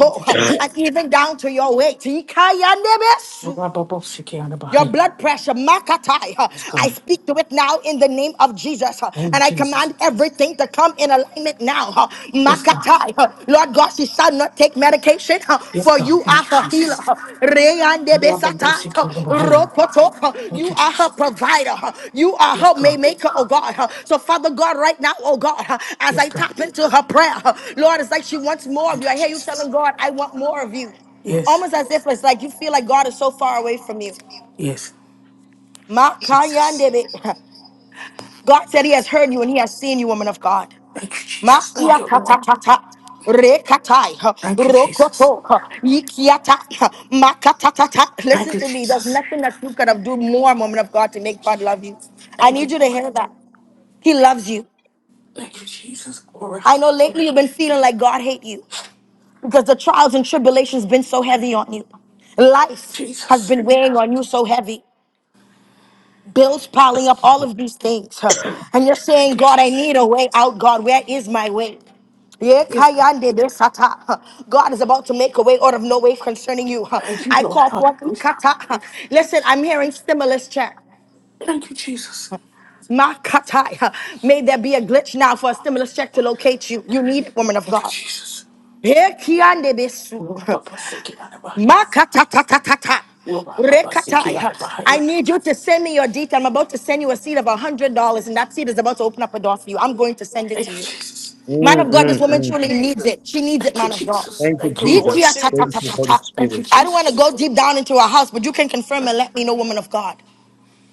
Thank you, Jesus. And even down to your weight. Ikayandebesu. Glory Baba seek you out of Your Bahia. blood pressure, Makatai. huh, Yes, I God. speak to it now in the name of Jesus. huh, And I Thank you, Jesus. command everything to come in alignment now. huh, Yes, God. Makatai. huh. Lord God, she shall not take medication, huh, Yes, for God. you are Thank you, her healer. Jesus. huh. Reyande Glory Baba besatai, seek huh, you out of Bahia. rokoto, huh. Thank You you, are her Jesus. provider. huh. You are Yes, her God. maymaker, oh God. huh. So, Father God, right now, oh God, huh, as Yes, I God. tap into her prayer, huh, Lord, it's like she wants more of Thank you. you, I hear you Jesus. telling God, I want more of you. Yes. Almost as if it's like you feel like God is so far away from you. Yes. Jesus. Makayandebe. God said he has heard you and he has seen you, woman of God. Thank you, Jesus. Thank Makia you, tata Lord. tata. Rekatai, huh, Thank you, Jesus. rokoto, huh, ikiata, huh, makatatata. Thank Listen you, to me. There's Jesus. nothing that you could have do more, woman of God, to make God love you. I Thank need you, you to Lord. hear that. He loves you. Thank you, Jesus. Glory, I know hallelujah. lately you've been feeling like God hate you because the trials and tribulations been so heavy on you. Life has Jesus. been weighing on you so heavy. bills piling up, all of these things. huh? And you're Thank saying, you, God, I Jesus. need a way out. God, where is my way? Yeah, Yes, God. kayande besata. huh? God is about to make a way out of no way concerning you. huh? Thank you, I Lord. call forth Hallelujah. ukata. huh? Listen, I'm hearing stimulus check. Thank you, Jesus. Makatai. huh? May there be a glitch now for a stimulus check to locate you. You need it, woman of Thank you, God. Jesus. Yeah, kiande Lord, besu. Papa, seek it out of you. Makatatatatata. Lord, Papa, seek it out Rekatai. of I you. need you to send me your detail. I'm about to send you a seed of $100, and that seed is about to open up a door for you. I'm going to send it Thank to you, you. Jesus. Man of Mm, God, this mm, woman mm. truly needs Jesus, it. She needs it, Thank you, man of God. Jesus. Thank you, Thank you, Lord. Ikia Jesus. ta ta Thank ta Jesus, you, ta Holy ta. Thank Spirit. you, I don't want to Jesus. go Jesus, deep down into her house, but you can confirm and let me know, woman of God.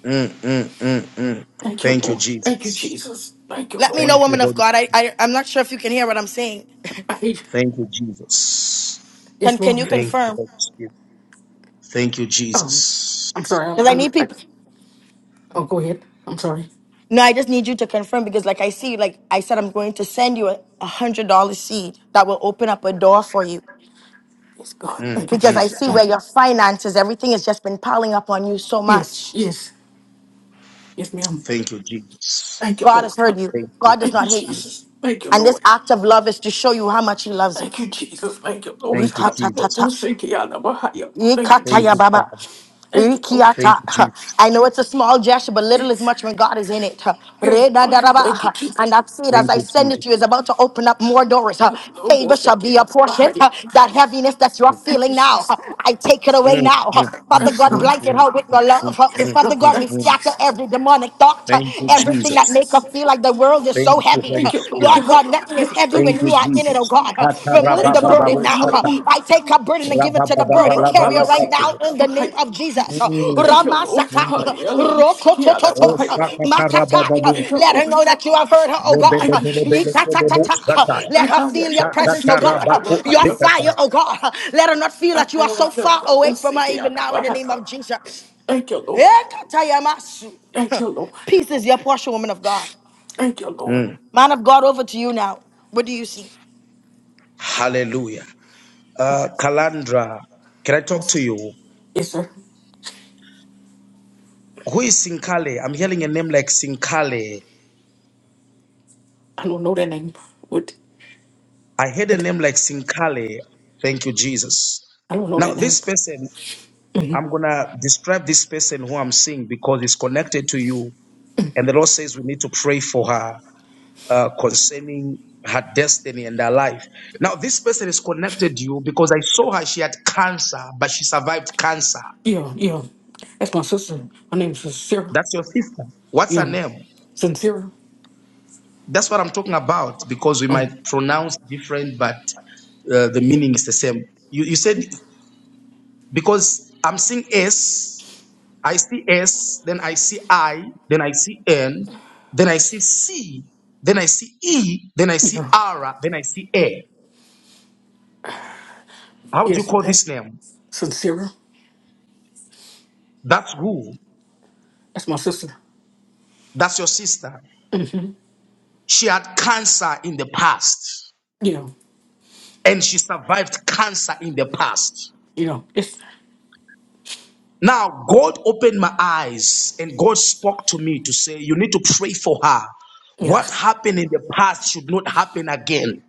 Mm, mm, mm, mm. Thank you, Thank you, Lord. Thank you, Jesus. Jesus. Thank you, Let me Lord. know, Thank you, woman of Holy God. I, I, I'm not sure if you can hear what I'm saying. Thank you. Spirit. Thank you, Jesus. Can, Yes, can you ma'am. Thank you, confirm? Holy Spirit. Thank you, Um, Jesus. I'm sorry. I'm, Because I I'm need I, people. oh, go ahead. I'm sorry. No, I just need you to confirm because, like I see, like I said, I'm going to send you a a hundred dollar seed that will open up a door for you Yes, God. Mm, Thank you, because mm, I Jesus. see mm. where Thank you. your finances, everything has just been piling up on you so Yes, much. yes, yes, ma'am. Thank you, Jesus. Thank you, God has Lord. heard you. Thank you, God does Holy Thank not you, hate you, Spirit. Jesus. Thank you, and this Lord. act of love is to show you how much He loves you. Thank you, Jesus. Thank you, Lord. Thank you, Jesus. Hallelujah. Thank you, Thank Ikataya you, Jesus. baba. Father. Thank you, Lord. Thank you, Rikiata. Jesus. I know it's a small gesture, but little is Yes, much when God is in it. yes, Lord. Thank you, Redadaraba. Jesus. And that seed, as Thank I you, send it Jesus. to you, is about to open up more doors. Favor Hallelujah. shall be a portion. That heaviness that you are Thank you, feeling now, Jesus. I take it away Mm, now. mm, mm, Father Praise God, mm, God. blanket mm, her with mm, your love. mm, Yes, mm, Father God. mm, God, we Thank you, mm. scatter Jesus. every demonic thought, Thank you, Thank you, everything that Jesus. make her Jesus. feel like the world is Thank so you, heavy. Holy Thank you, Lord. Spirit. Lord God, let Hallelujah. is heavy Thank when Thank you, you you, are in it, Jesus. oh Jesus. God. Uh, Kata Remove the Thank you, burden Lord. rabababo now. Uh, shaka. Hallelujah. I take a burden and give it to the Oh, burden Rabbi, carrier right Basiki, now Rababababalabalakata. in the name Nabahaya. of Jesus. Uh, Mm, Thank you, Lord. Ramasata, mm. uh, Hallelujah. Hayala, Musiki, Oh, Rokotototo, uh, Anabahaya. sakata Makata. Uh, rabababo. Thank you, Let her Lord. know that you have heard her, oh God. Uh, Thank you, Jesus. Rebebebebebebebo Yikatatata. Uh, shaka. Let her feel your Hayala, presence, Shakata oh Musiki, God. Uh, rabako Your Anabahaya. shikata. fire, oh God. Uh, Let her not feel that you are so far Hayala, away from her Musiki, even now in the name Anabahaya. of Jesus. Thank you, Lord. Ekatayamasu. Thank you, Lord. Peace is your portion, woman of God. Thank you, Lord. Mm. Man of God, over to you now. What do you see? Hallelujah. Uh, Kalandra, can I talk Yes, to sir. you? Yes, sir. Who is Sinkale? I'm hearing a name like Sinkale. I don't know that name. What? I heard a what- name like Sinkale. Thank you, Jesus. I don't know Now, that name. this person, I'm going to describe this person who I'm seeing because it's connected to you. And the Lord says we need to pray for her uh, concerning her destiny and her life. Now, this person is connected to you because I saw her. She had cancer, but she survived cancer. Yeah, yeah. That's my sister. Her name is Sarah. That's your sister. What's her Yeah. name? Sincere. That's what I'm talking about because we Oh, might pronounce different, but uh, the meaning is the same. You, you said because I'm seeing S, I see S, then I see I, then I see N, then I see C, then I see E, then I you see know. R, then I see A. How do you Yes, call that's this name? sincere. That's who? That's my sister. That's your sister. She had cancer in the past You know. and she survived cancer in the past. You know. It's Now, God opened my eyes and God spoke to me to say, You need to pray for her. What yes. happened in the past should not happen again.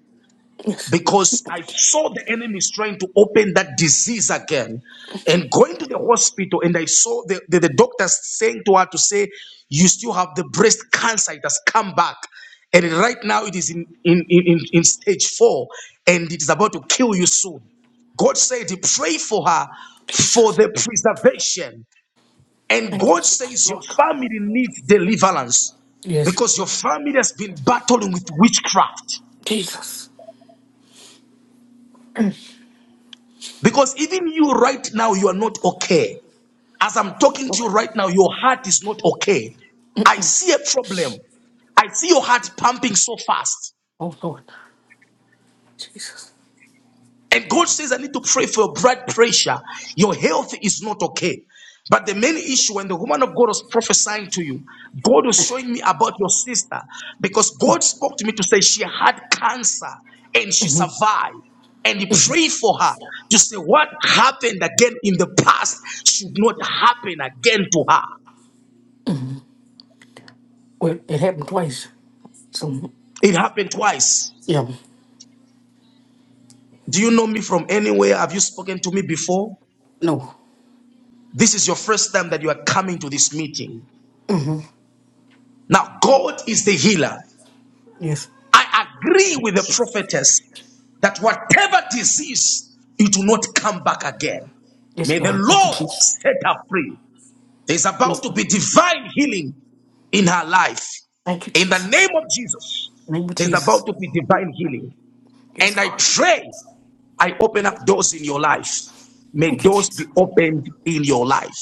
Yes. Because I saw the enemy is trying to open that disease again. And going to the hospital, and I saw the, the, the doctors saying to her to say, You still have the breast cancer, it has come back. And right now it is in, in, in, in in stage four, and it is about to kill you soon. God said, Pray for her for Jesus. the preservation. And Thank you, God Jesus. says your Lord God. family needs deliverance Yes. because your family has been battling with witchcraft. Jesus. Because even you right now, you are not okay. As I'm talking to you Lord. right now, your heart is not okay. I see a problem. I see your heart pumping so fast. Oh Lord. Jesus. And God says, I need to pray for your blood pressure. Your health is not okay. But the main issue, when the woman of God was prophesying to you, God was showing me about your sister because God spoke to me to say she had cancer and she survived. And he prayed for her to say what happened again in the past should not happen again to her. Well, it happened twice. So It happened twice. yeah. Do you know me from anywhere? Have you spoken to me before? No. This is your first time that you are coming to this meeting. Now, God is the healer. Yes. I agree with the prophetess that whatever disease, it will not come back again. Yes, May the God. Thank you, Lord Jesus. set her free. There's Yes, about to God. be divine healing in her life. Thank you, In the name Jesus. of Jesus, In the Name of there's about Jesus. to be divine healing. Yes, And I God. pray I open up doors in your life. May Thank you, doors Jesus. be opened in your life.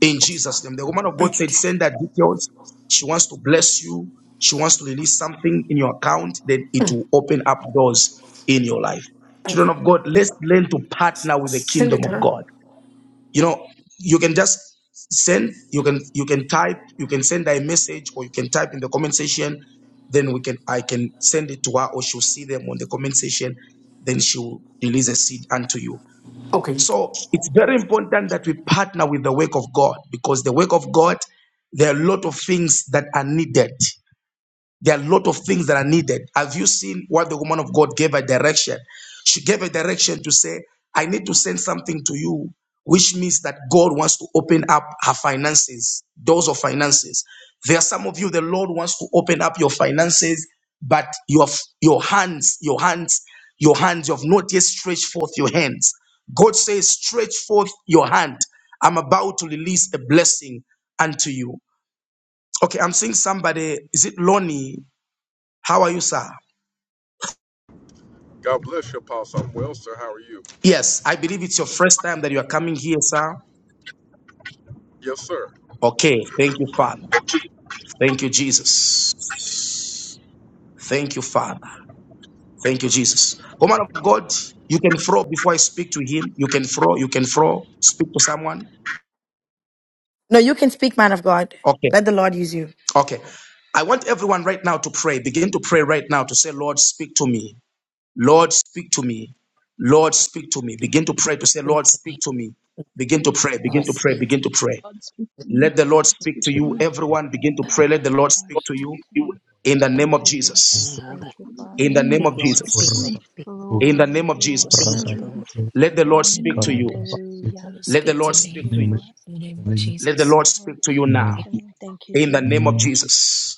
in Yes, God. Jesus' name. The woman of God Thank you, said, Send Jesus. that details. She wants to bless you. She wants to release something in your account that it will open up doors in your life. Thank you. Children of God, let's learn to partner with the kingdom of Senator. God. You know, you can just send, you can you can type, you can send her a message, or you can type in the comment section. Then we can I can send it to her, or she'll see them on the comment section. Then she will release a seed unto you. Okay. So it's very important that we partner with the work of God because the work of God, there are a lot of things that are needed. There are a lot of things that are needed. Have you seen what the woman of God gave a direction? She gave a direction to say, I need to send something to you, which means that God wants to open up her finances, doors of finances. There are some of you, the Lord wants to open up your finances, but your, your hands, your hands, your hands, you have not yet stretched forth your hands. God says, stretch forth your hand. I'm about to release a blessing unto you. Okay, I'm seeing somebody. Is it Lonnie? How are you, sir? God bless you, Apostle. I'm well, sir. How are you? Yes, I believe it's your first time that you are coming here, sir. Yes, sir. Okay, thank you, Father. Thank you, Jesus. Thank you, Father. Thank you, Jesus. Woman of God, you can throw before I speak to him. You can throw, you can throw, speak to someone. No, you can speak, man of God. Okay, Let the Lord use you. okay. I want everyone right now to pray. Begin to pray right now to say, Lord, speak to me. Lord, speak to me. Lord, speak to me. Begin to pray to say, Speak Lord, to speak me. to me. Begin to pray, begin Lord, to pray, speak to begin to pray. God speak to me. Let the Lord God speak speak to to In you. me. Everyone begin to pray. Let the Lord Lord, speak to speak you to You me. in the name Thank of you, the Jesus. name me. Jesus. Lord, of Thank Jesus. you, In Father. the Even name of speak, Lord, In the speak, name Jesus. Lord, speedily, speak, In the Glory, name of glory. speak. Jesus. relevance Let the Lord in the speak of name to of you. Jesus. Jesus. Hallelujah. Lord, Let the speak to Lord Thank speak In me you, the to name of you. Jesus. Lord. in the name of In Let the Jesus, Lord speak Lord, to you speak now. to me. Thank you, In the the name of name of Jesus. Jesus. Jesus.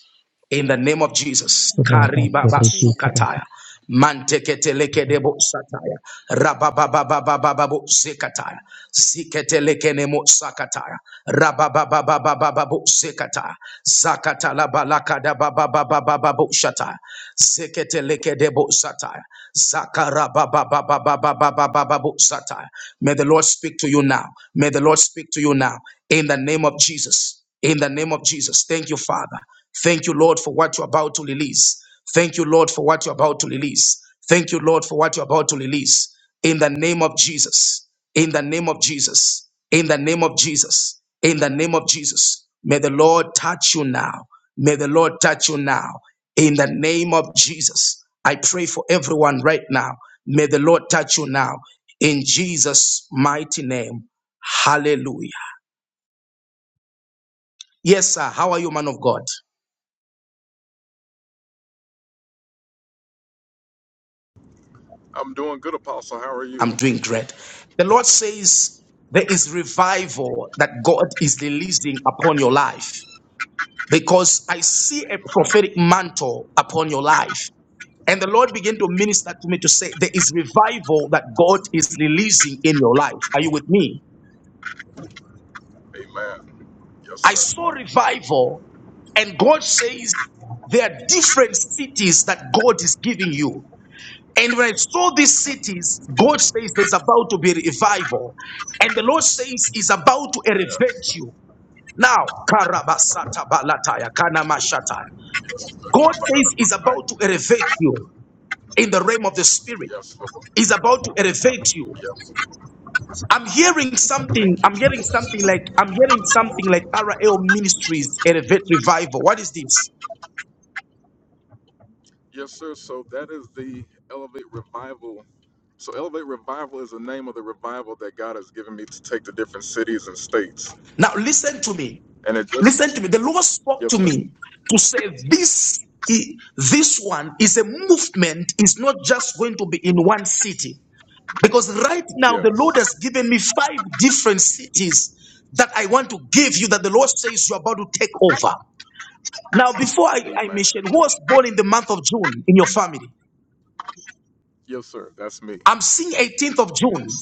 In the Lord, name of speak to me. Jesus, In the Rabba name of Karibaba Koriti, Jesus. Rabba Sukataya. Manteketeleke debo sataya. Rababababababo sekataya. Siketeleke nemo sakataya. Rababababababo sekataya. Zakatala balaka babababababo shataya. Zeketeleke debo sataya. Zakarabababababababababo sataya. May the Lord speak to you now. May the Lord speak to you now. In the name of Jesus. In the name of Jesus. Thank you, Father. Thank you, Lord, for what you're about to release. Thank you, Lord, for what you're about to release. Thank you, Lord, for what you're about to release. In the name of Jesus. In the name of Jesus. In the name of Jesus. In the name of Jesus. May the Lord touch you now. May the Lord touch you now. In the name of Jesus. I pray for everyone right now. May the Lord touch you now. In Jesus' mighty name. Hallelujah. Yes, sir. How are you, man of God? I'm doing good, Apostle. How are you? I'm doing great. The Lord says there is revival that God is releasing upon your life because I see a prophetic mantle upon your life. And the Lord began to minister to me to say, There is revival that God is releasing in your life. Are you with me? Amen. Yes, I sir. saw revival, and God says, There are different cities that God is giving you. And when I saw these cities, God says there's about to be a revival. And the Lord says He's about to Yeah. elevate you. Now, Karabasata Balataya, Kanamashataya. God I'm says He's another mic. about to elevate you in the realm of the Spirit. Yes, Lord. He's about to elevate you. Yes. I'm hearing something. Thank you, I'm hearing Jesus. something like I'm hearing something like RL Ministries Elevate Revival. What is this? Yes, sir. So that is the Elevate Revival. So Elevate Revival is the name of the revival that God has given me to take to different cities and states. Now listen to me. And it Listen to just, me. The Lord spoke to yes, sir. me to say this, this one is a movement, is not just going to be in one city. Because right now, the Yes. Lord has given me five different cities that I want to give you that the Lord says you're about to take over. Now, before I, I Amen. mention who was born in the month of June in your family, Yes, sir. That's me. I'm seeing 18th of June.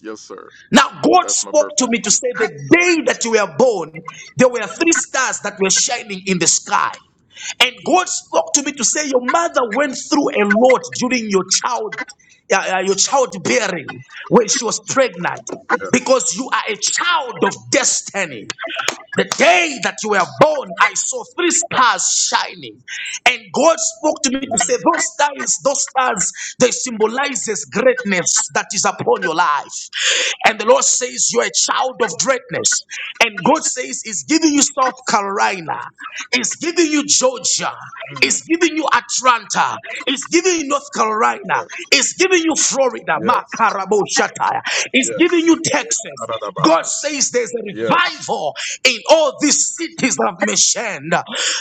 Yes, sir. Now, God That's my spoke birthday. to me to say, The day that you were born, there were three stars that were shining in the sky. And God spoke to me to say, Your mother went through a lot during your child, uh, uh, your childbearing when she was pregnant, Yes. because you are a child of destiny. The day that you were born, I saw three stars shining. And God spoke to me to say, Those stars, those stars, they symbolize this greatness that is upon your life. And the Lord says, You're a child of greatness. And God says, He's giving you South Carolina, He's giving you Georgia, Mm. He's giving you Atlanta, Yes. He's giving you North Carolina, Yes. He's giving you Florida, Yes. Makarabo Shataya, He's giving Yes. you Texas. God Ba-da-da-ba. says there's a Yes. revival in all these cities that I've mentioned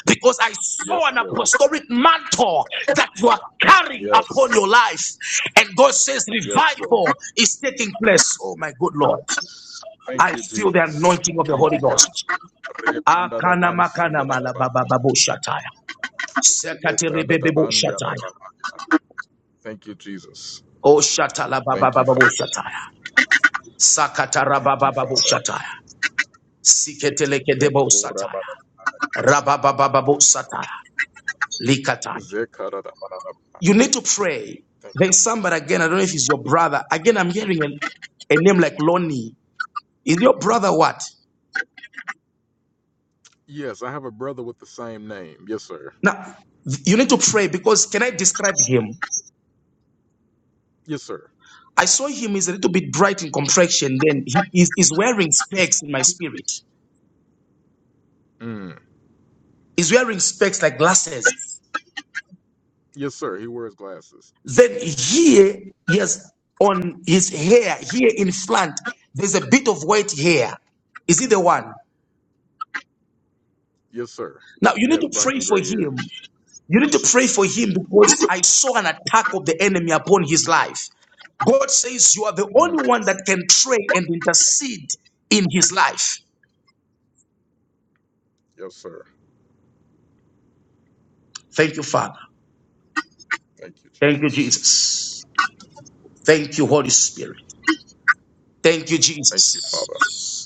because I saw Yes, an Lord. apostolic mantle that you are carrying Yes. upon your life. And God says Yes, Lord. revival is taking place. Oh my good Lord. Thank I you, feel the Jesus. anointing of the Thank Holy you, Ghost. God. Akana makana Re-anda-da-ban-su-ya-da-da-ba. malabababu shataya. Sekatiri shataya. Le-kanda-da-ban-ya-da-da-ba. Thank you, Jesus. Oh shatala Thank you, babababu Father. shataya. Sakatara Thank you, Father. shataya. Siketeleke debo sataya. Le-ko-ra-ba-da. Rabababababosata, likata. Ze-ka-da-da-ba-da-da-ba. You need to pray. Thank you. There's somebody again, I don't know if it's your brother. Again, I'm hearing a, a name like Lonnie. Is your brother what? Yes, I have a brother with the same name. Yes, sir. Now, you need to pray because can I describe him? Yes, sir. I saw him, he's a little bit bright in complexion. Then he is wearing specs in my spirit. Mm. He's wearing specs like glasses. Yes, sir. He wears glasses. Then here, yes, on his hair, here in front, there's a bit of white hair. Is he the one? Yes, sir. Now you He need has to black pray and for gray hair. him You need to pray for him because I saw an attack of the enemy upon his life. God says you are the Mm. only one that can pray and intercede in his life. Yes, sir. Thank you, Father. Thank you, Thank you, Jesus. Jesus. Thank you, Holy Spirit. Thank you, Thank you, Father. Jesus.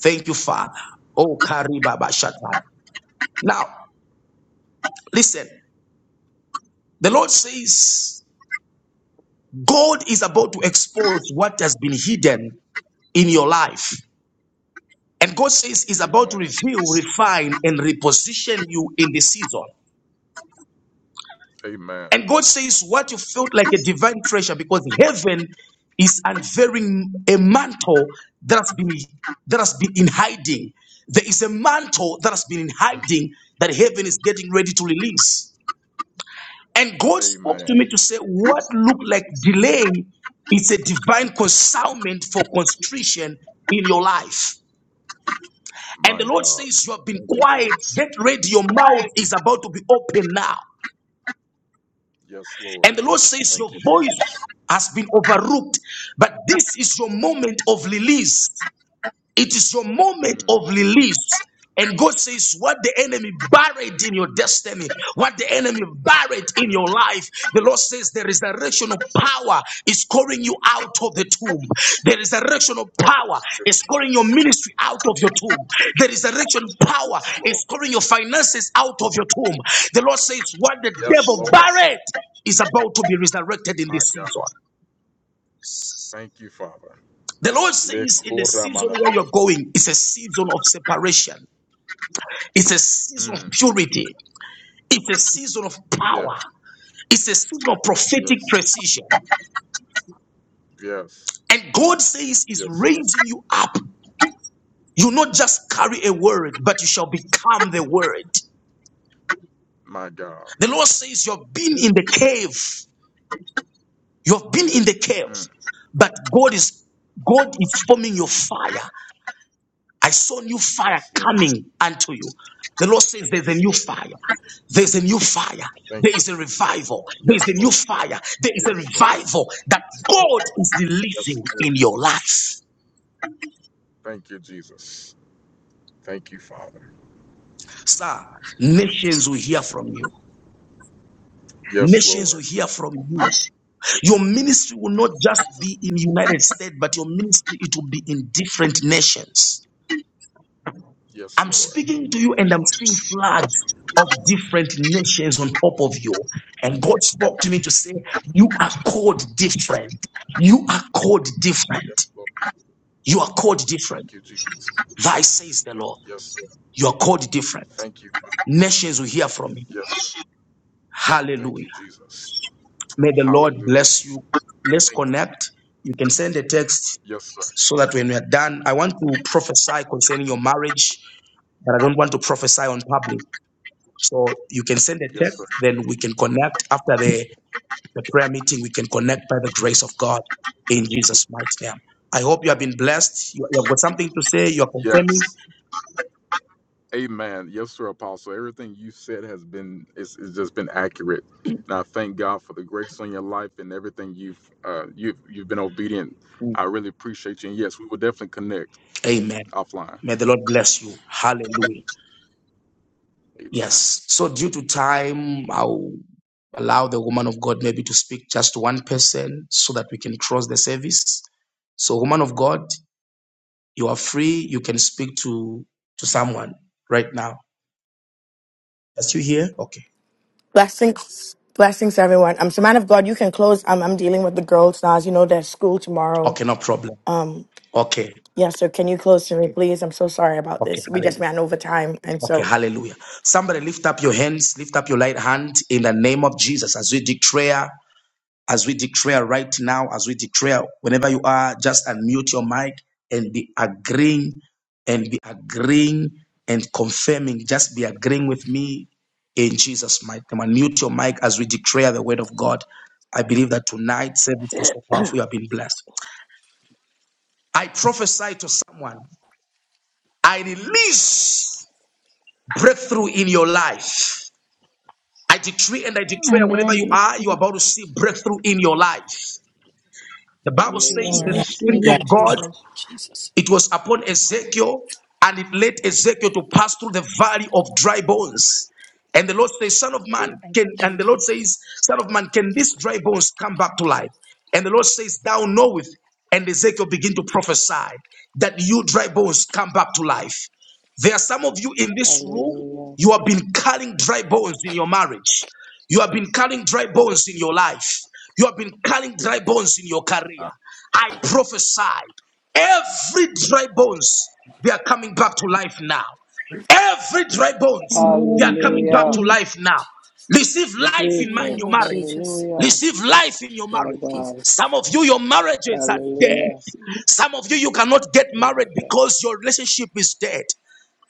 Thank you, Father. Oh, Kariba Bashataya. Now, listen. The Lord says God is about to expose what has been hidden in your life. And God says He's about to Amen. reveal, refine, and reposition you in the season. Amen. And God says what you felt like a divine treasure because heaven is unveiling a mantle that has been that has been in hiding. There is a mantle that has been in hiding that heaven is getting ready to release. And God spoke Amen. to me to say, what looked like delay is a divine consignment for constriction in your life. And My the Lord God. says, You have been Thank you, quiet. Jesus. Get ready. Your mouth is about to be open now. Yes, And Lord. the Lord says, Your Thank you, Jesus. voice has been overlooked, but this is your moment of release. It is your moment Mm, of release. And God says, What the enemy buried in your destiny, what the enemy buried in mm. your life, the Lord says the resurrection of power is calling you out of the tomb. The resurrection of power is calling your ministry out of your tomb. The resurrection power Yes, Lord. is calling your finances out of your tomb. The Lord says, What the Yes, devil Lord. buried is about to be resurrected in My this God. season. Thank you, Father. The Lord Le says, in the season koramana. where you're going, it's a season of separation. It's a season of Mm. purity. It's a season of Yes, power. It's a season of prophetic yes, precision. yes, And God says He's yes, sir. raising you up. You not just carry a word, but you shall become the word. My God. The Lord says you've been in the cave. You've been in the cave, Mm. but God is God is forming your fire. I saw new fire Yes, Lord. coming unto you. The Lord says there's a Yes, new Lord. fire. There's a new fire. Thank There you. is a revival. There is a Yes, new Lord. fire. There is a Yes, Lord. revival that Yes, Lord. God is Yes, releasing Lord. in your life. Thank you, Jesus. Thank you, Father. Sir, nations will hear from you. Yes, Nations will Lord. hear from you. Your ministry will Thank not just be in United States, but your ministry it will be in different nations. you. Yes, I'm Lord. speaking to you and I'm seeing flags of different nations on top of you. And God spoke to me to say, You are called different. You are called Yes, different. Lord. You are called different. Thank you, Jesus. Thy says the Lord. Yes, sir. You are called different. Thank you. Nations will hear from you. Yes. Thank Hallelujah. you, Jesus. May the Lord Hallelujah. bless you. Let's connect. You can send a text Yes, sir. so that when we are done, I want to prophesy concerning your marriage, but I don't want to prophesy on public. So you can send a Yes, text, sir. then we can connect after the, the prayer meeting. We can connect by the grace of God in Jesus' mighty name. I hope you have been blessed. You, you have got something to say. You are confirming. Yes. Amen. Yes, sir, Apostle. Everything you said has been, it's, it's just been accurate. And I thank God for the grace on your life and everything you've, uh, you've, you've been obedient. Mm. I really appreciate you. And yes, we will definitely connect Amen. offline. May the Lord bless you. Hallelujah. Amen. Yes. So due to time, I'll allow the woman of God maybe to speak just to one person so that we can close the service. So, woman of God, you are free. You can speak to to someone right now. Are you here? Okay. Blessings, blessings, everyone. I'm um, so man of God. You can close. I'm I'm dealing with the girls now. As you know, they're school tomorrow. Okay, no problem. Okay, Yes, sir. Can you close to me, please? I'm so sorry about okay, this. We just hallelujah. ran over time, and Okay, so hallelujah. Somebody lift up your hands, lift up your light hand in the name of Jesus as we declare, as we declare right now, as we declare, whenever you are, just unmute your mic and be agreeing and be agreeing and confirming. Just be agreeing with me in Jesus' mighty name. Unmute your mic as we declare the word of God. I believe that tonight service was so powerful. You have been blessed. I prophesy to someone. I release. breakthrough in your life. I decree and I declare whenever Amen. I you Hallelujah. are, receive you are it. about to see breakthrough in your life. The Bible Thank you, says I the Lord. Hallelujah. receive Spirit Thank of it. you, God Jesus. it was upon Ezekiel, and it led Ezekiel to pass through the valley of dry bones. And the Lord says, Son of man, Thank can you, and the Lord Jesus. says, Son of man, can these dry bones come back to life? And the Lord says, Thou knowest. And Ezekiel begin to prophesy that you dry bones come back to life. There are some of you in this room, Hallelujah. you have been carrying dry bones in your marriage. You have been carrying dry bones in your life. You have been carrying dry bones in your career. I prophesy. Every dry bones, they are coming back to life now. Every dry bones, they are Amen. I coming back Hallelujah. to receive it. life now. Receive life in in, the my, in Jesus. name your of marriage. Jesus, Hallelujah. Receive life in your My marriage. Jesus, God. Some of you, your marriages are I dead. Hallelujah. receive it. Some of you, you cannot get My married God. because your relationship is dead.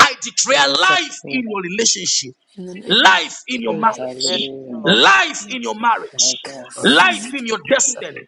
I declare life in Mm. your relationship, in the name of life in your Jesus, life, Yes, I marriage, Hallelujah. receive Lord. life Hey, in your marriage, My Yes, God. Lord. life it. in your consistently, destiny,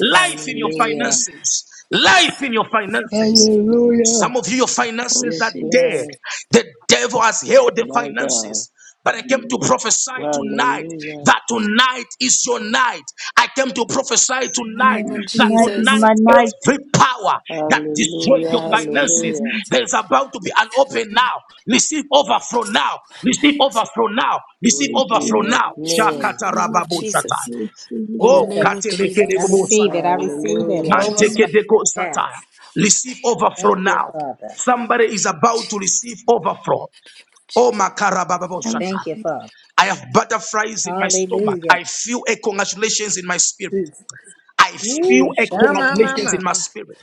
Life in I your receive Hallelujah. it. I finances. Life in consistent, your receive it. finances. Hallelujah. Some of you, your I finances Yes, are receive dead. Lord. The devil has held the My God. finances. But I came it. to prophesy tonight Hallelujah. that tonight is your night. I came to prophesy in the tonight name of Amen. that Tonight is Jesus. my tonight night. every power that destroyed Hallelujah. your That is my. finances, Hallelujah. Mhm. there's about to be an open now. Receive overflow now. Receive overflow now. I Receive In overflow receive it. Jesus' now. I receive name. Shakata in the receive name it. of rababu shata. I Jesus. receive it. In the Oh, Jesus, name of Jesus. katelekele I Jesus, bubu shata. receive it. I receive you it. I can Hallelujah. receive trust it. Overflow. me. Mantekedeko Yes. satire. Help me to Receive pay overflow everybody. Thank you, now. Father. In Somebody the is name of about to receive Jesus. overflow. In the name of Oh, Jesus. makarababo I Thank satire. you, receive it. Father. In I have butterflies in my stomach. Hallelujah. I feel a congratulations in my spirit. Jesus. I feel Woo. a the name of Jesus. Oh Shama God, da congratulations da in mama. my da. spirit.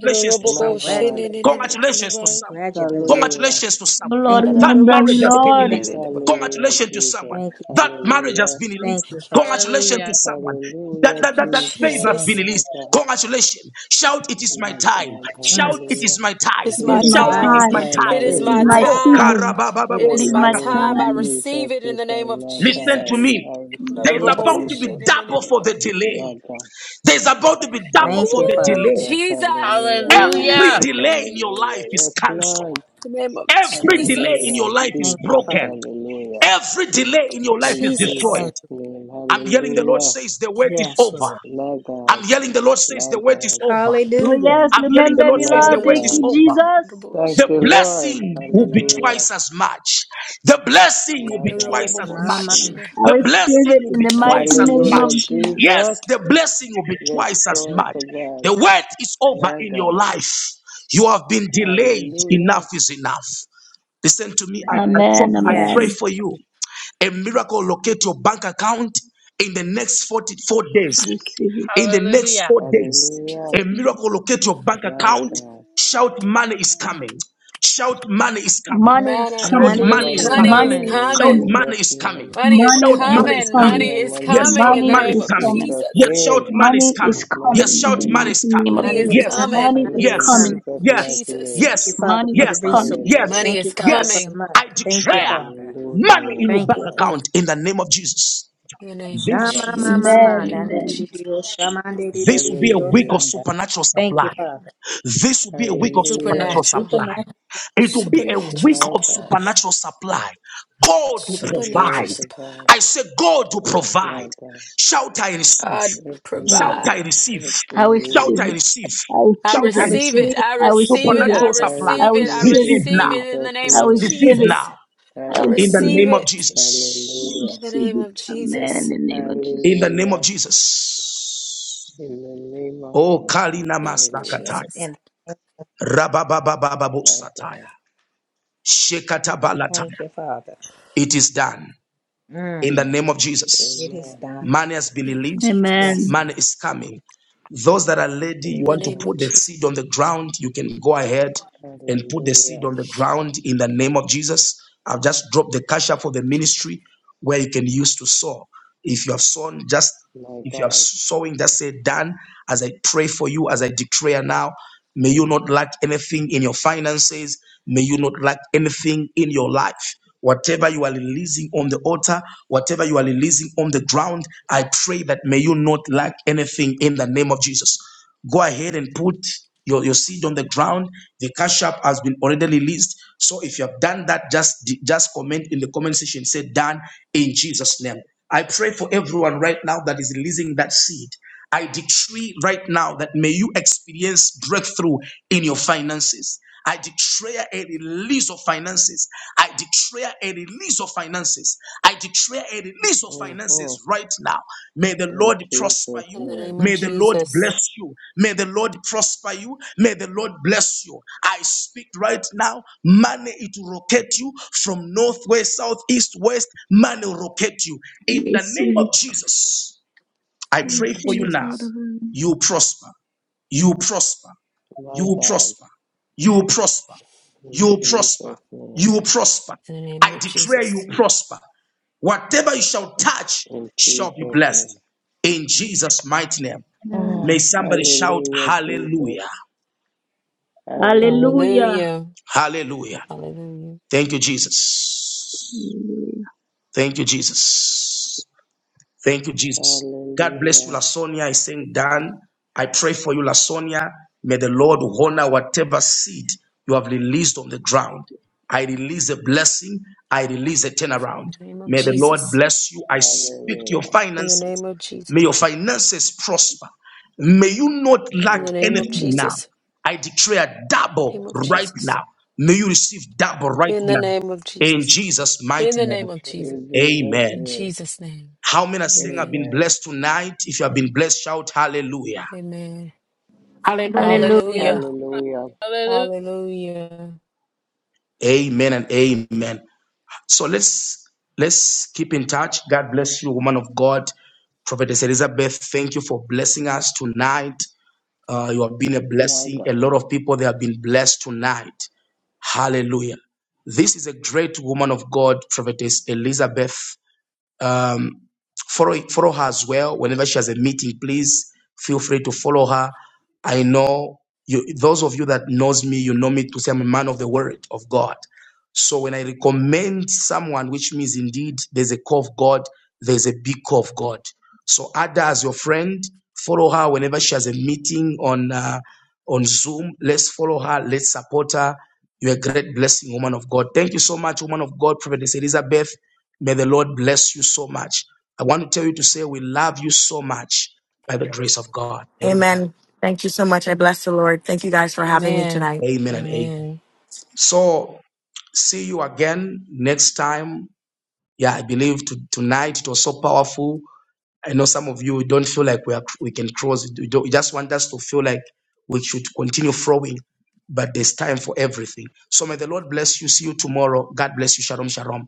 Little to robo bo My someone. shit God. in Congratulations. in in kind of Congratulations to boy. someone. Congratulations. Hallelujah. Congratulations to Oh someone. And Lord, Thank da My you, da That da Father. God. remember robo me, marriage has shit been in in Lord. Thank in released. in. you. Lord. Hallelujah, Congratulations to Jesus. someone. Thank you. That marriage has Hallelujah. been released. Thank you, Father. Congratulations to Yeah. someone. That, Hallelujah, that, that, In that favor Jesus. has Thank been Jesus, My released. God. Congratulations. Shout, it is my My time. God. you. Mm. Shout, it Jesus. Hallelujah. is my time. It's It It It my is is my is Shout, my it my time. is time. my time. time. It time. It is is It is my my my Hallelujah. Oh, time. time. season. It is karabababo It It is is my my my sakata. time. Hallelujah, time. I time. receive Jesus. it in It's the name of my Listen to time. Jesus. me. Da da Mhm. There's da Hallelujah, Yes, about bo to Lord. be shit in Jesus. in double in for the in. My delay. God. There's about to be Thank double Thank for you, you, the Father. Ooh, delay. Jesus. Jesus. Hallelujah, Woo. Every Hallelujah. Jesus. delay in your Hallelujah. life is Yes, cancelled. Lord. the name of Every delay in Jesus. your Hallelujah, life is Thank you, Jesus. Father. broken. Hallelujah. Every delay in your life In is Jesus. destroyed. Thank Jesus' you. name, I'm yelling, the Lord hallelujah. says the wait Oh, is Yes, over. Jesus. Lord. My I'm God, yelling, the Lord says my the wait is God, over. Oh, Hallelujah. yes, I'm yelling, the remember Lord me, the says name my Lord. the of wait Thank is you, God. Jesus. over. Jesus. Kandarabo, Thank sh- The you, Lord. blessing will be kandarabo, Hallelujah. twice as much. The blessing will My be twice God. as kandarabo, Mama. much. shinene, I The receive blessing it will in be the mighty twice kandarabo, as name sh- of Hallelujah, much. Jesus. Yes, Jesus. the blessing will be Yes, twice as glory much. to God. The wait is over My in your God. life. You have been delayed. Hallelujah. Enough is enough. Listen to me. I, My I, pro- Amen, God. I pray Yes. amen. for you. A miracle locate your bank account in the next 44 I days. receive it. In the next Hallelujah. four days, Hallelujah. a receive it. miracle locate your bank My account. Ooh. God. Shout, money is coming. Shout, money is coming. Money is Manna, Shout, Money coming. is money Money is Money is is coming. money coming. Money is coming coming. is in Shout, coming. coming. money Jesus' is coming. name. Money is Money Shout, is money is coming. coming. coming. Money Hallelujah. is Money is Yes, coming shout, in coming the Money money name is is in of coming. coming. Jesus' Jesus. Yes, shout, name. money is Money is coming. Money is Yes, coming in the shout, money coming. mighty is coming. name of Money Money is Money Jesus. is is Yes, coming. coming. Money coming Money is is in yes, coming. coming. Jesus' Of mighty yes, Jesus. name. Thank you, yes, Father, Money for is the yes, resource. coming. yes, Money Thank Hallelujah. you, is Father, for yes. the coming money. I Thank you, declare Father. Hallelujah. money in Yes, your Thank bank you. Lord. Thank you. account in the name of Jesus. in the name of This. Shama Jesus. In the mama Hallelujah. Amen, name nando of di di amen. Jesus. di o shama di di di This di will be a di o week of Hallelujah. sunda. supernatural Thank you, supply. Father. This will be a week of Hallelujah. supernatural Supernatural. supply. Supernatural. It will be a Supernatural week My of supply. God. supernatural supply. God will Glory Supernatural provide. to supply. God. I say, God will provide. My God. Shout, I receive. God Every Mm. Shout, need. I provide. receive. Every I Shout, receive need. I it. receive. I I Shout, receive I I it. receive receive. it. receive. I I I receive receive receive it. it. it. I Supernatural I supply. receive I receive it. I it receive Receive it. in receive now. it in Jesus' the name I of name. Receive receive it. Jesus. now. I I In the receive receive it. name Hallelujah. of it I Jesus. Hallelujah. in the receive name it. of Amen. In Jesus. the name of In Jesus. the name of Hallelujah. Jesus. In the name of Oh, Jesus. Kalina Name of Hallelujah. Master Jesus. And Rabababababu My sataya. God. thank Shekatabalataya. you, Father. It is done in the Mm. name of Jesus. It is Amen. done. Money has In been the name of released. Amen. Jesus. Yes, Amen. Money Lord. is coming. Those that are ready, you In the want to name Amen. of put the Jesus. seed on the ground, you can go ahead and put the seed Hallelujah. on the ground in the name of Jesus. I've just dropped the cash up for the ministry where you can use to sow. If you have sown, just My if you are God. sowing, just say done as I pray for you, as I declare now. May you not lack anything in your finances. May you not lack anything in your life. Whatever you are releasing on the altar, whatever you are releasing on the ground, I pray that may you not lack anything in the name of Jesus. Go ahead and put your, your seed on the ground. The cash app has been already released. So if you have done that, just just comment in the comment section. Say done in Jesus' name. I pray for everyone right now that is releasing that seed. I decree right now that may you experience breakthrough in your finances. I declare a release of finances. I declare a release of finances. I declare a release of hmm finances right now. May the In Lord prosper Jesus' In you. the name. name of May the Lord Jesus. bless you. May the Lord prosper you. May the Lord bless you. I speak right now. Money it will rocket you from north, west, south, east, west. Money will rocket you. I In the name receive of it. Jesus, I I In the pray name of for receive you it, now. Lord of Jesus. heaven. You prosper. You prosper. My You God. prosper. You prosper. In You prosper. Jesus' name. You prosper. In the name I of declare you Jesus. prosper. Whatever you shall touch In shall be Jesus' blessed. name. In Jesus' mighty name. Amen. May Ah, somebody shout hallelujah, Jesus. hallelujah. Hallelujah. Hallelujah. Hallelujah. Hallelujah. Hallelujah. Thank you, Jesus. Hallelujah. Thank you, Jesus. Thank you, Jesus. God bless you, Hallelujah. Lasonia. I saying, Dan, I pray for you, Lasonia. May the Lord honor whatever seed you have released on the ground. I release a blessing. I release a turnaround. In the name of May the Lord Jesus. bless you. I speak to your Hallelujah. In the finances. name of Jesus. May your finances prosper. May you not In lack the Thank name anything of you. now. Jesus. I declare Name double of right Jesus. now. May you receive double right In the now. name of In Jesus. Jesus' mighty In the name. name of Jesus. In Jesus' Amen. In name. Jesus' name. How many are saying I've been Amen. Amen. blessed tonight? If you have been blessed, shout hallelujah. Amen. Hallelujah. Hallelujah. Hallelujah. Hallelujah. Hallelujah. Hallelujah. Amen and amen. So let's let's keep in touch. God bless you, woman of God. Prophetess Elizabeth, thank you for blessing us tonight. Uh, you have been a My God. blessing. A lot of people they have been blessed tonight. Hallelujah. This is a great woman of God, Prophetess Elizabeth. Um, follow follow her as well. Whenever she has a meeting, please feel free to follow her. I know you. Those of you that knows me, you know me to say I'm a man of the word of God. So when I recommend someone, which means indeed there's a call of God, there's a big call of God. So Ada as your friend, follow her whenever she has a meeting on uh, on Zoom. Let's follow her. Let's support her. You're a great blessing, woman of God. Thank you so much, woman of God, Prophetess Elizabeth. May the Lord bless you so much. I want to tell you to say we love you so much by the grace of God. Amen. Amen. Thank you so much. I bless the Lord. Thank you guys for having me Amen. tonight. Amen and amen. Amen. So see you again next time yeah, I believe to, tonight it was so powerful. I know some of you don't feel like we are, we can cross. You, don't, you just want us to feel like we should continue flowing, but there's time for everything. So may the Lord bless you. See you tomorrow. God bless you. Shalom, shalom.